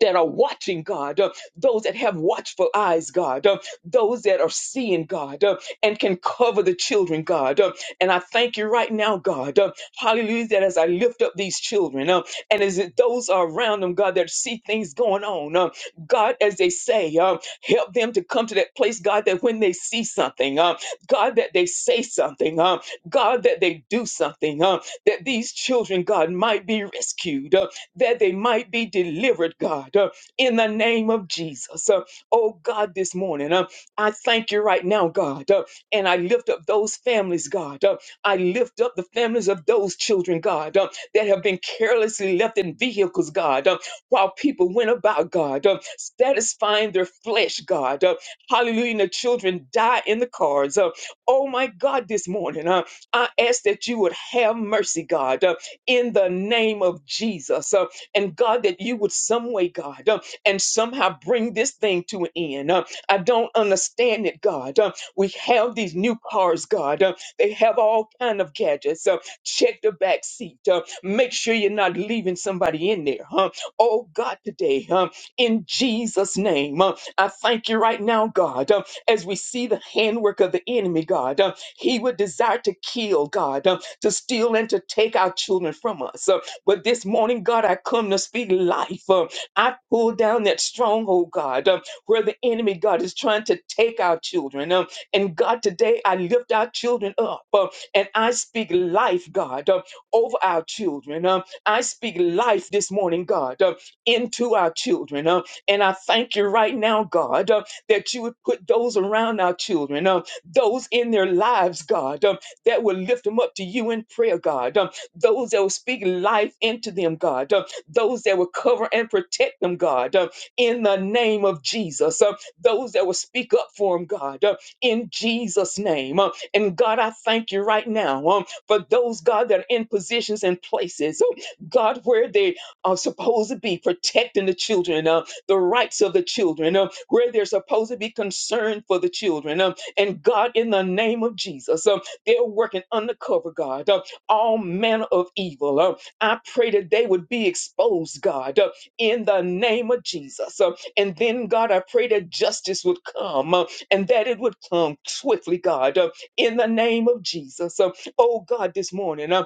that are watching, God, uh, those that have watchful eyes, God, uh, those that are seeing, God, uh, and can cover the children, God. uh, and I thank you right now, God, uh, hallelujah, that as I lift up these children, uh, and as it- those are around them, God, that see things going on, uh, God, as they say, uh, help them to come to that place, God, that when they see something, uh, God, that they say something, uh, God, that they do something, uh, that these children, God, might be rescued, uh, that they might be delivered, God, uh, in the name of Jesus. Uh, oh, God, this morning, uh, I thank you right now, God, uh, and I lift up those families, God. Uh, I lift up the families of those children, God, uh, that have been carelessly left in vehicles, God, uh, while people went about, God, uh, satisfying their flesh, God. Uh, hallelujah, and the children die in the cars. Uh, oh, my God, this morning, uh, I ask that you would have mercy, God. Uh, in the name of Jesus. Uh, and God, that you would some way, God, uh, and somehow bring this thing to an end. Uh, I don't understand it, God. Uh, we have these new cars, God. Uh, they have all kind of gadgets. Uh, check the back seat. Uh, make sure you're not leaving somebody in there. Huh? Oh God, today, huh? in Jesus' name, uh, I thank you right now, God, uh, as we see the handwork of the enemy, God. uh, he would desire to kill, God. Uh, to steal and to take our children from us. Uh, But this morning, God, I come to speak life. Uh, I pull down that stronghold, God, uh, where the enemy, God, is trying to take our children. Um, And God, today I lift our children up uh, and I speak life, God, uh, over our children. Um, I speak life this morning, God, uh, into our children. Uh, And I thank you right now, God, uh, that you would put those around our children, uh, those in their lives, God. um, that will lift them up to you in prayer, God. Um, those that will speak life into them, God. Um, those that will cover and protect them, God, Um, in the name of Jesus. Um, those that will speak up for them, God, Um, in Jesus' name. Um, and God, I thank you right now um, for those, God, that are in positions and places, um, God, where they are supposed to be protecting the children, uh, the rights of the children, uh, where they're supposed to be concerned for the children. Um, and God, in the name of Jesus. um, they're working undercover, God. Uh, all manner of evil. Uh, I pray that they would be exposed, God, uh, in the name of Jesus. Uh, and then, God, I pray that justice would come uh, and that it would come swiftly, God, uh, in the name of Jesus. Uh, oh, God, this morning. uh,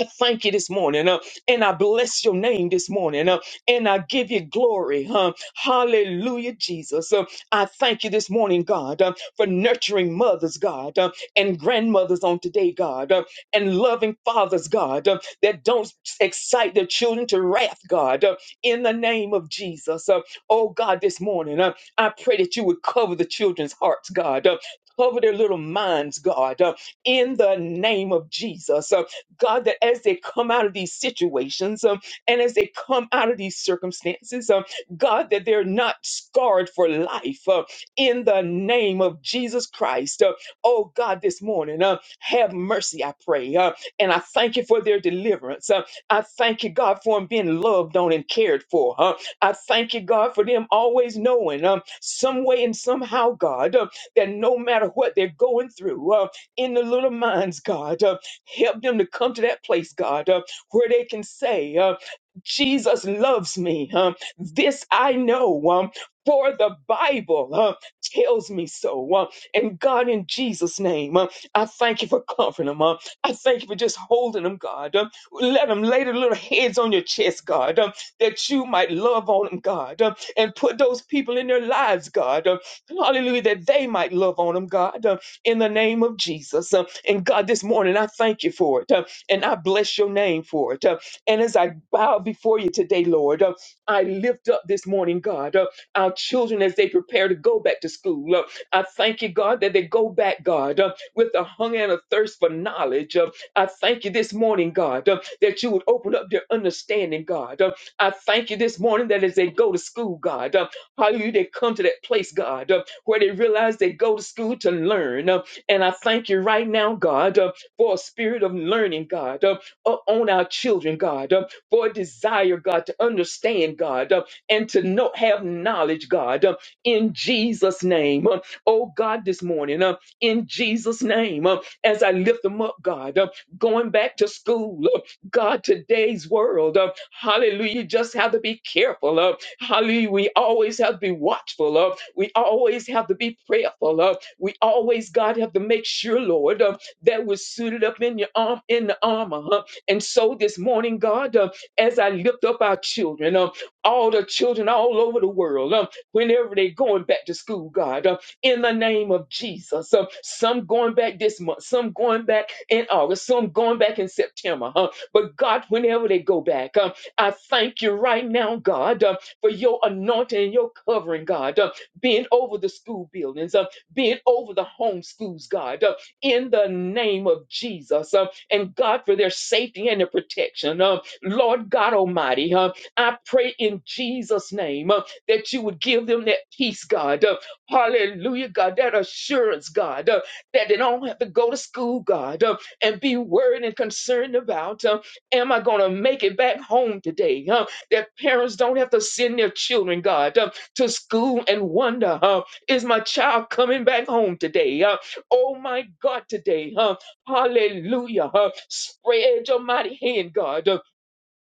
I thank you this morning, uh, and I bless your name this morning, uh, and I give you glory. huh? hallelujah, Jesus. Uh, I thank you this morning, God, uh, for nurturing mothers, God, uh, and grandmothers on today, God, uh, and loving fathers, God, uh, that don't excite their children to wrath, God, uh, in the name of Jesus. Uh, oh, God, this morning, uh, I pray that you would cover the children's hearts, God. Uh, Cover their little minds, God, uh, in the name of Jesus. uh, God, that as they come out of these situations um, and as they come out of these circumstances, um, God, that they're not scarred for life uh, in the name of Jesus Christ. Uh, oh, God, this morning, uh, have mercy, I pray. Uh, and I thank you for their deliverance. Uh, I thank you, God, for them being loved on and cared for. Uh, I thank you, God, for them always knowing um, some way and somehow, God, uh, that no matter what they're going through, uh, in the little minds, God. uh, Help them to come to that place, God, uh, where they can say, uh, Jesus loves me. Um, this I know, um, for the Bible um, tells me so. Um, and God, in Jesus' name, um, I thank you for comforting them. Um, I thank you for just holding them, God. Um, let them lay their little heads on your chest, God, um, that you might love on them, God, um, and put those people in their lives, God. Um, hallelujah, that they might love on them, God. Um, in the name of Jesus. Uh, And God, this morning, I thank you for it. uh, And I bless your name for it. Uh, And as I bow before you today, Lord, uh, I lift up this morning, God, uh, our children as they prepare to go back to school. Uh, I thank you, God, that they go back, God, uh, with a hunger and a thirst for knowledge. Uh, I thank you this morning, God, uh, that you would open up their understanding, God. Uh, I thank you this morning that as they go to school, God, uh, hallelujah, they come to that place, God. uh, where they realize they go to school to learn. Uh, and I thank you right now, God, uh, for a spirit of learning, God, uh, uh, on our children, God, uh, for a desire, God, to understand, God, uh, and to know, have knowledge, God, uh, in Jesus' name. Uh, oh, God, this morning, uh, in Jesus' name, uh, as I lift them up, God, uh, going back to school, uh, God, today's world, uh, hallelujah, just have to be careful. uh, Hallelujah. We always have to be watchful of. We always have to be prayerful of. We always, God, have to make sure, Lord, uh, that we're suited up in your arm in the armor. huh? And so this morning, God, uh, as I lift up our children, uh, all the children all over the world, um, whenever they're going back to school, God, uh, in the name of Jesus. Uh, some going back this month, some going back in August, some going back in September. huh? But God, whenever they go back, uh, I thank you right now, God. uh, for your anointing and your covering, God, uh, being over the school buildings, uh, being over the home schools, God, uh, in the name of Jesus, uh, and God, for their safety and their protection. Uh, Lord God Almighty, uh, I pray in Jesus' name uh, that you would give them that peace, God. Uh, hallelujah, God, that assurance, God, uh, that they don't have to go to school, God, uh, and be worried and concerned about, uh, am I going to make it back home today? huh? that parents don't have to send their children, God, uh, to school and wonder, uh, is my child coming back home today? Uh, oh my God, today, uh, hallelujah. Uh, spread your mighty hand, God. Uh,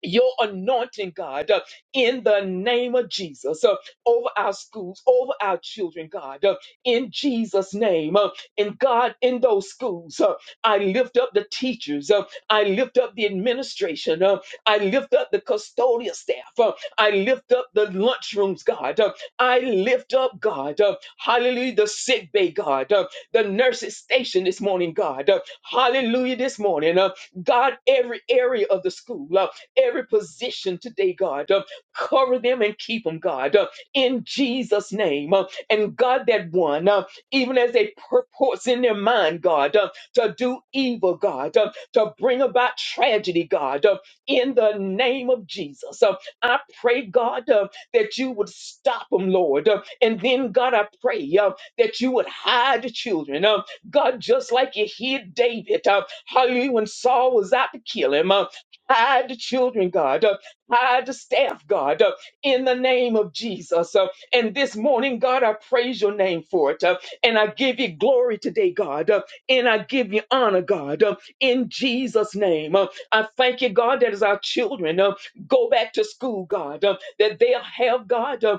your anointing, God, uh, in the name of Jesus, uh, over our schools, over our children, God, uh, in Jesus' name. Uh, and God, in those schools, uh, I lift up the teachers, uh, I lift up the administration, uh, I lift up the custodial staff, uh, I lift up the lunchrooms, God, uh, I lift up, God, uh, hallelujah, the sick bay, God, uh, the nurses station this morning, God, uh, hallelujah, this morning, uh, God, every area of the school. Uh, every position today, God. Uh, cover them and keep them, God, uh, in Jesus' name. Uh, and God, that one, uh, even as they purports in their mind, God, uh, to do evil, God, uh, to bring about tragedy, God, uh, in the name of Jesus. Uh, I pray, God, uh, that you would stop them, Lord. Uh, and then, God, I pray uh, that you would hide the children. Uh, God, just like you hid David, uh, hallelujah, when Saul was out to kill him. uh, Hide the children, God. Uh, Hide the staff, God, uh, in the name of Jesus. Uh, And this morning, God, I praise your name for it. Uh, And I give you glory today, God. Uh, And I give you honor, God, Uh, in Jesus' name. Uh, I thank you, God, that as our children uh, go back to school, God, uh, that they'll have, God, uh,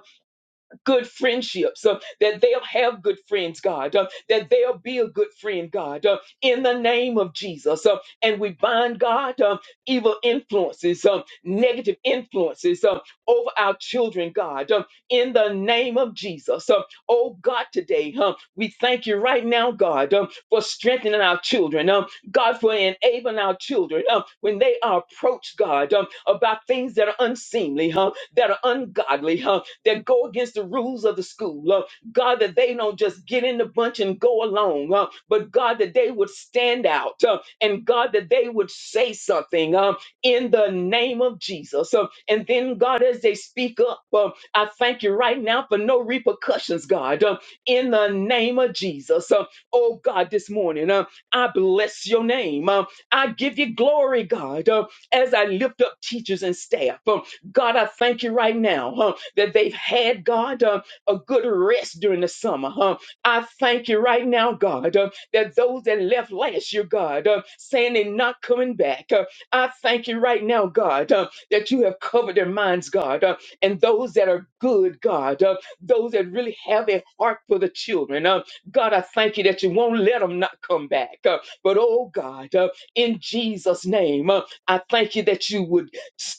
good friendships, uh, that they'll have good friends, God, uh, that they'll be a good friend, God, uh, in the name of Jesus. Uh, and we bind, God, uh, evil influences, um, negative influences um, over our children, God, um, in the name of Jesus. Um, oh, God, today, um, we thank you right now, God, um, for strengthening our children, um, God, for enabling our children um, when they are approached, God, um, about things that are unseemly, huh? that are ungodly, huh, that go against the rules of the school. uh, God, that they don't just get in the bunch and go along, uh, but God, that they would stand out, uh, and God, that they would say something um, in the name of Jesus. Uh, and then, God, as they speak up, uh, I thank you right now for no repercussions, God, uh, in the name of Jesus. Uh, oh, God, this morning, uh, I bless your name. Uh, I give you glory, God, uh, as I lift up teachers and staff. huh. God, I thank you right now huh, that they've had, God, uh, a good rest during the summer. Huh? I thank you right now, God, uh, that those that left last year, God, uh, saying they're not coming back, uh, I thank you right now, God, uh, that you have covered their minds, God, uh, and those that are good, God, uh, those that really have a heart for the children. Uh, God, I thank you that you won't let them not come back. Uh, but, oh, God, uh, in Jesus' name, uh, I thank you that you would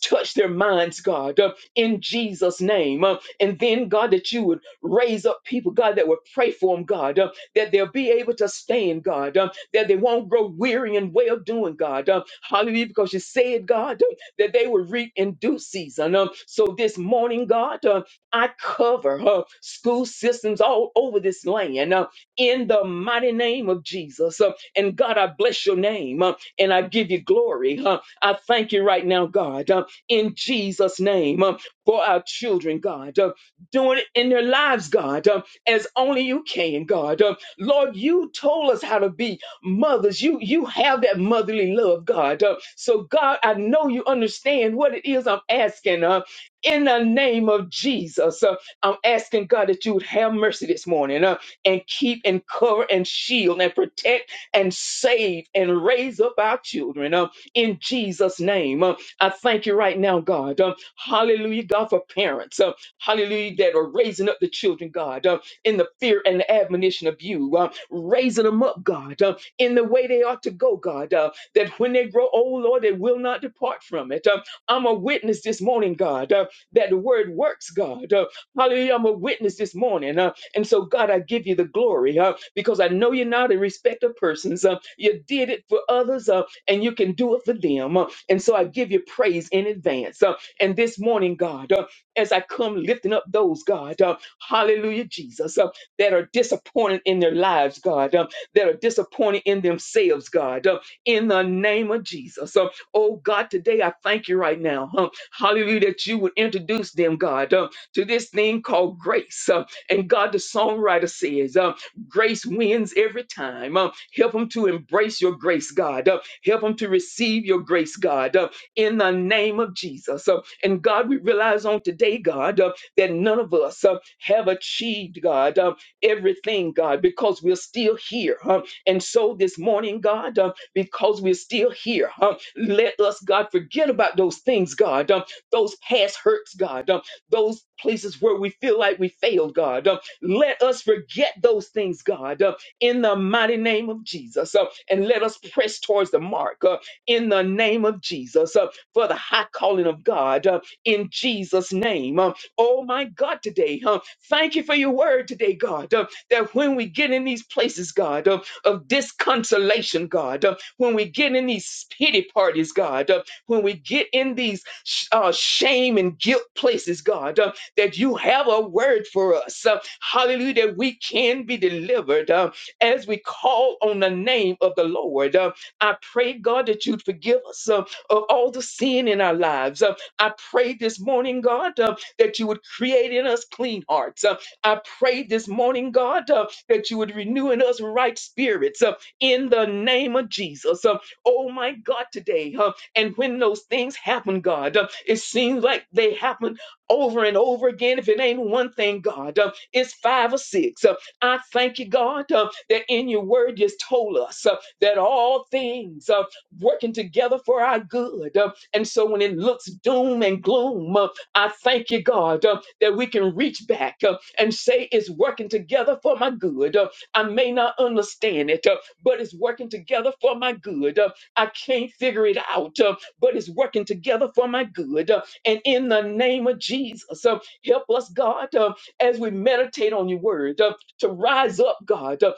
Touch their minds, God, uh, in Jesus' name. Uh, and then, God, that you would raise up people, God, that would pray for them, God, uh, that they'll be able to stand, God, uh, that they won't grow weary and well doing, God. Uh, hallelujah, because you said, God, uh, that they would reap in due season. Um, so this morning, God, uh, I cover uh, school systems all over this land uh, in the mighty name of Jesus. Uh, and God, I bless your name uh, and I give you glory. Uh, I thank you right now, God, uh, in Jesus' name um, for our children, God, uh, doing it in their lives, God, um, as only you can, God. Um, Lord, you told us how to be mothers. You you have that motherly love, God. Um, so, God, I know you understand what it is I'm asking. Uh, in the name of Jesus, uh, I'm asking God that you would have mercy this morning uh, and keep and cover and shield and protect and save and raise up our children. Um, in Jesus' name. Uh, I thank you right now, God. Um, hallelujah, God, for parents. Uh, hallelujah, that are raising up the children, God, uh, in the fear and the admonition of you. Uh, raising them up, God, uh, in the way they ought to go, God, uh, that when they grow old, Lord, they will not depart from it. Uh, I'm a witness this morning, God, uh, that the word works, God. Uh, hallelujah, I'm a witness this morning. Uh, and so, God, I give you the glory uh, because I know you're not a respecter of persons. Uh, you did it for others. uh, and you can do it for them. Uh, And so I give you praise in advance. Uh, And this morning, God, uh, as I come lifting up those, God, uh, hallelujah, Jesus, uh, that are disappointed in their lives, God, uh, that are disappointed in themselves, God, uh, in the name of Jesus. Uh, Oh, God, today I thank you right now, uh, hallelujah, that you would introduce them, God, uh, to this thing called grace. Uh, And God, the songwriter says, Grace wins every time. Um, help them to embrace your grace, God. Uh, help them to receive your grace, God, uh, in the name of Jesus. Uh, and God, we realize on today, God, uh, that none of us uh, have achieved, God, uh, everything, God, because we're still here. huh? And so this morning, God, uh, because we're still here, huh, let us, God, forget about those things, God, uh, those past hurts, God, uh, those places where we feel like we failed, God. Um, let us forget those things, God, uh, in the mighty name of Jesus. uh, and let us press towards the mark uh, in the name of Jesus uh, for the high calling of God uh, in Jesus' name. Uh, oh, my God, today, uh, thank you for your word today, God, uh, that when we get in these places, God, uh, of disconsolation, God, uh, when we get in these pity parties, God, uh, when we get in these sh- uh, shame and guilt places, God. uh, that you have a word for us. Uh, hallelujah, that we can be delivered uh, as we call on the name of the Lord. Uh, I pray, God, that you'd forgive us uh, of all the sin in our lives. Uh, I pray this morning, God, uh, that you would create in us clean hearts. Uh, I pray this morning, God, uh, that you would renew in us right spirits uh, in the name of Jesus. Uh, oh, my God, today. Uh, and when those things happen, God, uh, it seems like they happen over and over again. If it ain't one thing, God, uh, it's five or six. Uh, I thank you, God, uh, that in your word you told us uh, that all things are working together for our good. Uh, and so when it looks doom and gloom, uh, I thank you, God, uh, that we can reach back uh, and say it's working together for my good. Uh, I may not understand it, uh, but it's working together for my good. Uh, I can't figure it out, uh, but it's working together for my good. Uh, and in the name of Jesus, uh, help us, God, uh, as we meditate on your word, uh, to rise up, God, uh,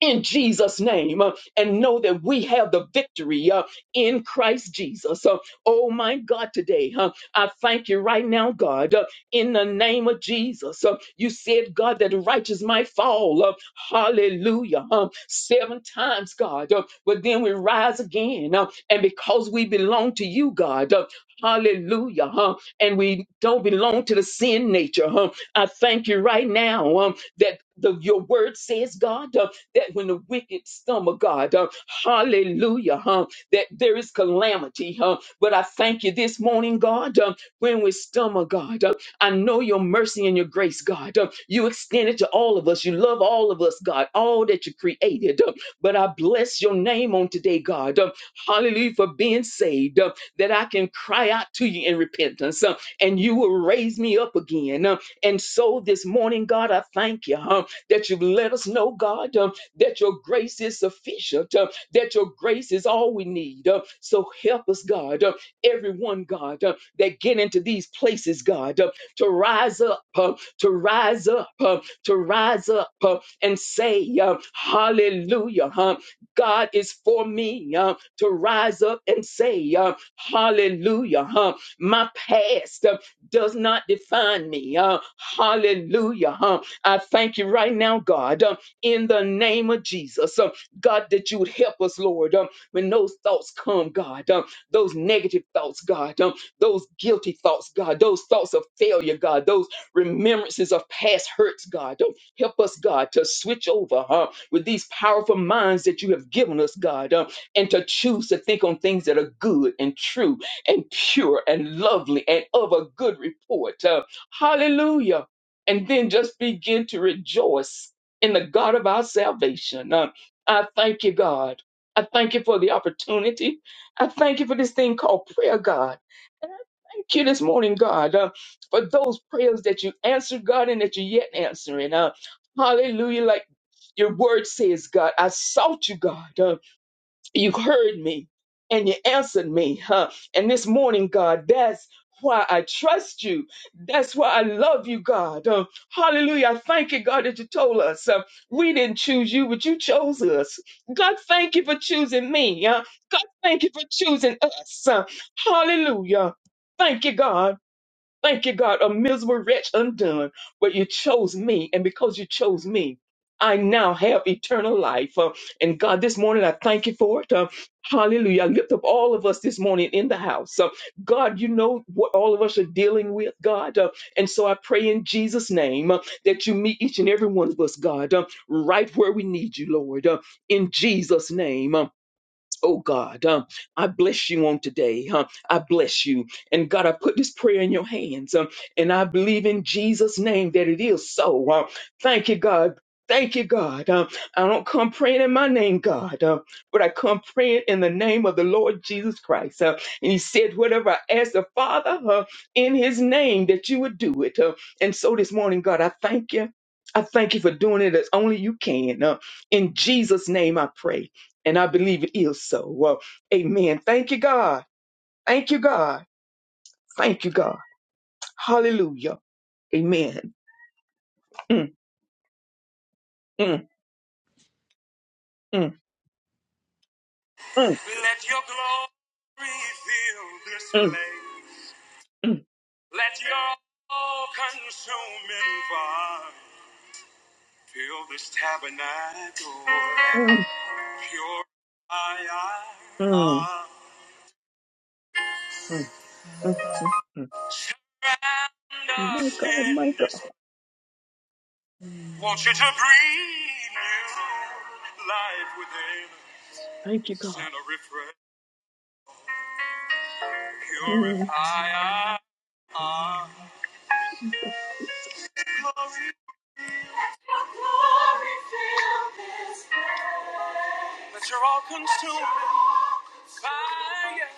in Jesus' name uh, and know that we have the victory uh, in Christ Jesus. Uh, oh my God, today, huh, I thank you right now, God, uh, in the name of Jesus. Uh, you said, God, that the righteous might fall. Uh, hallelujah. huh, seven times, God, uh, but then we rise again. Uh, and because we belong to you, God, uh, hallelujah, huh, and we don't belong to the sin nature, huh, I thank you right now um, that the, your word says, God. uh, that when the wicked stumble, God, uh, hallelujah, huh, that there is calamity, huh? But I thank you this morning, God, uh, when we stumble, God, uh, I know your mercy and your grace, God. Uh, you extend it to all of us. You love all of us, God, all that you created. Uh, but I bless your name on today, God. Uh, hallelujah, for being saved, uh, that I can cry out to you in repentance, uh, and you will raise me up again. Uh, and so this morning, God, I thank you huh, that you've let us know, God. um, that your grace is sufficient, uh, that your grace is all we need. uh, so help us, God, uh, everyone, God, uh, that get into these places, God, uh, to rise up, uh, to rise up, uh, to rise up uh, and say, uh, Hallelujah, huh? God is for me, uh, to rise up and say, uh, Hallelujah, huh? My past uh, does not define me. Uh, hallelujah. huh? I thank you right now, God. uh, in the name of Jesus. Um, God, that you would help us, Lord, um, when those thoughts come, God, um, those negative thoughts, God, um, those guilty thoughts, God, those thoughts of failure, God, those remembrances of past hurts, God. Um, help us, God, to switch over huh, with these powerful minds that you have given us, God, um, and to choose to think on things that are good and true and pure and lovely and of a good report. Uh, hallelujah. And then just begin to rejoice and the God of our salvation. Uh, I thank you, God. I thank you for the opportunity. I thank you for this thing called prayer, God. And I thank you this morning, God, uh, for those prayers that you answered, God, and that you're yet answering. Uh, hallelujah. Like your word says, God, I sought you, God. uh, you heard me and you answered me, huh? And this morning, God, that's why I trust you. That's why I love you, God. Uh, hallelujah. I thank you, God, that you told us uh, we didn't choose you, but you chose us. God, thank you for choosing me. Uh, God, thank you for choosing us. Uh, hallelujah. Thank you, God. Thank you, God, a miserable wretch undone, but you chose me. And because you chose me, I now have eternal life. Uh, and God, this morning, I thank you for it. Uh, hallelujah. I lift up all of us this morning in the house. Uh, God, you know what all of us are dealing with, God. Uh, and so I pray in Jesus' name uh, that you meet each and every one of us, God, uh, right where we need you, Lord. Uh, in Jesus' name. Uh, Oh God, um, I bless you on today. huh? I bless you. And God, I put this prayer in your hands. Um, and I believe in Jesus' name that it is so. Um, thank you, God. Thank you, God. Um, I don't come praying in my name, God, um, but I come praying in the name of the Lord Jesus Christ. Uh, and He said, whatever I ask the Father uh, in His name, that you would do it. Uh, and so this morning, God, I thank you. I thank you for doing it as only you can. Uh, in Jesus' name, I pray. And I believe it is so. Well, amen. Thank you, God. Thank you, God. Thank you, God. Hallelujah. Amen. Mm, mm, mm, mm,
your glory fill this
mm,
place.
mm,
Let your all consuming fire fill this tabernacle.
mm,
Purify
mm,
us.
mm, mm, mm, mm.
Surround
My
us
God, my
in this.
God.
Want you to breathe new life within. us.
Thank you, God.
Send a refresh,
Mm,
purify our heart.
Jesus.
glory. Glory fill this place. That you're all consuming fire.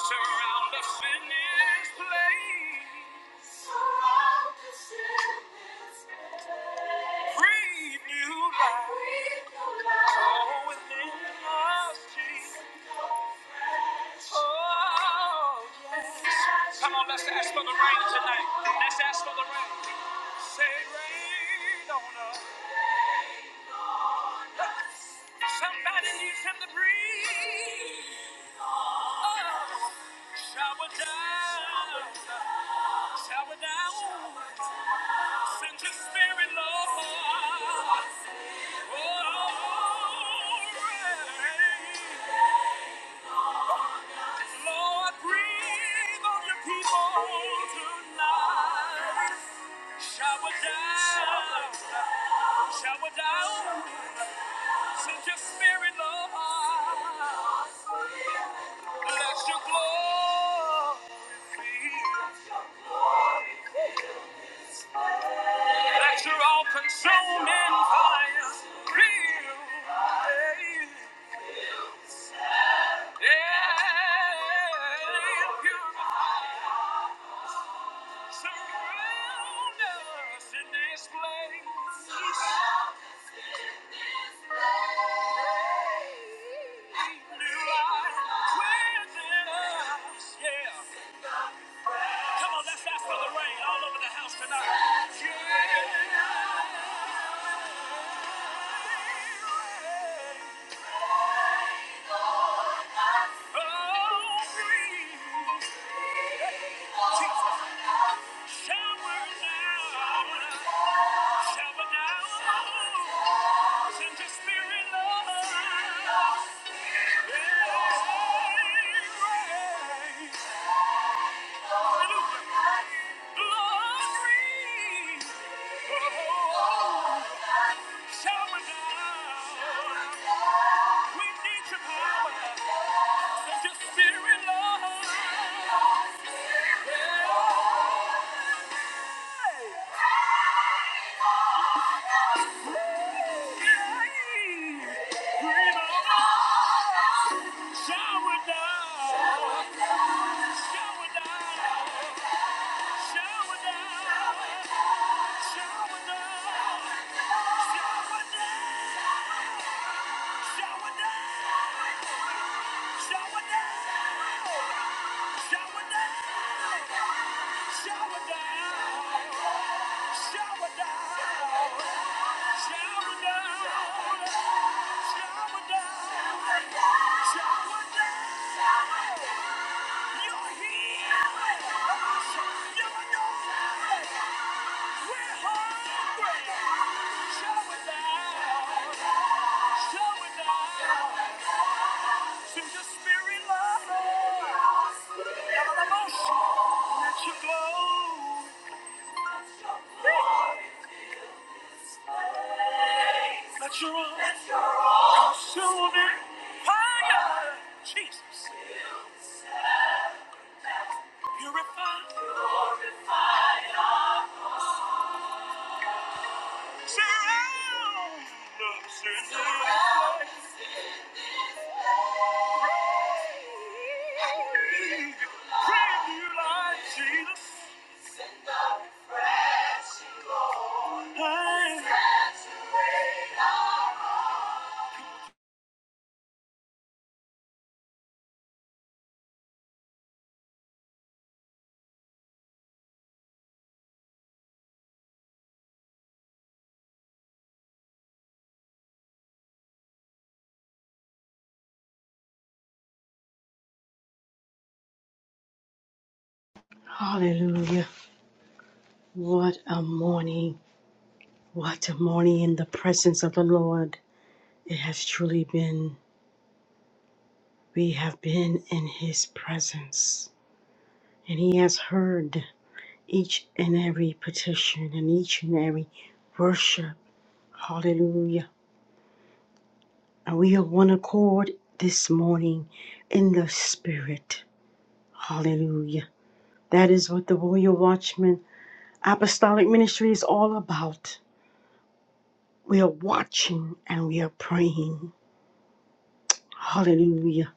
Surround us in this place. Surround us in this place. Breathe new life. Oh, within us, Jesus. Oh, Come on, let's ask for the rain tonight. Let's ask for the rain. Say rain on us. Somebody needs him to breathe. Oh, shower down. Shower down. Send your spirit, Lord. Oh, rain. Lord, breathe on your people tonight. Shower down. Shower down. Send your spirit, Lord. Let your glory feel. Let your all-consuming fire feel. Yeah, purify, surround us in this place. New life within us, yeah. Come on, let's ask for the rain all over the house tonight. Yeah. Oh, please. Shower down. Shower down. Send your spirit, Lord. Yeah. Rain. Hallelujah. Glory. Oh, shower down. We need your power. Send your spirit, Lord. Shower down, shower down, shower down, shower down, shower down, shower down, shower down, shower down, shower down, shower down, shower down, shower down. Let your own consuming fire, Jesus, purify, surround us in love.
Hallelujah. What a morning. What a morning in the presence of the Lord. It has truly been. We have been in his presence. And he has heard. each and every petition and each and every worship. Hallelujah. And we are one accord this morning in the Spirit. Hallelujah. That is what the Royal Watchman Apostolic Ministry is all about. We are watching and we are praying. Hallelujah.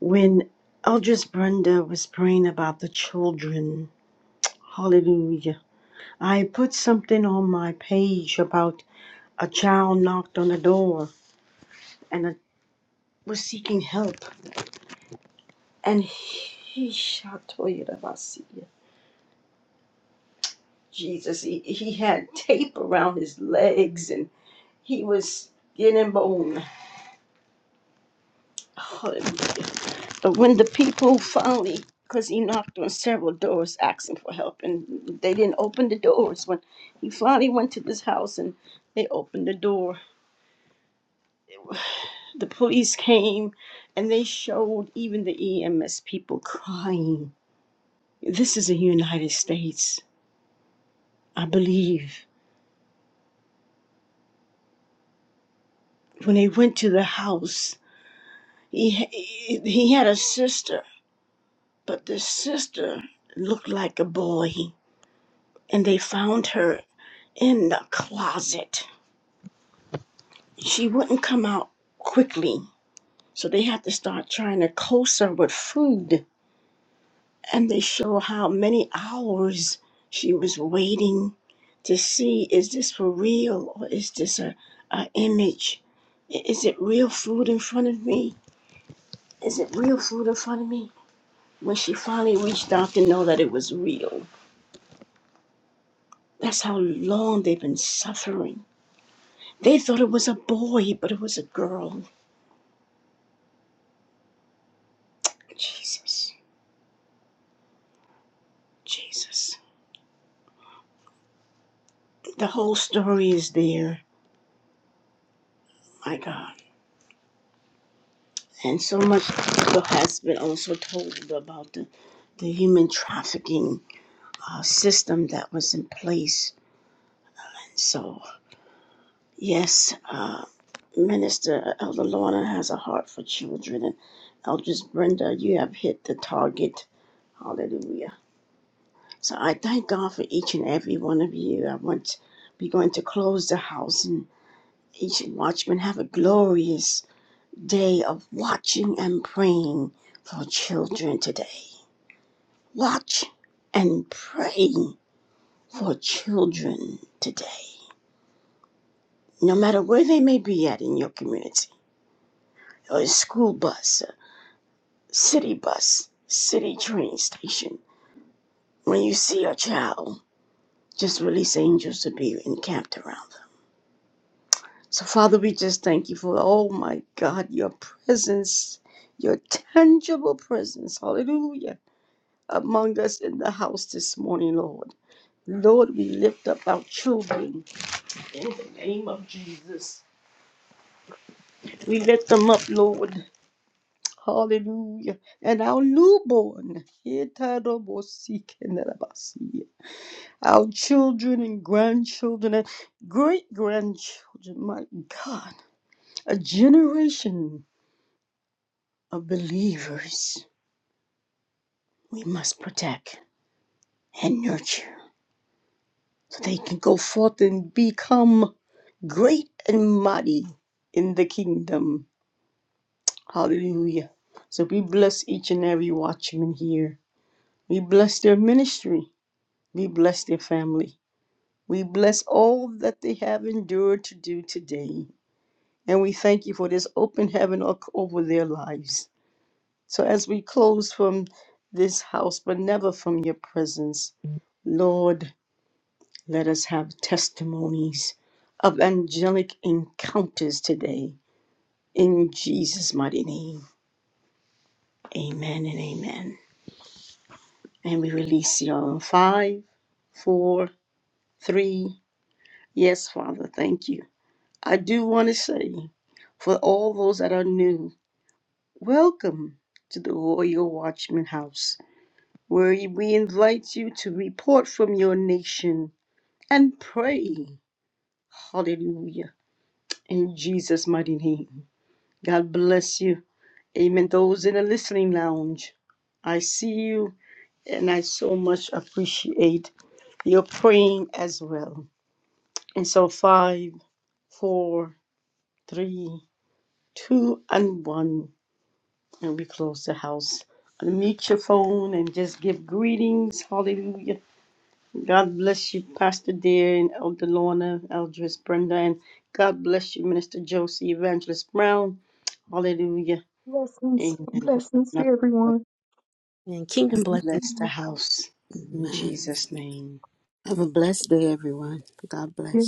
When Eldris Brenda was praying about the children, hallelujah. I put something on my page about a child knocked on the door and a. were seeking help. And he shot Jesus, he, he had tape around his legs and he was skin and bone. But when the people finally, because he knocked on several doors asking for help and they didn't open the doors, when he finally went to this house and they opened the door, the police came and they showed even the EMS people crying. This is the United States. I believe. when they went to the house, he ha- he had a sister, but the sister looked like a boy, and they found her in the closet. She wouldn't come out quickly, so they had to start trying to coax her with food, and they show how many hours she was waiting to see is this for real or is this a, a image? I- Is it real food in front of me? Is it real food in front of me? when she finally reached out to know that it was real. That's how long they've been suffering. They thought it was a boy, but it was a girl. Jesus, Jesus. The whole story is there. My God. And so much has been also told about the, the human trafficking uh, system that was in place. So, yes, uh, Minister Elder Lorna has a heart for children, and Eldridge Brenda, you have hit the target. Hallelujah. So I thank God for each and every one of you. I want to be going to close the house and each watchman have a glorious day of watching and praying for children today. Watch and pray for children today. No matter where they may be at in your community, or a school bus, a city bus, city train station, when you see a child, just release angels to be encamped around So, Father, we just thank you for, oh my God, your presence, your tangible presence, hallelujah, among us in the house this morning, Lord. Lord, we lift up our children in the name of Jesus. We lift them up, Lord. Hallelujah. And our newborn, our children and grandchildren and great grandchildren, my God, a generation of believers we must protect and nurture so they can go forth and become great and mighty in the kingdom. Hallelujah. So we bless each and every watchman here. We bless their ministry. We bless their family. We bless all that they have endured to do today. And we thank you for this open heaven o- over their lives. So as we close from this house, but never from your presence, Lord. Let us have testimonies of angelic encounters today. In Jesus' mighty name. Amen and amen. And we release you all in five, four, three. Yes, Father, thank you. I do want to say for all those that are new, welcome to the Royal Watchman House, where we invite you to report from your nation and pray. Hallelujah. In Jesus' mighty name. God bless you. Amen. Those in the listening lounge, I see you and I so much appreciate your praying as well. And so, five, four, three, two, and one. And we close the house. Unmute your phone and just give greetings. Hallelujah. God bless you, Pastor Dear and Elder Lorna, Eldris Brenda, and God bless you, Minister Josie, Evangelist Brown. Hallelujah.
Blessings, blessings to
Amen.
everyone.
And
God
kingdom blessings.
bless the house in
Amen.
Jesus' name.
Have a blessed day, everyone. God
Yeah.
bless.